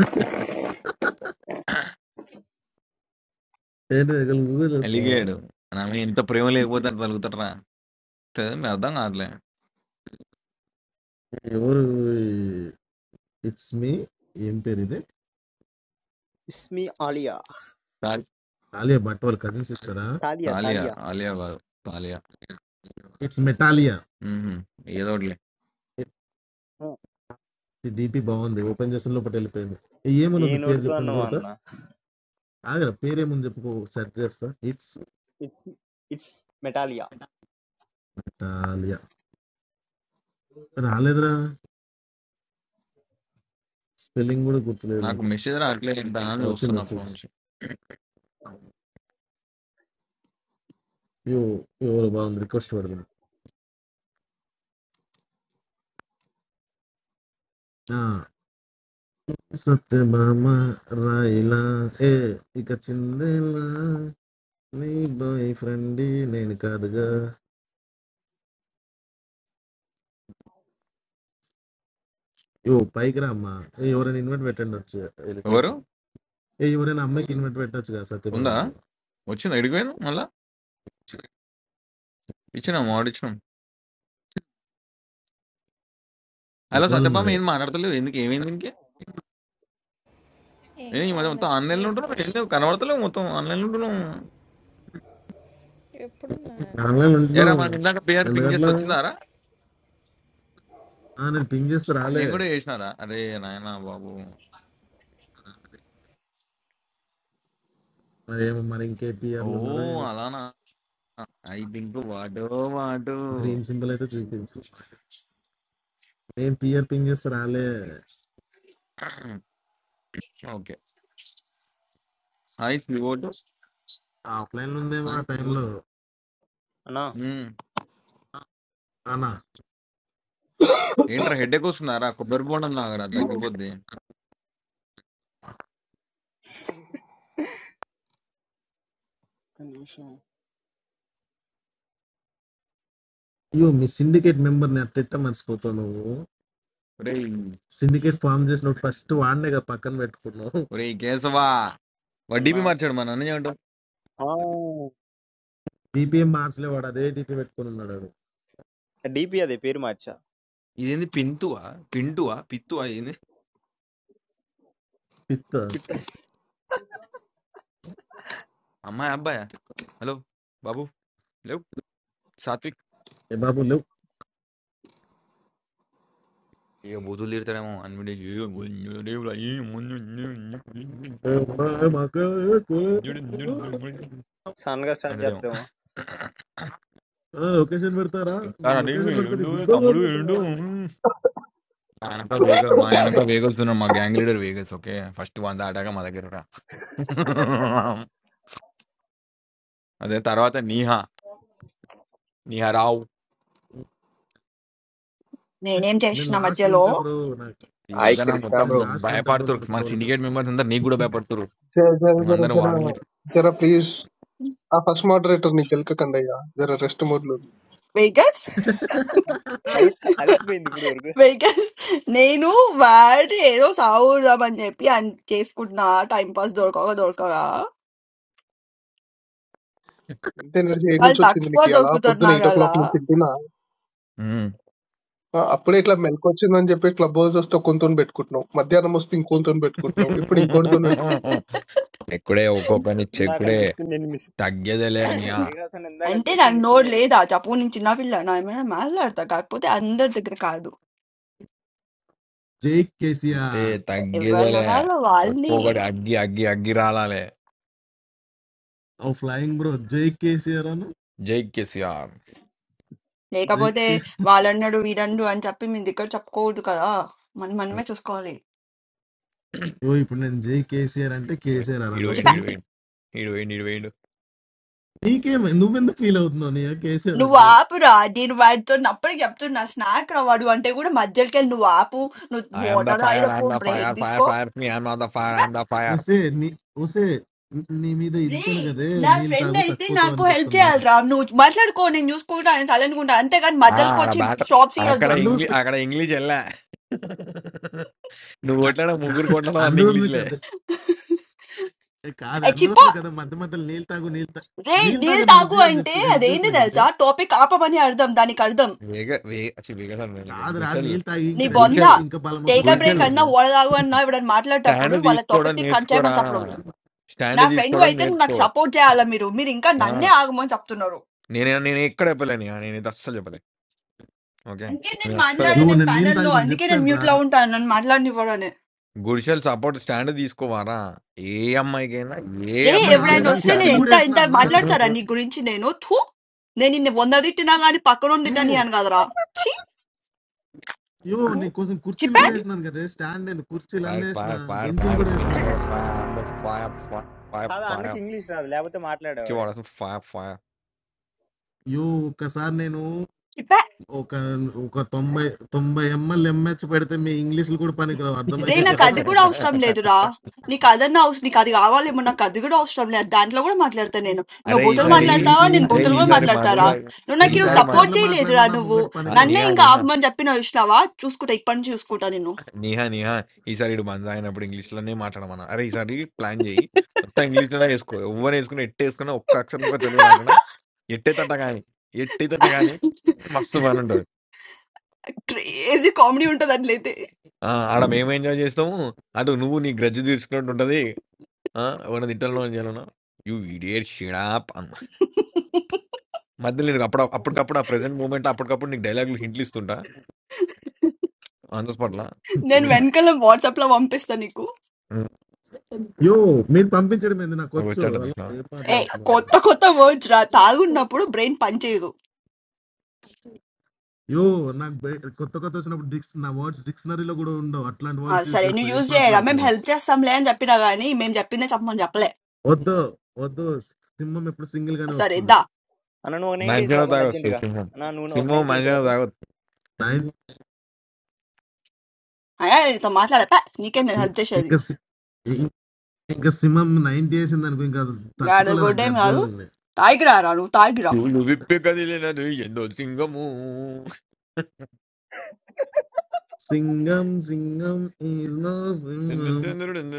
Speaker 2: ఏంటి ఇక్కడ గూగుల్ చేస్తావా
Speaker 4: అలిగాడు నా మీద ఎంత ప్రేమ లేకపోతే అంత తలుగుతారా మీ అర్థం కావట్లే
Speaker 2: ఎవరు ఇట్స్ మీ ఏం పేరు ఇది
Speaker 3: ఇస్మి ఆలియా
Speaker 4: కాల్-
Speaker 2: ఆలియా భట్ వాళ్ళ కజిన్ సిస్టరా
Speaker 3: తాలియా
Speaker 4: కాలియా
Speaker 3: తాలియా
Speaker 4: ఆలియా కాదు కాలియా
Speaker 2: ఇట్స్ మెటాలియా
Speaker 4: మ్మ్. ఏదో ఒకటిలే
Speaker 3: ఆ,
Speaker 2: డిపి బాగుంది ఓపెన్ చేసిన లోపల వెళ్ళిపోయింది ఏమని
Speaker 3: ఏ
Speaker 2: ఉంది పేరు
Speaker 3: నోటితో
Speaker 2: చెప్పండి
Speaker 3: అన్నావా
Speaker 2: కొడతా
Speaker 3: అన్న
Speaker 2: ఆగరా పేరేముంది చెప్పుకో సెట్ చేస్తా ఇట్స్
Speaker 3: ఇట్స్ ఇట్స్ మెటాలియా
Speaker 2: మెటాలియా రాలేదురా స్పెల్లింగ్ కూడా గుర్తులేదు
Speaker 4: నాకు మెసేజ్ రావట్లే ఎంత అని
Speaker 2: ఆ, వచ్చింది
Speaker 4: చూస్తున్నా అప్పటి నుంచి
Speaker 2: వచ్చింది యూ ఎవరు బాగుంది రిక్వెస్ట్ పెడదాం ఆ, సత్యభామ రాయిలా ఏ ఇక చిందేలా నీ బాయ్ ఫ్రెండ్ నేను కాదుగా యో పైకి రా అమ్మా ఏ, ఎవరైనా ఇన్వైట్ పెట్టండి వచ్చి
Speaker 4: ఎవరు
Speaker 2: వెళ్ళిపోయింది ఏ ఎవరైనా అమ్మాయికి ఇన్వైట్ పెట్టొచ్చు కదా
Speaker 4: ఉందా
Speaker 2: సత్యభామకి
Speaker 4: వచ్చిందా ఎడిపోయింది మళ్ళా ఇచ్చినాం ఆర్డర్ ఇచ్చినాం హలో
Speaker 2: ఇవ్వాలి
Speaker 4: సత్యపామ
Speaker 2: మరి
Speaker 4: ఏం మాట్లాడతలేదు ఎందుకు ఏమైంది ఇంకే నేను ఈ మధ్య మొత్తం ఆన్‌లైన్‌లో ఉంటున్నాం. ఏందో కనపడతలేవు మొత్తం ఆన్‌లైన్‌లో ఉంటున్నాం.
Speaker 9: What is it?
Speaker 2: ఆన్లైన్
Speaker 4: ఏరా
Speaker 2: ఉంటున్నాం
Speaker 4: మనకు ఇందాక పిఆర్ పింగ్ చేసి
Speaker 2: ఎందుకట్లా
Speaker 4: వచ్చిందారా?
Speaker 2: ఆ, నేను పింగ్ చేస్తే రాలే
Speaker 4: నేను గూడా చేసినారా? అరే నాయనా బాబు!
Speaker 2: మరి ఏమో మరి ఇంకే పిఆర్లు ఉన్నారో
Speaker 4: ఓహ్!
Speaker 2: ఏమో
Speaker 4: అలానా? ఐ థింక్ వాడో వాడు.
Speaker 2: గ్రీన్ సింబల్ అయితే చూపించు నేను పిఆర్ పింగ్ చేస్తే రాలే
Speaker 4: ఓకే. హాయ్ శ్రీవోటు.
Speaker 2: ఆఫ్లైన్ ఉందేమో ఆ టైంలో
Speaker 3: అన్నా
Speaker 4: హ్మ్.
Speaker 2: అవునా
Speaker 10: want something.
Speaker 4: ఏంట్రా హెడ్‌ఏక్ వస్తుందారా? కొబ్బరి బోండం తాగరా
Speaker 10: I want
Speaker 4: తగ్గిపోద్ది.
Speaker 2: అయ్యో మీ సిండికేట్ మెంబర్ ని అట్ట మర్చిపోతావు నువ్వు
Speaker 4: ఒరేయ్!
Speaker 2: సిండికేట్ ఫామ్ చేసినప్పుడు ఫస్ట్ వాడినే కదా పక్కన పెట్టుకున్నావు
Speaker 4: ఒరేయ్ కేశవా!
Speaker 3: అన్నా
Speaker 4: వడ్డీపీ మార్చాడు మా నాన్న ఏమంటావు?
Speaker 2: డిపిఎం మార్చలే వాడు అదే డిపి పెట్టుకుని ఉన్నాడు వాడు.
Speaker 3: డిపి అదే పేరు మార్చా
Speaker 4: ఇదేంది పింతువా? పింటువా? పిత్తువా? ఏంది?
Speaker 2: పిత్త
Speaker 4: అమ్మాయి అబ్బాయా? హలో! బాబు లేవు. సాత్విక్.
Speaker 2: ఏ బాబు లేవు
Speaker 4: ఇక బూతులు తిడతాడేమో అన్నిటి
Speaker 2: ఏ బాబు, మాకు ఏ కూలి-
Speaker 3: సడన్‌గా స్టార్ట్
Speaker 4: అంటాడేమో
Speaker 3: జేత్తరేమో.
Speaker 2: ఆ, లొకేషన్ పెడతారా
Speaker 4: ఎట్లా
Speaker 2: నేను
Speaker 4: నటిండు
Speaker 2: లొకేషన్ పెడతా
Speaker 4: ఎరుండు
Speaker 2: నీకు గుడ్డలు
Speaker 4: తమ్ముడు ఎరుండు
Speaker 2: తోముకుంటావా అని.
Speaker 4: మా వెనక వేగ మా
Speaker 3: కాదు.
Speaker 4: వెనక వేగల్స్ ఉన్నారు మా గ్యాంగ్ లీడర్ వేగల్స్ ఓకే ఫస్ట్ వంద ఆటాక మా దగ్గర రా అదే తర్వాత నీహా నీహా రావు
Speaker 1: నేనేం
Speaker 2: నేను
Speaker 1: చేసిన
Speaker 2: లాస్ట్ లో
Speaker 1: మధ్యలో
Speaker 2: ఉంటా బ్రో నాకు
Speaker 4: ఈ
Speaker 14: Hi
Speaker 4: మధ్యన
Speaker 14: Krishna
Speaker 4: మొత్తం
Speaker 2: నేను
Speaker 14: bro.
Speaker 2: లాస్ట్ లో ఉంటా బ్రో
Speaker 4: భయపడుతురు
Speaker 2: నన్ను
Speaker 4: మన
Speaker 2: గొడవలకు
Speaker 4: సిండికేట్ మెంబర్స్ అందరు నీకు కూడా
Speaker 10: something.
Speaker 4: భయపడుతురు
Speaker 10: Jera jera
Speaker 4: నువ్వు
Speaker 10: jera
Speaker 4: అందరం
Speaker 10: jera
Speaker 4: వాళ్ళని
Speaker 10: jera please. I first moderator Nikhil ka kandai ya. Jera rest mode.
Speaker 1: Because,
Speaker 3: అది అలిసిపోయింది ఇప్పటి వరకు.
Speaker 1: because, no, bad. So sour that man. Jeepi, chase could not time pass. Door kaaga door kaala.
Speaker 10: Inte nerche 8 na
Speaker 1: All dark.
Speaker 10: chhinchhe
Speaker 1: What
Speaker 10: nikia.
Speaker 1: door
Speaker 10: Ala
Speaker 1: putar
Speaker 10: podhu na 8 o'clock
Speaker 1: nagaala?
Speaker 10: nikhindi na.
Speaker 4: Um.
Speaker 10: Aapple itla melko chhinchhe na jepe clubbers usko konturn bedkuno. Madhya namosting konturn bedkuno. Ippin konturn bedkuno.
Speaker 4: చెక్కుడే ఒక్కొక్కని
Speaker 3: ఇందాకల
Speaker 4: చెక్కుడే
Speaker 3: just నేను miss
Speaker 4: తగ్గేదేలే అని ఆ
Speaker 3: వికాస్ అన్న ఇందాకల
Speaker 1: Andi
Speaker 3: just
Speaker 1: na
Speaker 3: miss
Speaker 1: noor
Speaker 3: నేను.
Speaker 1: leidha. Ja pune chinnafila nae mere maal artha. Jaak pote ander dikre kaado.
Speaker 2: జై
Speaker 4: అంటే
Speaker 2: కేసీఆర్
Speaker 1: Evan
Speaker 4: తగ్గేదేలే
Speaker 1: aval aval
Speaker 4: ఒక్కొక్కటి
Speaker 1: nee.
Speaker 4: అగ్గి అగ్గి అగ్గి రాలాలే
Speaker 2: ఓ ఫ్లయింగ్ బ్రో జై కేసీఆర్ అను
Speaker 4: జై కేసీఆర్
Speaker 1: Jaak
Speaker 2: జై కే
Speaker 1: pote aval aru vidanu an ja pme dikar jaak pote kaada. Man man me chuskaali.
Speaker 2: ఓ ఇప్పుడు నేను జై కేసీఆర్ అంటే
Speaker 4: ఇడు
Speaker 2: కేసీఆర్
Speaker 4: ఇడు
Speaker 2: అనాలి
Speaker 1: Aj
Speaker 2: ఓకే
Speaker 1: pa.
Speaker 4: వేయండి ఇడు వేయండి ఇడు వేయండి ఇడు వేయండి
Speaker 2: నీకేం నువ్వెందుకు ఫీల్ అవుతున్నావు నీ కేసీఆర్
Speaker 1: No
Speaker 2: అంటే
Speaker 1: water. Drink water. No, but yep, no snack. Now, what do want? Go to Madal. Can no water. No
Speaker 4: I'm the
Speaker 1: water. I
Speaker 4: fire
Speaker 1: will
Speaker 4: I'm
Speaker 1: go
Speaker 4: ద
Speaker 1: break
Speaker 4: fire
Speaker 1: this.
Speaker 4: Fire
Speaker 1: Go.
Speaker 4: Fire మీ I'm the
Speaker 1: See,
Speaker 4: fire I'm the fire
Speaker 2: ఓసే నీ ఓసే నీ మీద ఇదితోనే కదే
Speaker 1: no. My
Speaker 2: నీళ్ళు
Speaker 1: friend
Speaker 2: తాగు
Speaker 1: is here. I
Speaker 2: చచ్చిపోతావు
Speaker 1: will
Speaker 2: అని
Speaker 1: help
Speaker 2: చెప్తున్నా
Speaker 1: you. No, Madal. Go on. News. Go on. And suddenly, go on. Ante can Madal. Go.
Speaker 4: ఆడ బ్యాటర్
Speaker 1: Stop. See.
Speaker 4: అక్కడ
Speaker 1: Do.
Speaker 4: ఇంగ్లీష్
Speaker 2: అందుకోసమే
Speaker 4: అక్కడ ఇంగ్లీష్ వెళ్ళా నువ్వు కొట్లా ముగ్గురు
Speaker 2: కా-
Speaker 4: కొట్టడం అన్న
Speaker 2: అందుకోసమే
Speaker 4: ఇంగ్లీష్లే
Speaker 2: కదే ఏ కాదు
Speaker 1: See.
Speaker 2: అందుకోసమే
Speaker 1: No.
Speaker 2: కదా మధ్య మధ్యలో నీళ్ళు తాగు నీళ్ళు తాగు నీళ్ళు
Speaker 1: Deal.
Speaker 2: తాగని
Speaker 1: Talk.
Speaker 2: Help
Speaker 1: Go.
Speaker 2: చేయని
Speaker 1: Ante.
Speaker 2: చెప్పి
Speaker 1: That
Speaker 2: హెల్ప్
Speaker 1: is it.
Speaker 2: చేసిన
Speaker 1: That is.
Speaker 2: కదే
Speaker 1: Our topic. Papa. Money. Earned. Them. Done. Earned. Them.
Speaker 4: వేగ వేగ అసలు వేగ
Speaker 2: కాదురా
Speaker 4: గుడిసెల్
Speaker 2: నీళ్ళు తాగి ఇంకా
Speaker 1: You
Speaker 2: రెస్ట్
Speaker 1: bond.
Speaker 4: గుడిసెల్
Speaker 1: Ha.
Speaker 2: తీసుకుని ఇంకా బలం వస్తే
Speaker 1: Take a break.
Speaker 4: గుడిసెల్
Speaker 1: Now.
Speaker 2: తిడతావని
Speaker 1: Water. Go. Now. I will Madal. Tap. Pour.
Speaker 4: Stand
Speaker 1: Water. Topic.
Speaker 4: తీసుకోవడం
Speaker 1: Talk. Change. Man.
Speaker 4: నేర్చుకోరా
Speaker 1: Chopper. నా
Speaker 4: స్టాండ్
Speaker 1: ఫ్రెండ్
Speaker 4: తీసుకోవడం
Speaker 1: అయితే నాకు
Speaker 4: నేర్చుకో
Speaker 1: సపోర్ట్ చేయాలా మీరు మీరు ఇంకా నన్నే ఆగమని చెప్తున్నారు
Speaker 4: నేనే నేను ఎక్కడ చెప్పలేనియా. నేనైతే అస్సలు చెప్పలే. ఓకే.
Speaker 1: అందుకే నేను
Speaker 4: నేనస్సలు
Speaker 1: మాట్లాడాను
Speaker 2: ఇవ్వు
Speaker 4: చెప్పలే.
Speaker 1: నేను
Speaker 2: నేను నీళ్ళు
Speaker 1: ప్యానెల్ లో
Speaker 2: తాగమని
Speaker 1: అందుకే నేను
Speaker 2: చెప్పాను రా
Speaker 1: మ్యూట్ లో ఉంటాను నన్ను మాట్లాడినివ్వరని
Speaker 4: గుడిసెలు సపోర్ట్ స్టాండ్ తీసుకోవారా? ఏ అమ్మాయికైనా, ఏ
Speaker 1: రే
Speaker 2: నేను
Speaker 1: ఎవడైనా
Speaker 4: అబ్బాయికైనా
Speaker 2: ఆల్రెడీ
Speaker 1: వస్తే
Speaker 4: స్టాండ్
Speaker 1: నేను
Speaker 2: కుర్చీలు
Speaker 4: తీస్
Speaker 2: కూడా
Speaker 1: ఎంత
Speaker 2: వేసిన
Speaker 1: ఎంత
Speaker 2: అన్న
Speaker 1: మాట్లాడతారా నీ గురించి నేను థూ నేను నిన్ను వంద తిట్టినా గాని పక్కన
Speaker 2: యూ
Speaker 1: తిట్టని అని కదరా ఛీ
Speaker 2: యో నీకోసం కుర్చీలు కూడా
Speaker 1: చిపే
Speaker 2: వేసినాను కదే స్టాండ్ నేను కుర్చీలు అన్నీ
Speaker 4: ఫైర్
Speaker 2: వేసిన
Speaker 4: ఫైర్ ఫైర్
Speaker 2: బెంచీలు
Speaker 4: ఫైర్
Speaker 2: కూడా వేసిన
Speaker 4: sprinkler fire fire fire fire
Speaker 3: కాదు ఆ అన్నకి
Speaker 4: ఫైర్
Speaker 3: ఇంగ్లీష్ రాదు. లేపోతే మాట్లాడేవాడు.
Speaker 4: చూడాల్సిన ఫైర్ ఫైర్
Speaker 2: యూ ఒక్కసారి నేను ఒక ఒక తొంభై తొంభై ఎంఎల్ ఎంహెచ్ పెడితే మీ ఇంగ్లీష్లు కూడా పనికిరావు
Speaker 1: Bhai na
Speaker 2: అర్థమవుతుందా
Speaker 1: kadigud house ramleddura. Nikada na house, nikadigawa lemona kadigud house ramleddan laguna madlarta nenu. No
Speaker 4: అరే
Speaker 2: ఆ,
Speaker 1: bottle
Speaker 4: ఈసారి
Speaker 2: మీరు ఈ-
Speaker 1: madlarta or
Speaker 2: ఈ-
Speaker 1: nenu
Speaker 4: అరే
Speaker 1: bottle
Speaker 2: ఈ- ఈ-
Speaker 1: ko
Speaker 4: ఈసారి
Speaker 2: ఈ-
Speaker 1: madlarta
Speaker 4: మందు
Speaker 2: ఆ,
Speaker 1: ra.
Speaker 4: తాగి
Speaker 1: No na
Speaker 2: ఎన్ని
Speaker 1: kiri
Speaker 4: ఈసారి మా
Speaker 1: support
Speaker 2: యాక్సెంట్లు
Speaker 1: jayi
Speaker 2: మాట్లాడినా
Speaker 1: lejara
Speaker 2: నా
Speaker 1: nenu.
Speaker 2: ముంగట
Speaker 1: Woh
Speaker 4: ఆ,
Speaker 1: na
Speaker 2: పనికిరావు
Speaker 4: Niha
Speaker 1: nayenga
Speaker 4: Niha
Speaker 1: ab mandapin ayushna wa choose kota ekpanj choose kota nenu.
Speaker 4: Neha Neha ఈసారి ఇడు మంద అయినప్పుడు ఇంగ్లీష్లోనే మాట్లాడమన్నా అరే ఈసారి ప్లాన్ చేయి మొత్తం ఇంగ్లీష్లోనే వేసుకో ఎవరు వేసుకుని ఎట్టు వేసుకున్నా ఒక్క అక్షరం కూడా తెలుగు రాకుండా ఎట్టేతట కానీ ఎట్టేతట కానీ మస్తు బాగా ఉంటాడు
Speaker 1: Crazy comedy untaan lethe.
Speaker 4: ఆ, ఆడ మేము ఎంజాయ్ చేస్తాము అటు నువ్వు నీ గ్రజ్జు తీర్చుకున్నట్టు ఉంటుంది ఎవరైనా తిట్టాలనో చేయాలనో యూ ఇడియట్ షిడాప్ అన్న మధ్యలో నేను అప్పుడు అప్పటికప్పుడు ఆ ప్రెసెంట్ మూమెంట్ అప్పటికప్పుడు నీకు డైలాగులు హింట్లు ఇస్తుంటా ఆన్ ద స్పాట్లో
Speaker 1: Nenu
Speaker 4: English
Speaker 1: when kala WhatsApp la one piece niko.
Speaker 2: యో మీరు పంపించడం ఏంది నాకు వచ్చు
Speaker 4: వచ్చాట
Speaker 2: హలో
Speaker 4: చూసిన
Speaker 2: ఏం
Speaker 1: ఏ
Speaker 2: మాట్లాడుతున్నారు
Speaker 1: కొత్త కొత్త వర్డ్స్ రా తాగున్నప్పుడు బ్రెయిన్ పనిచేయదు
Speaker 2: యో నాకు బయ- కొత్త కొత్త వచ్చినప్పుడు డిక్స్ నా వర్డ్స్ డిక్షనరీలో కూడా ఉండవు అట్లాంటి
Speaker 1: ఆ,
Speaker 2: వర్డ్స్ యూజ్
Speaker 1: సరే
Speaker 2: చేస్తా
Speaker 1: నువ్వు
Speaker 2: ఏం
Speaker 1: యూజ్ చేయరా మేము
Speaker 2: మాట్లాడుతున్నావు
Speaker 1: హెల్ప్ చేస్తాంలే అని చెప్పినా గానీ మేము చెప్పిందే చెప్పమని చెప్పలే
Speaker 2: వద్దు వద్దు సింహం ఎప్పుడు సింగిల్ గానే
Speaker 1: సరే
Speaker 2: వస్తుంది
Speaker 1: ఇద్దా
Speaker 3: అన్న నువ్వు ఒక 90 ఏసి
Speaker 4: మంచిగా
Speaker 3: రాపన్న
Speaker 4: తాగొచ్చు
Speaker 3: అర్జెంట్‌గా.
Speaker 4: సింహం
Speaker 3: అన్న నువ్వు ఒక
Speaker 4: సింహం
Speaker 3: 90 ఏసి రాపో.
Speaker 4: మంచిగా
Speaker 2: నైన్
Speaker 1: అయ్యా నీతో మాట్లాడే పా నీకేం నేను హెల్ప్ చేసేది
Speaker 2: ఇంకా ఇంకా సింహం నైన్టీ వేసింది అనుకో ఇంకా అది
Speaker 1: గాడిద
Speaker 2: తట్టుకోలేను ఆ
Speaker 1: గొడ్డేం కాదు
Speaker 2: గర్జనల్ని
Speaker 1: తాగిరా రా నువ్వు తాగిరా
Speaker 4: నువ్వు విప్పెక తెలియనదు ఎందో సింగము
Speaker 2: సింగం సింగం is no సింహం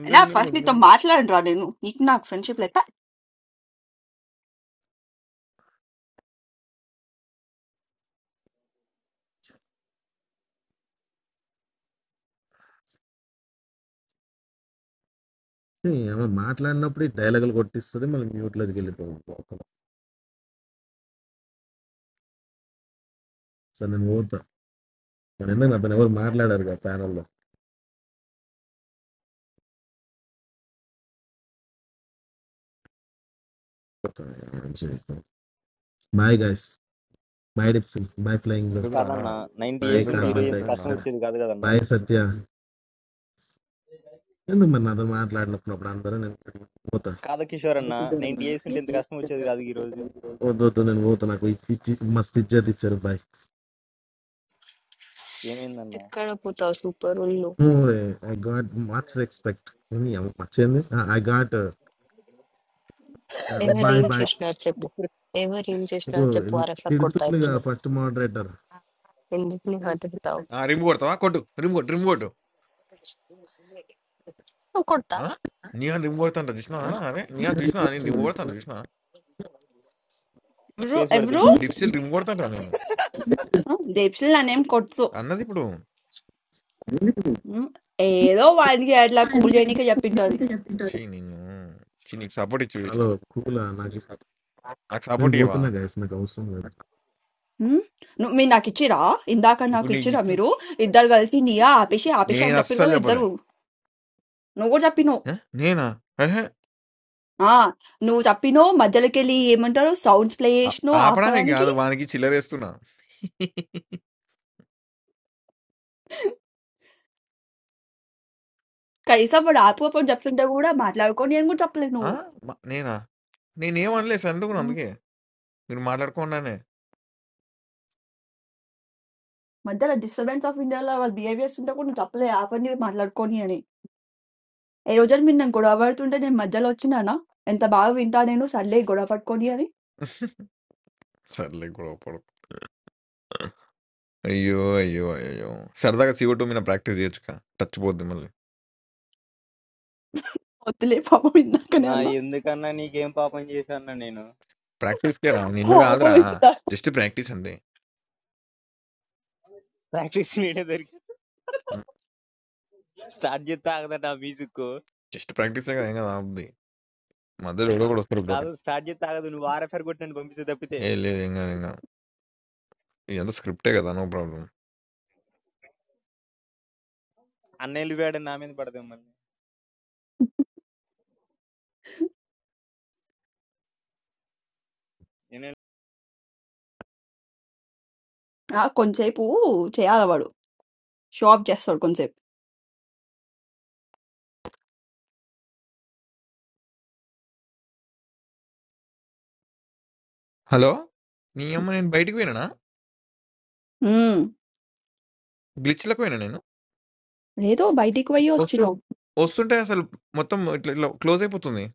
Speaker 1: అయినా ఫస్ట్ నీతో మాట్లాడరా నేను నీకు నాకు ఫ్రెండ్షిప్ లేదు పా.
Speaker 2: ఏమో మాట్లాడినప్పుడు ఈ డైలాగులు కొట్టిస్తుంది మళ్ళీ మ్యూట్ లోకి వెళ్ళిపోయింది సరే నేను పోతా మరి ఎందుకు అతను ఎవరు మాట్లాడారు కదా ప్యానల్ లో బాయ్ గైస్ బాయ్ డిప్సన్ బాయ్ ఫ్లయింగ్
Speaker 4: ఎందుకురా
Speaker 3: కాదన్నా 90
Speaker 2: బాయ్
Speaker 3: ఏసుంటే
Speaker 4: ఎందుకురా
Speaker 3: ఈరోజు
Speaker 2: కార్బన్
Speaker 3: ఇంత
Speaker 4: ఎందుకురా
Speaker 3: కష్టం
Speaker 2: డైఆక్సైడ్
Speaker 3: వచ్చేది కాదు కదన్నా.
Speaker 2: బాయ్ సత్య ఎందుకు మరి నాతో మాట్లాడినప్పుడు అప్పుడు అందరూ నేను పోతా
Speaker 3: కాదా కిషోర్ అన్న 90 ఏసుంటే ఇంత కష్టం వచ్చేది కాదు ఈరోజు.
Speaker 2: వద్దు వద్దు నేను పోతా నాకు ఇచ్చి- మస్తు ఇచ్చేది ఇచ్చారు బాయ్
Speaker 3: ఏమైందన్నా?
Speaker 12: ఎక్కడ పోతావు సూపర్ ఉండు.
Speaker 2: No, eh, I got much respect. ఏంది అమ్మ, much ఏంది? Ah, I got uh, uh, bye
Speaker 12: ఎవరేం
Speaker 2: bye.
Speaker 12: చేసినారు చెప్పు. ఎవరేం
Speaker 2: ఇగో,
Speaker 12: చేసినారు చెప్పు. ఆ
Speaker 2: ఇన్-
Speaker 12: రెఫర్ కొడతా
Speaker 2: తిడుతుందిగా
Speaker 12: ఇప్పుడు.
Speaker 2: ఫస్ట్ మోడరేటర్
Speaker 12: ఎందుకు నీ హత పెడతావు?
Speaker 4: ఆ, రిమ్ కొడతావా కొట్టు రిమ్ కొట్టు రిమ్ కొట్టు
Speaker 12: నువ్వు కొడతా.
Speaker 4: ఆ? నీయా రిమ్ కొడతాంట చూసినా అరే నీయా చూసినా నేను రిమ్ కొడతాను చూసినా
Speaker 1: ఎవరు
Speaker 3: స్పేస్ పడింది.
Speaker 1: ఎవరు
Speaker 4: డిప్సిల్ రిమ్ కొడతాంట నేను
Speaker 1: దేప్సిల్ నన్నేం కొడుతూ
Speaker 4: అన్నది ఇప్పుడు
Speaker 1: ఉమ్, ఏదో వాడికి అట్లా కూల్ చేయడానికి చెప్పింటది
Speaker 4: చీ నిన్ను చీ నీకు సపోర్ట్ ఇచ్చి
Speaker 2: హలో
Speaker 4: వేస్ట్
Speaker 2: కూలా నాకు ఇష్టం.
Speaker 4: నాకు
Speaker 2: నేను
Speaker 4: సపోర్ట్ ఇవ్వవా
Speaker 2: పోతున్నా గైస్ నాకు అవసరం లేదు
Speaker 1: ఉమ్, నువ్వు మీరు నాకు ఇచ్చిరా ఇందాక నాకు
Speaker 4: ఇప్పుడు నీకు
Speaker 1: ఇచ్చిరా
Speaker 4: ఇచ్చిన
Speaker 1: మీరు ఇద్దరు కలిసి నీయా ఆపేసి ఆపేసి
Speaker 4: నేను
Speaker 1: అని చెప్పారు
Speaker 4: అస్సలు
Speaker 1: కదా
Speaker 4: చెప్పలే
Speaker 1: ఇద్దరు నువ్వు కూడా చెప్పినావు.
Speaker 4: ఆ? నేనా అహే,
Speaker 1: ఆ నువ్వు చెప్పినావు మధ్యలోకెళ్ళి ఏమంటారు సౌండ్స్ ప్లే
Speaker 4: ఆ-
Speaker 1: చేసినావు
Speaker 4: ఆపడానికి
Speaker 1: ఆపడానికి
Speaker 4: కాదు వానికి చిల్లరేస్తున్నా
Speaker 1: కనీసం వాడు ఆపు అప్పుడు చెప్తుంటే కూడా మాట్లాడుకొని నేను కూడా చెప్పలే
Speaker 4: ఆ!
Speaker 1: నువ్వు
Speaker 4: మ నేనా? నేనేమనలే సైలెంట్‌గా ఉన్నా
Speaker 1: ఉమ్,
Speaker 4: అందుకే. మీరు మాట్లాడుకోండానే.
Speaker 1: మధ్యలో డిస్టర్బెన్స్ ఆఫ్ ఇండియాలో వాళ్ళ బిహేవియర్స్ ఉంటే కూడా నువ్వు చెప్పలే ఆపండి మాట్లాడుకొని అని ఏ రోజు మీరు నన్ను గొడవ పడుతుంటే నేను మధ్యలో వచ్చినానా ఎంత బాగా వింటా నేను సర్లే గొడవ పట్టుకొని అని
Speaker 4: సర్లే గొడవ పడకు. అయ్యో! అయ్యో! అయ్యయ్యో! సరదాగా సీఓ 2 మీద ప్రాక్టీస్ చేయొచ్చుగా. టచ్ పోద్ది మళ్ళీ.
Speaker 1: వద్దులే పాపం ఇందాకనే
Speaker 3: నా
Speaker 1: అన్న
Speaker 3: ఎందుకన్నా నీకేం పాపం చేశాను నేను
Speaker 4: ప్రాక్టీస్‌కేరా నిన్ను
Speaker 1: పాపం
Speaker 4: కాదురా.
Speaker 1: ఇందా
Speaker 4: జస్ట్ ప్రాక్టీస్ అంతే.
Speaker 3: ప్రాక్టీస్ నేనే దొరికి
Speaker 4: హ్మ్.
Speaker 3: స్టార్ట్ చేస్తే ఆగదట ఆ మ్యూజిక్
Speaker 4: జస్ట్ ప్రాక్టీసేగా ఏం కాదు ఆగుద్ది. మధ్యలో ఎవడో ఒకడు వస్తాడు గొడవ.
Speaker 3: కాదు స్టార్ట్ చేస్తే ఆగదు నువ్వు ఆర్ఎఫ్ఆర్ కొట్టి నన్ను పంపిస్తే తప్పితే
Speaker 4: ఏహ్! లేదు ఏం కాదు ఏం కాదు. ఇదంతా స్క్రిప్టే కదా! No problem.
Speaker 3: అన్నయ్యలు వేడ నా మీద పడదాం మళ్ళీ నేను
Speaker 1: ఆ, కొంతసేపు చేయాలి వాడు షో ఆఫ్ చేస్తాడు కొంతసేపు
Speaker 4: హలో! నీ అమ్మ నేను బయటికి పోయినానా?
Speaker 1: ఉమ్,
Speaker 4: గ్లిచ్‌లకి పోయినా నేను?
Speaker 1: లేదో బయటికి పోయి
Speaker 4: వస్తు
Speaker 1: వచ్చినావు
Speaker 4: వస్తుంటే అసలు మొత్తం ఇట్లా ఇట్లా క్లోజ్ అయిపోతుంది.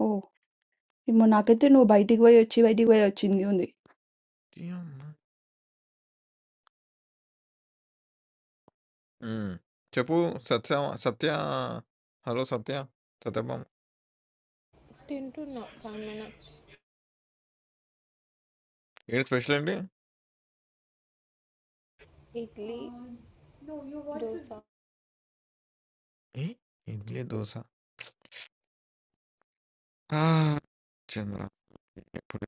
Speaker 1: Oh, in my case, then we buy it, buy it, buy it, buy it. Nothing.
Speaker 4: యమ్మ! హ్మ్. చెప్పు సత్య సత్య హలో! సత్య సత్యభామ ఏంటి స్పెషల్ ఏంటి? ఏహ్! ఇడ్లీ, దోస. ఆ! చంద్ర ఎప్పుడు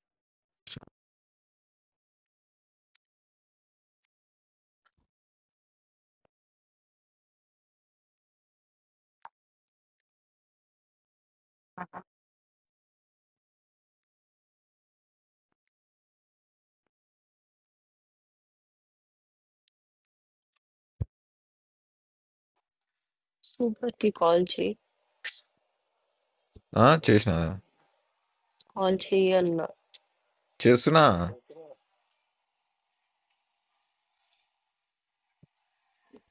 Speaker 12: సూపర్‌కి కాల్ చేయి.
Speaker 4: ఆ! చేసినా.
Speaker 12: కాల్ చేయి అన్నా.
Speaker 4: చేస్తున్నా.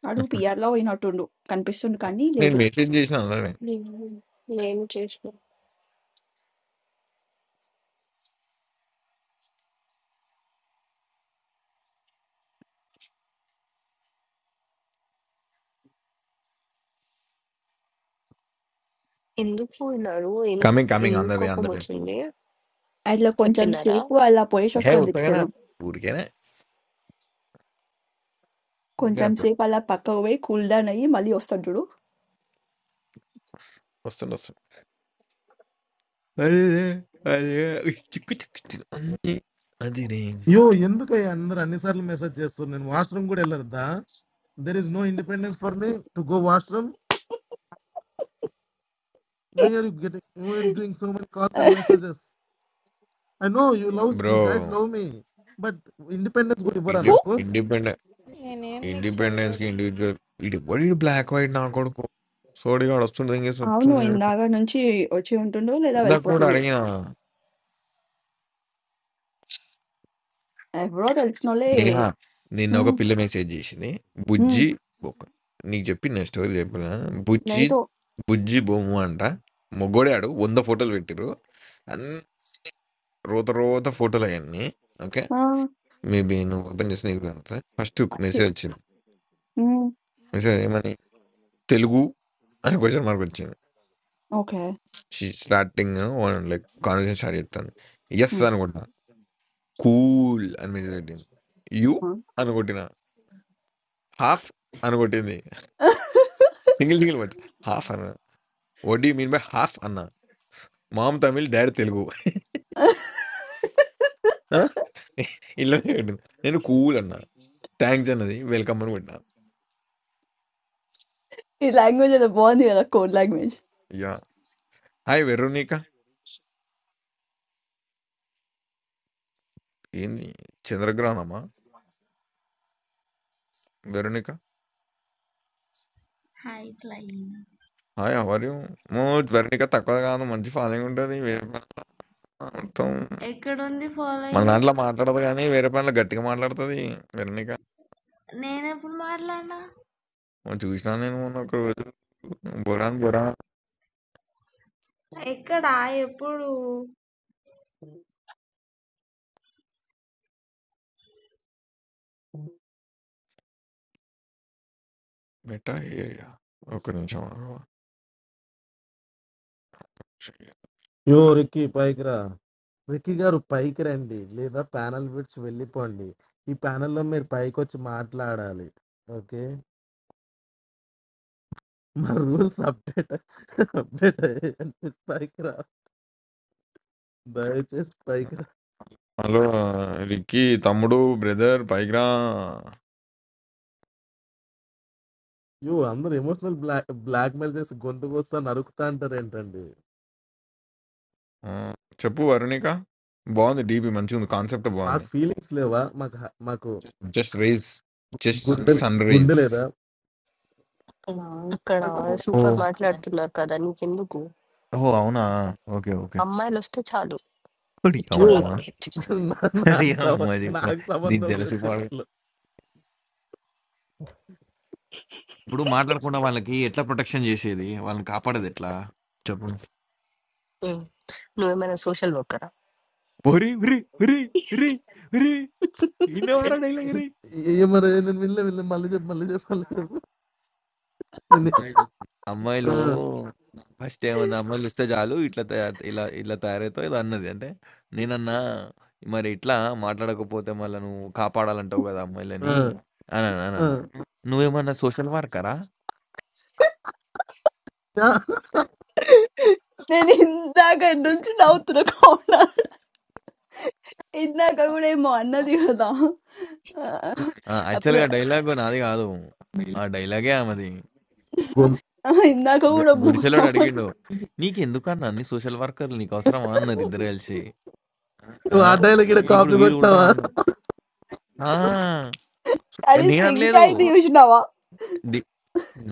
Speaker 1: I do P. I all in that too. Can person can eat it
Speaker 4: నేను
Speaker 1: too?
Speaker 4: మెసేజ్ చేసినా ఆల్రెడీ.
Speaker 12: నేను నేను చేసిన. ఎందుకు పోయినారు? ఏం
Speaker 4: కమింగ్, కమింగ్ ఆన్
Speaker 12: ఎందుకు
Speaker 4: the way, on the way.
Speaker 12: కోపమొచ్చింది?
Speaker 1: All a little bit
Speaker 12: చెప్పినారా?
Speaker 1: shape, all a piece of
Speaker 4: hey!
Speaker 1: starfish. A
Speaker 4: ఉత్తగానే
Speaker 1: little
Speaker 4: ఊరికేనే ఊరికే
Speaker 1: bit
Speaker 4: అట్లా
Speaker 1: shape, all a pack of white cold air. No, I'm a little bit starfish.
Speaker 4: వస్తుండు వస్తుండు. అరెరే! అరెరే! చిక్కు చిక్కు చిక్కు అంతే. అదిరే!
Speaker 2: అయ్యో ఎందుకయ్యా అందరు అన్నిసార్లు మెసేజ్ చేస్తారు నేను వాష్రూమ్ కూడా వెళ్ళరద్దా there is no independence for me to go washroom why are you getting why are doing so many calls and messages I know you love you
Speaker 4: bro!
Speaker 2: Guys love me but independence కూడా ఇవ్వరా
Speaker 4: ఇండి
Speaker 1: So
Speaker 2: నాకు
Speaker 4: ఇండిపెండె independence కి individual ఇటు ఇవ్వడు ఇటు black white నా కొడుకు సోడిగాడు వస్తుండే ఇంకేసి
Speaker 1: I know
Speaker 4: వస్తుండే
Speaker 1: in that one thing, what you want to do? That
Speaker 4: ఇందాక
Speaker 1: welfare
Speaker 4: కూడా
Speaker 1: thing.
Speaker 4: అడిగిన
Speaker 1: A lot of it's no,
Speaker 4: Neha
Speaker 1: leh.
Speaker 4: నిన్న ఒక
Speaker 1: Hmm.
Speaker 4: పిల్ల మెసేజ్ చేసింది
Speaker 1: Hmm.
Speaker 4: బుజ్జి బొక్క నీకు చెప్పి నా స్టోరీ చెప్పిన బుజ్జి
Speaker 1: Like that.
Speaker 4: బుజ్జి బొమ్మ అంట మొగ్గోడాడు వంద ఫోటోలు పెట్టిరు అన్ని రోత రోత ఫోటోలు అవన్నీ ఓకే
Speaker 1: Ah.
Speaker 4: మేబీ నువ్వు ఓపెన్ చేసి నీకు ఫస్ట్ మెసేజ్ వచ్చింది
Speaker 1: Hmm.
Speaker 4: మెసేజ్ ఏమని తెలుగు అని క్వశ్చన్ మార్క్ వచ్చింది
Speaker 1: Okay.
Speaker 4: She starting ah, like conversation start చేత్తాంది. యెస్ అనుకుంటున్నా. కూల్ అని మెసేజ్ పెట్టింది. You
Speaker 1: Hmm.
Speaker 4: అని కొట్టిన. హాఫ్ అని కొట్టింది. Single single words. హాఫ్ అన్నా. What do you mean by half అన్నా. Mom Tamil, dad Telugu. ఆ! ఇలానే కొట్టింది. నేను కూల్ అన్నా. థాంక్స్ అన్నది. వెల్కమ్ అని కొట్టినా.
Speaker 1: The Language that born in that code language.
Speaker 4: Yeah! Hi Veronica. ఏంది చంద్రగ్రహణమా? Veronica.
Speaker 15: Hi, playing.
Speaker 4: Hi how are you? మోత్ వెరోనిక తక్కువ కాదు. మంచి ఫాలోయింగ్ ఉంటది. మొత్తం
Speaker 15: I got on the
Speaker 4: మన
Speaker 15: following.
Speaker 4: దాంట్లో మాట్లాడదు గానీ, వేరే పనిలో గట్టిగా మాట్లాడతది Veronica.
Speaker 15: When I put my Lana,
Speaker 4: మొన్న చూసినా నేను మొన్న ఒకరోజు. 'బుర్రాన్ బుర్రాన్'
Speaker 15: I got I.
Speaker 4: బెట్ట ఏరియా. ఒక్క నిమిషం ఆగు.
Speaker 2: యో రిక్కీ పైకి రా రిక్కీ గారు పైకి రండి లేదా ప్యానల్ విడిచి వెళ్ళిపోండి ఈ ప్యానల్లో మీరు పైకి వచ్చి మాట్లాడాలి ఓకే మా రూల్స్ అప్డేట్ అప్డేట్ అయ్యాయండి పైకి రా దయచేసి పైకి రా
Speaker 4: హలో! రిక్కీ, తమ్ముడు, బ్రదర్ పైకి రా.
Speaker 2: యూ అందరూ ఎమోషనల్ బ్లాక్ బ్లాక్ మెయిల్ చేసి గొంతు కోస్తా నరుకుతా అంటారు ఏంటండి
Speaker 4: ఆ! చెప్పు వరుణిక. బావుంది డీపీ మంచిగుంది. కాన్సెప్ట్
Speaker 2: మాకు
Speaker 4: బావుంది.
Speaker 2: ఫీలింగ్స్ లేవా మాకు హ- మాకు
Speaker 4: జస్ట్ రైజ్ జస్ట్
Speaker 2: గుండె
Speaker 4: సన్
Speaker 2: గుండె
Speaker 4: రైజ్.
Speaker 2: లేదా
Speaker 12: అక్కడ సూపర్
Speaker 4: ఓహ్!
Speaker 12: మాట్లాడుతున్నారు కదా! నీకెందుకు?
Speaker 4: ఓహ్! అవునా? ఓకే. ఓకే.
Speaker 12: అమ్మాయిలొస్తే చాలు.
Speaker 4: ఓడి
Speaker 2: యూ
Speaker 4: అమ్మ!
Speaker 12: పిచ్చోళ్ళలాగా బిహేవ్ చేసి.
Speaker 2: నా-
Speaker 4: ఓడి
Speaker 2: నాకు సంబ
Speaker 4: అమ్మ!
Speaker 2: నాకు
Speaker 4: ఇది
Speaker 2: సంబంధం లేదు
Speaker 4: తెలుసు
Speaker 2: దీంట్లో
Speaker 4: ఇప్పుడు మాట్లాడకుండా వాళ్ళకి ఎట్లా ప్రొటెక్షన్ చేసేది వాళ్ళని కాపాడేది ఎట్లా చెప్పు
Speaker 12: హ్మ్. నువ్వేమైనా సోషల్ వర్కరా?
Speaker 4: ఒరి ఉరి ఉరి ఉరి ఉరి ఇన్నవారా డైలాగ్ రి
Speaker 2: ఏ- ఏ మరి నేను వినలే వినలే మళ్ళీ చెప్పు మళ్ళీ చెప్పు మళ్ళీ చెప్పు నేను-
Speaker 4: అమ్మాయిలు
Speaker 2: ఆ,
Speaker 4: ఫస్ట్ ఏమన్నా అమ్మాయిలు ఇస్తే చాలు ఇట్లా తయారు ఇలా ఇలా తయారవుతావు ఇది అన్నది అంటే నేనన్నా మరి ఇట్లా మాట్లాడకపోతే మళ్ళీ నువ్వు కాపాడాలంటావు కదా
Speaker 2: ఆ,
Speaker 4: అమ్మాయిలని అని అన్నా- అని
Speaker 2: ఆ.
Speaker 4: అన్నా నువ్వేమన్నా సోషల్ వర్కరా
Speaker 2: ఆ,
Speaker 1: Hey, India guy, don't you know that code? India guy, you are a manna, dear. That. Ah, after
Speaker 4: యాక్చువల్గా
Speaker 1: that,
Speaker 4: డైలాగ్ నాది కాదు ఆ డైలాగే ఆమెది
Speaker 1: I mean, India guy, you
Speaker 4: గు
Speaker 1: are a
Speaker 4: గుడిసెలోడు
Speaker 1: monster.
Speaker 4: అడిగిండు. "నీకెందుకన్నా అన్ని సోషల్ వర్కర్‌లు నీకవసరమా?" అన్నారు ఇద్దరు కలిసి. ఆ!
Speaker 2: నువ్వు ఆ డైలాగ్ ఇక్కడ
Speaker 4: ఇప్పుడు
Speaker 2: కాపీ
Speaker 4: వీళ్ళు ఉల్టా
Speaker 2: కొట్టినావా
Speaker 4: అన్ ఆ!
Speaker 1: Are you singing
Speaker 4: నేననలేదు.
Speaker 1: that you should not?
Speaker 4: The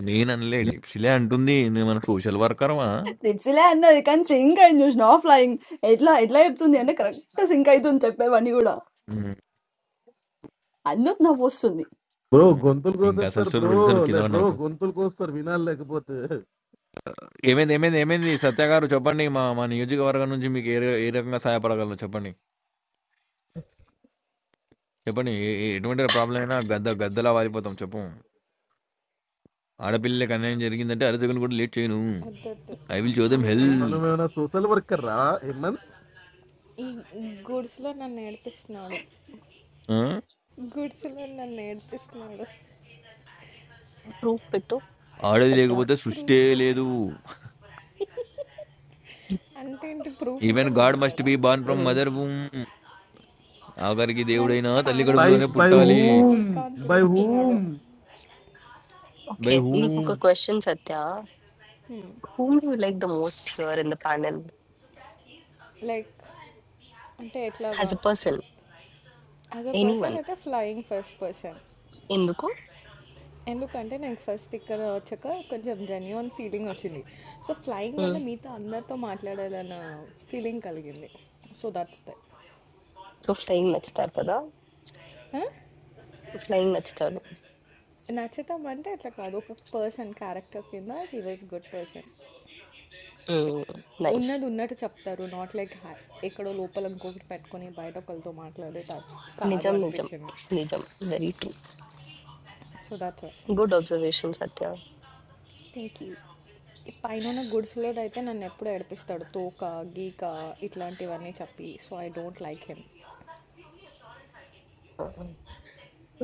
Speaker 4: నేననలే. డిప్షిలే అంటుంది. "నువ్వేమైనా సోషల్ వర్కర్‌వా?"
Speaker 1: In the last, when I was singing, you should not flying. At last, at last, if you don't hear me, then singing that you should not flying.
Speaker 4: హ్మ్.
Speaker 1: I don't know what you said.
Speaker 2: Bro
Speaker 4: hmm.
Speaker 2: గొంతులు
Speaker 4: ఇంక అసలు
Speaker 2: కోసేస్తారు
Speaker 4: story
Speaker 2: bro
Speaker 4: తెలుసా నువ్వు
Speaker 2: లే
Speaker 4: కింద పడి
Speaker 2: bro
Speaker 4: నవ్వుతావు.
Speaker 2: గొంతులు కోస్తారు వినాలి లేకపోతే
Speaker 4: "ఏమైంది? ఏమైంది? ఏమైంది? సత్య గారు చెప్పండి. మా మా నియోజకవర్గం నుంచి మీకు ఏ ర ఏ రకంగా సహాయపడగలను చెప్పండి. చెప్పండి. ఏ ఏ ఎటువంటి ప్రాబ్లమ్ అయినా గద్ద గద్దలా వాలిపోతాం చెప్పు. ఆడపిల్లలకి అన్యాయం జరిగిందంటే అరచకుని కూడా లేట్ చేయను. I will show them hell."
Speaker 12: Hmm.
Speaker 2: మనం ఏమైనా సోషల్ వర్కర్ రా హేమంత్
Speaker 4: ఆ!
Speaker 12: ప్రూఫ్ పెట్టు
Speaker 4: ఆడది
Speaker 12: సత్య.
Speaker 4: లేకపోతే సృష్టే లేదు even God must be born from
Speaker 12: hmm.
Speaker 4: Mother భూమ్ ఆఖరికి దేవుడైనా తల్లి
Speaker 2: బై
Speaker 4: కడుపులోనే
Speaker 2: బై
Speaker 4: పుట్టాలి
Speaker 2: whom bye
Speaker 12: okay.
Speaker 2: Whom
Speaker 4: bye
Speaker 12: okay.
Speaker 4: Who
Speaker 12: నీకొక question Satya. Whom do you like the most here in the panel? As a person. Anyone. ఎందుకు? Hmm. So flying నచ్చుతారు కదా ఫ్లయింగ్ నచ్చుతారు నైస్ నిజం నిజం నిజం very true good observation Satya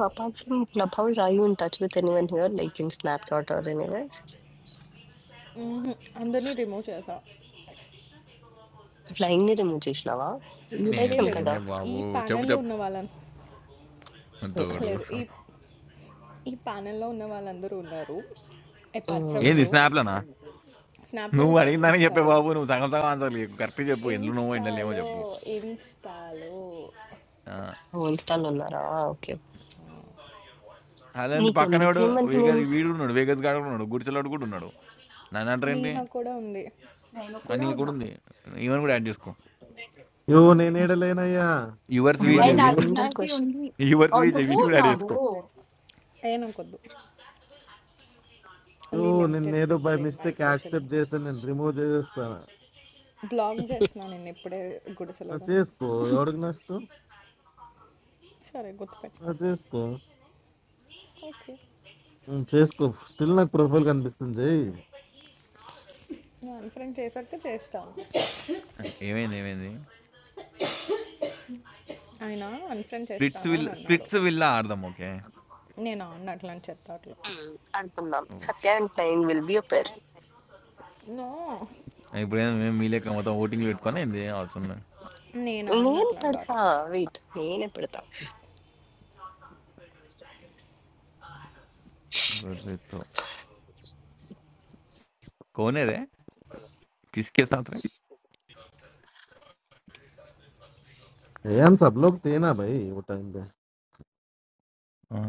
Speaker 12: apart from club house I you in touch with anyone here like in Snapchat or anywhere flying ని remove చేసినావా you
Speaker 4: నేను
Speaker 12: లైక్ ఏం కదా
Speaker 4: లేనే బాబు చెప్పు చెప్పు తోడు ఏంది స్నాప్లనా నువ్వు అడిగిన దానికి చెప్పే బాబు నువ్వు సగం సగం ఆన్సర్ లేవు కరెక్ట్ చెప్పు ఎందులోనో ఎండలేమో చెప్పు ఆ,
Speaker 12: ఇన్స్టాల్ ఉన్నారా ఓకే
Speaker 4: అలాంటి
Speaker 12: నీకు ఎందుకు
Speaker 4: పక్కనవాడు
Speaker 12: ఏమంటే
Speaker 4: వేగస్
Speaker 12: నేను
Speaker 4: వీడు ఉన్నాడు వేగస్ గాడు కూడా ఉన్నాడు గుడిసెలోడు కూడా ఉన్నాడు నన్ను అంటారేంటి
Speaker 1: No, no, code
Speaker 4: అన్నీ
Speaker 1: or not.
Speaker 4: కూడా ఉంది ఈవెన్ కూడా యాడ్ చేసుకో
Speaker 2: యో నేను ఏడలేనయ్యా
Speaker 4: యువర్స్
Speaker 1: Hey,
Speaker 4: విజయ్
Speaker 12: నేను
Speaker 1: I
Speaker 4: విని
Speaker 12: general
Speaker 1: appreciate
Speaker 12: question
Speaker 1: you.
Speaker 4: Yours
Speaker 1: And the
Speaker 4: Vijay విని
Speaker 1: word
Speaker 4: కూడా యాడ్ చేసుకో
Speaker 1: Nagu,
Speaker 2: యో నేను ఏదో బై మిస్టేక్ యాక్సెప్ట్ చేశాను నేను రిమూవ్ చేసేస్తాను ఆ, చేసుకో ఎవరికి నష్టం ఆ, చేసుకో ఉమ్, చేసుకో స్టిల్ నాకు ప్రొఫైల్ కనిపిస్తుంది చెయ్యి
Speaker 4: ఏమైంది ఏమైంది స్ప్లిట్స్ విల్ స్ప్లిట్స్ విల్లా ఆడదాం. ఓకే.
Speaker 12: అడుగుతున్నాం
Speaker 4: oh! Shit.
Speaker 12: Satya and flying will be a pair.
Speaker 4: ఇప్పుడేం మేము మీ లెక్క మొత్తం ఓటింగ్‌లు పెట్టుకొని ఏంది అవసరంలే.
Speaker 12: నేను పెడతా వెయిట్ నేనే పెడతా
Speaker 4: కౌన్ హే రే! కిస్‌కే సాత్ రే!
Speaker 2: ఏం సబ్లోకి తేనా భయ్ ఓ టైం పే
Speaker 4: ఆ!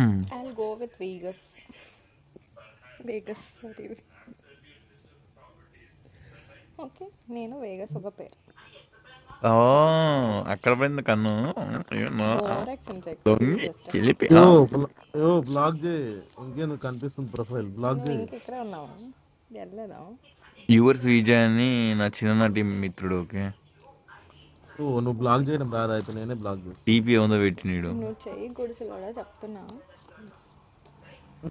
Speaker 4: హ్మ్. ఓహ్! అక్కడ పడింది కన్ను. ఏమో ఆ, దొంగి చిలిపి ఆ!
Speaker 2: యో బ్ల- యో బ్లాక్ చేయి ఇంకే నువ్వు కనిపిస్తుంది ప్రొఫైల్ బ్లాక్ చేయి
Speaker 4: యువర్స్ విజయ్ అని నా చిన్ననాటి మిత్రుడు. ఓకే.
Speaker 2: ఓ నువ్వు బ్లాక్ చేయడం రాదు అయితే నేనే బ్లాక్ చేస్తా
Speaker 4: డీపీ ఏందో పెట్టినీడు.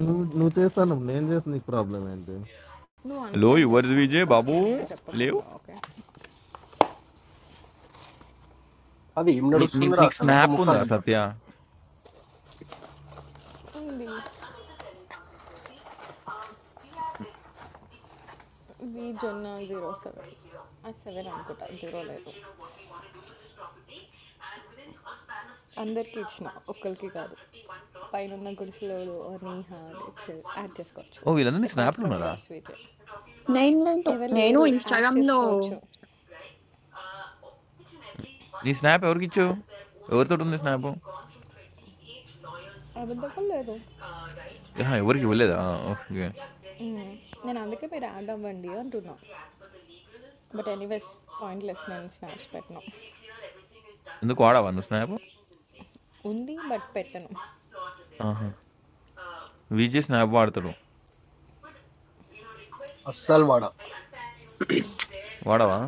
Speaker 2: నువ్వు నువ్వు చేస్తాను నేను చేస్తే నీకు ప్రాబ్లం ఏంటి
Speaker 4: హలో! యువర్స్ విజయ్ బాబు లేవు.
Speaker 16: కాదు ఏం
Speaker 4: నీ నీ
Speaker 16: నడుస్తుందిరా
Speaker 4: నీకు
Speaker 16: అసలు ఒక్క
Speaker 4: స్నాప్
Speaker 16: ముక్క
Speaker 4: ఉందా సత్య?
Speaker 16: అర్థమవుతలేదు
Speaker 4: ఓహ్! వీళ్ళందరూ నీ స్నాప్‌లున్నారా?
Speaker 1: Naginla, Nagino Instagram lo.
Speaker 4: నీ స్నాప్ ఎవరికిచ్చావు? ఎవరితోటుంది స్నాపు? అహా! ఎవరికీ ఇవ్వలేదా? ఓకే. ఎందుకు వాడవా నువ్వు స్నాపు? ఆహా! విజయ్ స్నాప్ వాడతాడు.
Speaker 16: అస్సలు వాడ
Speaker 4: వాడవా?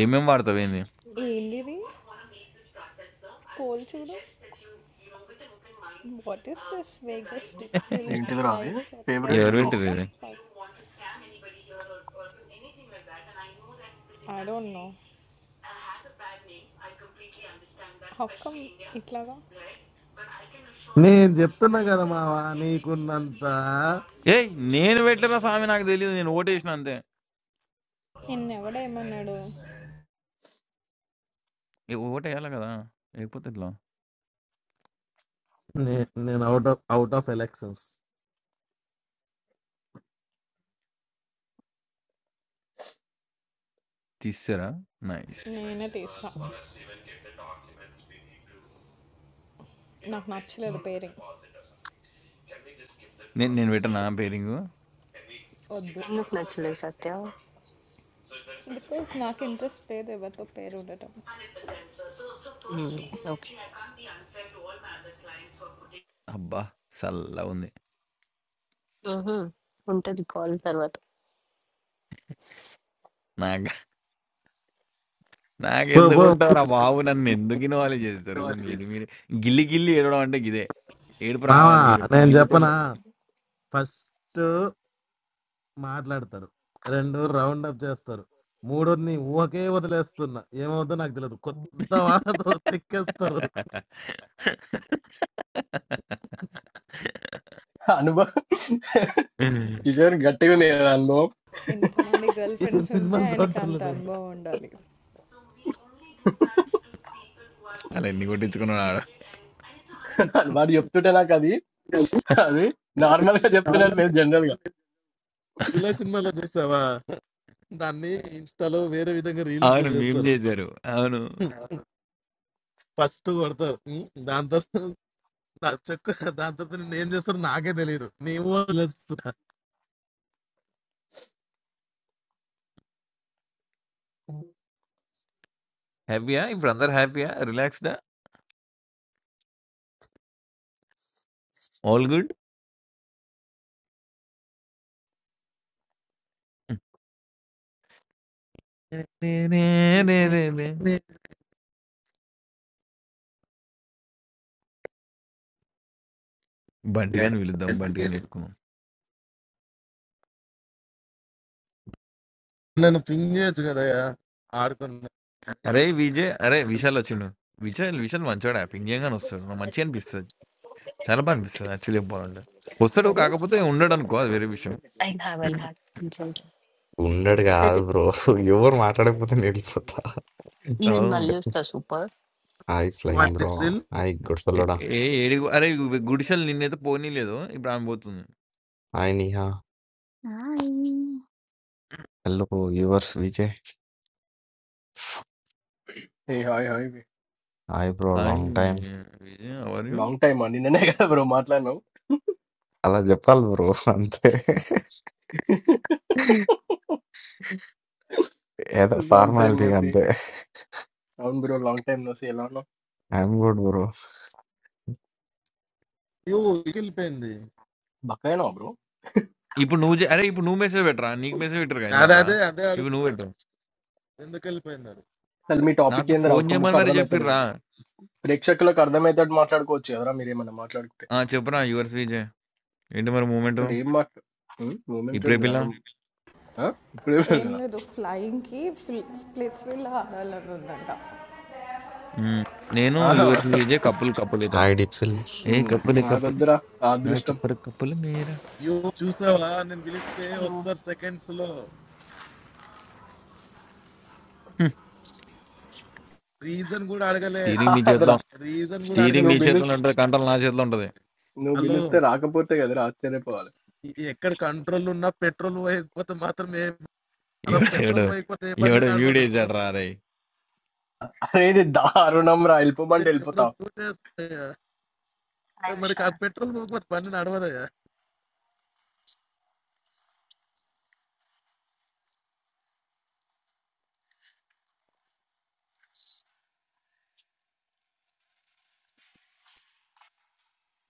Speaker 4: ఏమేం వాడతావేంది?
Speaker 16: ఏంటిదిరా అది ఫేవరెట్
Speaker 4: ఎవరు
Speaker 16: డ్యూ
Speaker 4: పెట్టిర్రు ఇది?
Speaker 2: నేను చెప్తున్నా కదా మావా నీకున్నంత
Speaker 4: ఏయ్! నేను పెట్టలేరా స్వామి నాకు తెలీదు. నేను ఓటేసినా అంతే. ఏ ఓటేయాలి కదా! లేకపోతే ఎట్లా?
Speaker 2: నే- నేను out of out of elections
Speaker 4: తీసేసారా? నైస్. నేను నేను పెట్టనా పేరింగు?
Speaker 12: ఎందుకు నచ్చలేదు సత్య హ్మ్. ఓకే.
Speaker 4: అబ్బా! సల్లగుంది.
Speaker 12: ఆహా! ఉంటది కాల్ తర్వాత.
Speaker 4: నాక
Speaker 2: పో పో.
Speaker 4: నాకెందుకుంటావురా బాబు! నన్ను ఎందుకు ఇన్వాల్వ్ చేస్తారు మీరు మీరే. గిల్లి గిల్లి ఏడవడం అంటే గిదే. ఏడుపు
Speaker 2: మావా
Speaker 4: రావాలని చెప్పి
Speaker 2: నేను
Speaker 4: గిల్లుకొని
Speaker 2: చెప్పనా ఫస్ట్ మాట్లాడతారు. 2 రౌండ్ అప్ చేస్తారు. మూడోదిని ఊహకే వదిలేస్తున్నా. ఏమవుద్దో నాకు తెలీదు. కొత్త వాళ్ళతో చెక్కేస్తారు.
Speaker 16: అనుభవం కిషోర్ గట్టిగా ఉంది కదా అనుభవం
Speaker 2: ఏ సినిమాలు చూడటం లేదు నేను.
Speaker 4: ఆళ్ళన్నీ కొట్టించుకున్నాడు ఆడ.
Speaker 16: అని వాడు చెప్తుంటే నాకు అది అది నార్మల్ గా చెప్తున్నట్టు లేదు జనరల్ గా
Speaker 2: జూలై సినిమాలో చూసావా దాన్ని ఇన్స్టాలో వేరే విధంగా రీల్స్ గా
Speaker 4: అవును మేం
Speaker 2: చేస్తారు.
Speaker 4: జేశారు. అవును.
Speaker 2: ఫస్ట్ కొడతారు. హ్మ్. దాని తర్వాత నా చెక్కు దాని తర్వాత నేను ఏం చేస్తారో నాకే తెలియదు. నేను వదిలేస్తున్నా.
Speaker 4: హ్యాపీయా? ఇప్పుడు అందరు హ్యాపీయా? రిలాక్స్‌డా? All good? బంటి గాని పిలుద్దాం. బంటి గాని చెప్పుకుందాం.
Speaker 2: నేను పింగ్ చేయొచ్చు కదా ఆడుకున్నా
Speaker 4: అరే విజయ్ అరే! విశాల్ వచ్చిండు. విశాల్ విశాల్ మంచోడా పింగ్ చేయంగానే వస్తాడు. నాకు మంచిగా అనిపిస్తది. చాలా బా అనిపిస్తది యాక్చువల్లీ చెప్పాలంటే. వస్తాడు
Speaker 12: సారీ?
Speaker 4: కాకపోతే ఉండడనుకో అది వేరే విషయం.
Speaker 12: ఐ హావ్ ఐ హావ్ కొంచెం
Speaker 17: ఉండడు కాదు
Speaker 12: సరే.
Speaker 17: బ్రో ఎవరు మాట్లాడకపోతే నేను వెళ్ళిపోతా
Speaker 12: నేను
Speaker 4: ఓహ్!
Speaker 12: మళ్ళీ వస్తా super.
Speaker 17: Hi flying
Speaker 12: boy.
Speaker 2: What
Speaker 17: bro
Speaker 2: it సిల్
Speaker 17: హాయ్
Speaker 4: ఏ
Speaker 17: గుడ్సలోడా
Speaker 4: ఏ ఏడి అరే! గుడిసెలు నిన్నైతే పోనీలేదు. ఇప్పుడు ఆమె పోతుంది.
Speaker 17: Hi Neha
Speaker 1: Hi.
Speaker 17: Hello yours Vijay
Speaker 16: ఏ hi hi
Speaker 17: hi bro
Speaker 4: hi
Speaker 17: long time
Speaker 4: Vijay how are you?
Speaker 16: Long time ఆ, నిన్ననే కదా బ్రో మాట్లాడినావు
Speaker 17: అలా చెప్పాలి బ్రో అంతే ఏదో
Speaker 16: లాంగ్ టైం
Speaker 17: ఫార్మాలిటీ
Speaker 16: నోసి
Speaker 17: అంతే
Speaker 16: అవును బ్రో లాంగ్ టైం నోసి ఎలా ఉన్నావు
Speaker 17: ఐఎమ్ గుడ్ బ్రో
Speaker 2: యూ వెళ్ళిపోయింది
Speaker 16: బక్కైనా బ్రో
Speaker 4: ఇప్పుడు నువ్వు చే- అరే ఇప్పుడు నువ్వు మెసేజ్ పెట్టరా నీకు మెసేజ్ పెట్టరుగా
Speaker 2: అదే
Speaker 4: ఇందాక
Speaker 2: అదే అదే
Speaker 4: ఇప్పుడు నువ్వు
Speaker 2: అడుగుతున్నా
Speaker 4: పెట్టు
Speaker 2: ఎందుకు వెళ్ళిపోయింది అది
Speaker 16: అసలు మీ టాపిక్
Speaker 4: నాకు
Speaker 16: ఏందిరా
Speaker 4: ఫోన్
Speaker 16: ఒక్క
Speaker 4: చేయమని
Speaker 16: ముక్క
Speaker 4: మరి చెప్పిర్రా
Speaker 16: అర్థమవుతలేదు ప్రేక్షకులకు అర్థమయ్యేటట్టు మాట్లాడుకోవచ్చు కదరా మీరు ఏమైనా మాట్లాడుకుంటే
Speaker 4: ఆ, చెప్పురా యువర్స్ విజయ్ ఏంటి మరి మూమెంట్
Speaker 16: అసలు ఏం మాట్లా మూమెంట్
Speaker 4: ఇప్పుడే పిల్ల
Speaker 16: ఏందిరా ఆ? ఇప్పుడే వెళ్ళినా.
Speaker 4: ఉమ్. నేను
Speaker 16: ఆ,
Speaker 4: యువర్స్ విజయ్ కప్పులు కప్పులు అవుతాం
Speaker 17: హాయ్ డిప్సిల్
Speaker 4: ఏ
Speaker 16: ఉమ్,
Speaker 4: కప్పులే కప్పులు
Speaker 16: నాకొద్దురా ఆ
Speaker 4: నా
Speaker 16: అదృష్టం
Speaker 4: చెప్పరు కప్పులు మీరా
Speaker 2: యూ చూసావా నేను పిలిస్తే
Speaker 12: హలో.
Speaker 2: ఒకసారి సెకండ్స్ లో
Speaker 4: హ్మ్.
Speaker 2: రీజన్ కూడా అడగలే
Speaker 4: స్టీరింగ్ నీ చేతిలో
Speaker 16: కాదురా
Speaker 2: రీజన్ కూడా
Speaker 4: స్టీరింగ్
Speaker 2: అడగలే
Speaker 4: నీ
Speaker 16: నువ్వు పిలు
Speaker 4: చేతిలో ఉంటుంది కంట్రోల్ నా చేతిలో ఉంటుంది
Speaker 16: నువ్వు
Speaker 2: హలో
Speaker 16: పిలిస్తే రాకపోతే కదరా ఆశ్చర్యపోవాలి
Speaker 2: ఈ- ఎక్కడ కంట్రోల్ ఉన్నా పెట్రోల్ పోయకపోతే మాత్రం ఏ అలా
Speaker 4: ఎవడు
Speaker 2: పెట్రోల్
Speaker 4: ఎవడు
Speaker 2: పోయకపోతే ఏ బండి
Speaker 4: ఎవడు వీడు
Speaker 2: నడవదు
Speaker 4: వేసాడు రా రే
Speaker 16: అరే ఇది దారుణం రా వెళ్ళిపోమంటే
Speaker 2: ఏ- ఎవరు
Speaker 16: వెళ్ళిపోతావు
Speaker 2: పూజ చేస్తే,
Speaker 12: హాయ్
Speaker 2: మరి ఆ
Speaker 12: విశాల్.
Speaker 2: పెట్రోల్ పోయకపోతే బండి నడవదయ్యా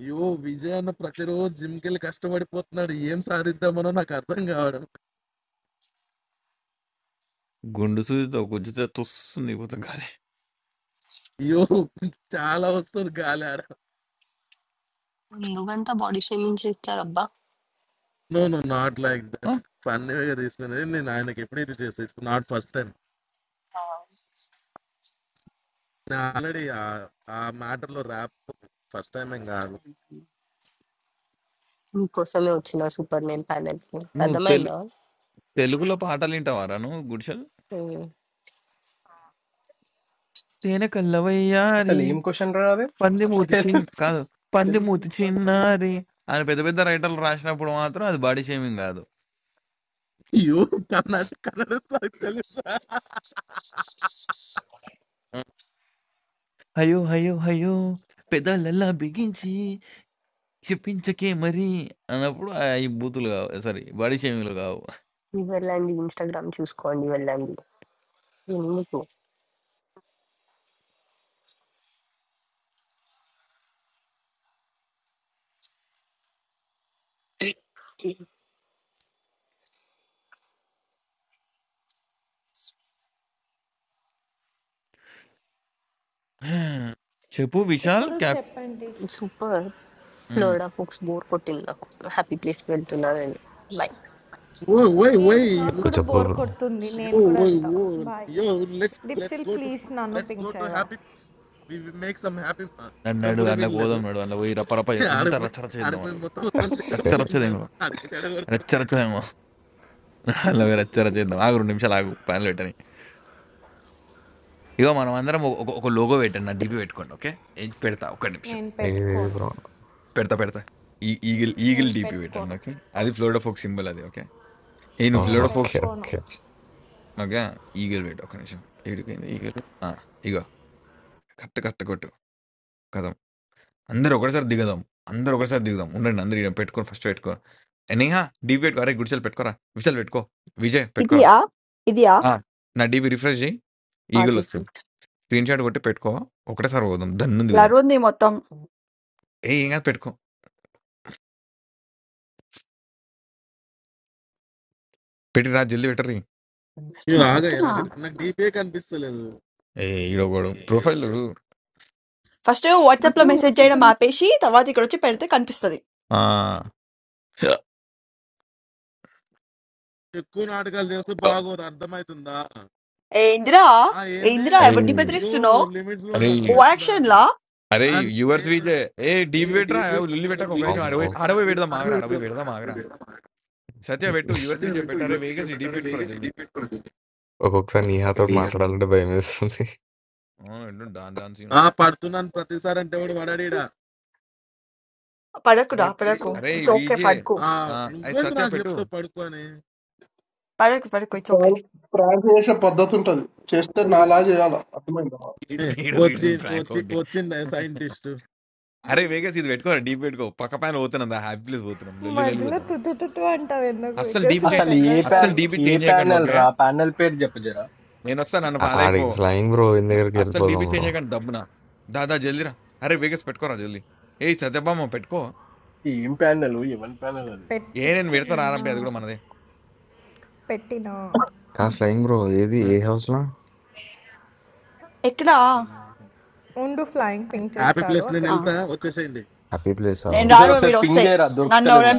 Speaker 2: అయ్యో విజయ్ అన్న ప్రతిరోజు జిమ్కి వెళ్ళి కష్టపడిపోతున్నాడు ఏం సాధిద్దామనో నాకు అర్థం కావడం
Speaker 4: గుండు సూదితో గుజ్జుతో తుస్తుంది కూత గాలి
Speaker 2: అయ్యో చాలా వస్తుంది గాలి ఆడ
Speaker 12: నువ్వెంత బాడీ షేమింగ్ చేస్తారబ్బా!
Speaker 2: నో నో నాట్ లైక్
Speaker 4: ఆ,
Speaker 2: దట్ ఫన్నీగా తీసుకుని నేను ఆయనకి ఎప్పుడు ఇది చేసే నాట్ ఫస్ట్ టైం నేను ఆల్రెడీ ఆ మ్యాటర్ లో ర్యాప్ ఫస్ట్ టైం ఏం కాదు
Speaker 12: నీకోసమే వచ్చిన సూపర్ నేను ప్యానెల్‌కి.
Speaker 4: నువ్వు తెలు
Speaker 12: అర్థమైందా?
Speaker 4: తెలుగులో పాటలు వింటావారా నువ్వు గుడిసెలు
Speaker 12: హ్మ్.
Speaker 4: తేనె
Speaker 16: అసలు
Speaker 4: కల్లవయ్యారి
Speaker 16: ఏం క్వశ్చన్ రా అది
Speaker 4: పంది మూతి చిన్న కాదు పంది మూతి చిన్నారి అని పెద్ద పెద్ద రైటర్లు రాసినప్పుడు మాత్రం అది బాడీ షేమింగ్ కాదు
Speaker 2: అయ్యో కన్నడ కన్నడ సాగు తెలుసా
Speaker 4: ఉం. అయ్యో అయ్యో అయ్యో పెదాలల్లా బిగించి చెప్పించకే మరి అన్నప్పుడు అవి బూతులు కావు సారీ బాడీ షేమింగ్లు కావు
Speaker 12: వెళ్ళండి ఇన్‌స్టాగ్రామ్ చూసుకోండి వెళ్ళండి. ఎందుకు?
Speaker 4: చెప్పు Vishal cap
Speaker 12: super.
Speaker 4: Um,
Speaker 12: Florida folks bore కొట్టింది నాకు. హ్యాపీ ప్లేస్‌కి వెళ్తున్నా నేను. బాయ్.
Speaker 2: ఓ ఓయ్ ఓయ్ యో
Speaker 17: చెప్పు చెప్పు బ్రో
Speaker 2: యో ఓయ్ ఓ yo let's let's go to let's go to happy we make some happy
Speaker 4: అన్నాడు
Speaker 2: కూడా
Speaker 4: అందులో
Speaker 2: వినలేదు
Speaker 4: పోదాం నాడు అందులో పోయి రపరప అంత
Speaker 2: ఆడిపోయి
Speaker 4: రచ్చరచ చేద్దాం
Speaker 2: ఆడిపోయి
Speaker 4: అందులో
Speaker 2: మొత్తం మొత్తం చెడగొడుతున్నాడు
Speaker 4: రచ్చరచ్చదేమో
Speaker 2: ఆడికి చెడగొడతాడు
Speaker 4: రచ్చరచ్చదేమో అందులో పోయి రచ్చరచ చేద్దాం ఆగు రెండు నిమిషాలు ఆగు ప్యాన్ పెట్టని ఇగో మనం అందరం ఒక ఒక లోగో పెట్టండి నా డిపి పెట్టుకోండి ఓకే ఏం పెడతా ఒక్క నిమిషం
Speaker 17: ఏది బ్రో
Speaker 4: పెడతా పెడతా ఈ ఈగిల్ ఈగిల్ డీపీ పెట్టండి ఓకే అది ఫ్లోరిడా ఫోక్ సింబల్ అది ఓకే ఏ నువ్వు Florida folks
Speaker 17: okay okay
Speaker 4: okay eagle wait ఒక నిమిషం ఏడిపోయింది ఈగిల్ ఆ, ఇగో కట్ట కట్ట కొట్టు కదం అందరు ఒకటేసారి దిగదాం అందరు ఒకటేసారి దిగుదాం ఉండండి అందరు ఈడ పెట్టుకోండి ఫస్ట్ పెట్టుకో ఏ, నేహా డీపీ పెట్టుకో అరే గుడిసెలు పెట్టుకోరా విషయాలు పెట్టుకో విజయ్ పెట్టుకోరా
Speaker 1: Idiya, idiya.
Speaker 4: ఆ, నా డీపీ రిఫ్రెష్ చేయి
Speaker 1: What
Speaker 4: ఈగిల్
Speaker 1: is this?
Speaker 4: వస్తుంది స్క్రీన్ షాట్ కొట్టి పెట్టుకో ఒకటేసారి పోదాం దన్ను దిగుదాం
Speaker 1: Everyone is talking.
Speaker 4: ఏ ఏం కాదు పెట్టుకో పెట్టి రా జల్ది పెట్టరు
Speaker 1: What
Speaker 2: ఇవి
Speaker 1: to
Speaker 2: ఆగాయి నాకు
Speaker 1: do?
Speaker 2: నాకు డీపే కనిపిస్తలేదు
Speaker 4: ఏ ఈడోగోడు profile
Speaker 1: First, you WhatsApp the
Speaker 2: అచ్చా
Speaker 1: message. Jai
Speaker 2: వాట్సాప్
Speaker 1: na
Speaker 2: లో
Speaker 1: mapeshi. The word you got to pay attention. Can you understand?
Speaker 2: ఎక్కువ నాటకాలు చేస్తే బాగోదు అర్థమవుతుందా
Speaker 1: Hey, Indra,
Speaker 2: ఆ ఏంది
Speaker 1: Indra, I want to
Speaker 4: అరే
Speaker 1: ask you
Speaker 2: యో
Speaker 1: something.
Speaker 2: లిమిట్స్ లో
Speaker 4: అరే
Speaker 2: ఉండి
Speaker 1: What
Speaker 2: అర్థమవుతుందా
Speaker 1: action, lah?
Speaker 4: అరే
Speaker 2: అంటే
Speaker 4: యూవర్స్ వీళ్ళే ఏ
Speaker 2: ఏ
Speaker 4: డీబీ పెట్టరా
Speaker 2: limit-
Speaker 4: లిల్లి పెట్టకు ఒక నిమిషం
Speaker 2: limit లో
Speaker 4: అడవి
Speaker 17: అమ్మో
Speaker 2: పెట్టి
Speaker 4: అడవి
Speaker 2: అడవి
Speaker 4: పెడదాం
Speaker 2: అడవి
Speaker 4: ఆగరా అడవి
Speaker 2: వీడిలో
Speaker 4: పెడదాం
Speaker 2: మాట్లాడు, అడవి
Speaker 4: ఆగరా
Speaker 2: వీడిలో మాట్లాడు.
Speaker 4: సత్య పెట్టు యూవర్స్
Speaker 2: అయితే
Speaker 4: వీజే
Speaker 2: వింటూ
Speaker 4: పెట్టు అరే
Speaker 2: యుఎస్ వీడియో
Speaker 4: వేగస్ ఈ డీబీ
Speaker 2: పెట్టాడు
Speaker 4: పెట్టుకోరా
Speaker 2: వేగే
Speaker 4: జల్ది
Speaker 2: లిమిట్ పడుతుంది
Speaker 17: ఒక్కొక్కసారి నీహాతో మాట్లాడాలంటే భయం వేస్తుంది
Speaker 4: ఎల్లు డాన్ డాన్ సీన్
Speaker 2: ఆ పడుతున్నాను ప్రతిసారి అంటే వాడు వాడాడా
Speaker 1: Pay
Speaker 4: అరే
Speaker 1: attention, pay attention.
Speaker 4: అరే
Speaker 1: It's okay,
Speaker 4: VJ
Speaker 1: pay attention,
Speaker 2: ఆ
Speaker 4: అరే
Speaker 2: నువ్వేంటి
Speaker 4: సత్య
Speaker 2: నాకు
Speaker 4: పెట్టు
Speaker 2: చెప్తావు పడుకో అని
Speaker 1: pay attention, it's
Speaker 10: Pran
Speaker 1: okay.
Speaker 10: pran kyaasha padhatun thal. Chaste naal aaj yaala. Admi na.
Speaker 4: ఈడు ఈడు
Speaker 2: వచ్చి
Speaker 4: ప్రాంక్
Speaker 2: వచ్చి
Speaker 4: ఒకటి
Speaker 2: వచ్చిండే సైంటిస్ట్ అరే
Speaker 4: అరే
Speaker 2: వేగ
Speaker 4: వేగస్ ఇది పెట్టుకోరా డీపీ పెట్టుకో పక్క పైన పోతున్నాం హ్యాపీ ప్లేస్ పోతున్నాం లొల్లి లొల్లి చేద్దాం అస్సలు డీపీ చే
Speaker 16: అసలు ఏ
Speaker 4: అస్సలు
Speaker 16: ప్యాన్
Speaker 4: డీపీ
Speaker 16: ఏ
Speaker 4: చేంజ్ చేయకండి
Speaker 16: ప్యానెల్
Speaker 4: ఓకే
Speaker 16: రా ప్యానెల్ పేరు చెప్పజరా
Speaker 4: నేను వస్తా నన్ను
Speaker 17: ఆ-
Speaker 4: ఫాలో అయిపో
Speaker 17: ఆడికి ఫ్లయింగ్ బ్రో ఇంటి
Speaker 4: నా-
Speaker 17: దగ్గరికి
Speaker 4: అస్సలు డీపీ
Speaker 17: వెళ్ళిపోదాం
Speaker 4: చేంజ్
Speaker 17: బ్రో
Speaker 4: చేయకండి డబ్బున దాదా జల్దీరా అరే వేగస్ పెట్టుకోరా జల్దీ ఏ సత్యభామ పెట్టుకో
Speaker 16: ఏం ప్యానెల్ ఎవరి ప్యానెల్ అది
Speaker 4: ఏ నేను పెడతా రారబ్బే అది కూడా మనదే
Speaker 17: కాదు ఫ్లయింగ్ బ్రో. ఏది? ఏ హౌస్‌లో?
Speaker 1: Okay. Ah.
Speaker 2: హ్యాపీ ప్లేస్ నేను
Speaker 1: Ah.
Speaker 2: వెళ్తా వచ్చేసేయండి
Speaker 17: హ్యాపీ ప్లేసా?
Speaker 1: Then
Speaker 16: Kishore
Speaker 17: okay.
Speaker 1: everyone
Speaker 16: ఒకసారి
Speaker 1: will
Speaker 16: పింగ్
Speaker 1: see.
Speaker 16: చేయరా
Speaker 1: I'm
Speaker 16: దొరుకుతలేదు నాకు.
Speaker 1: not.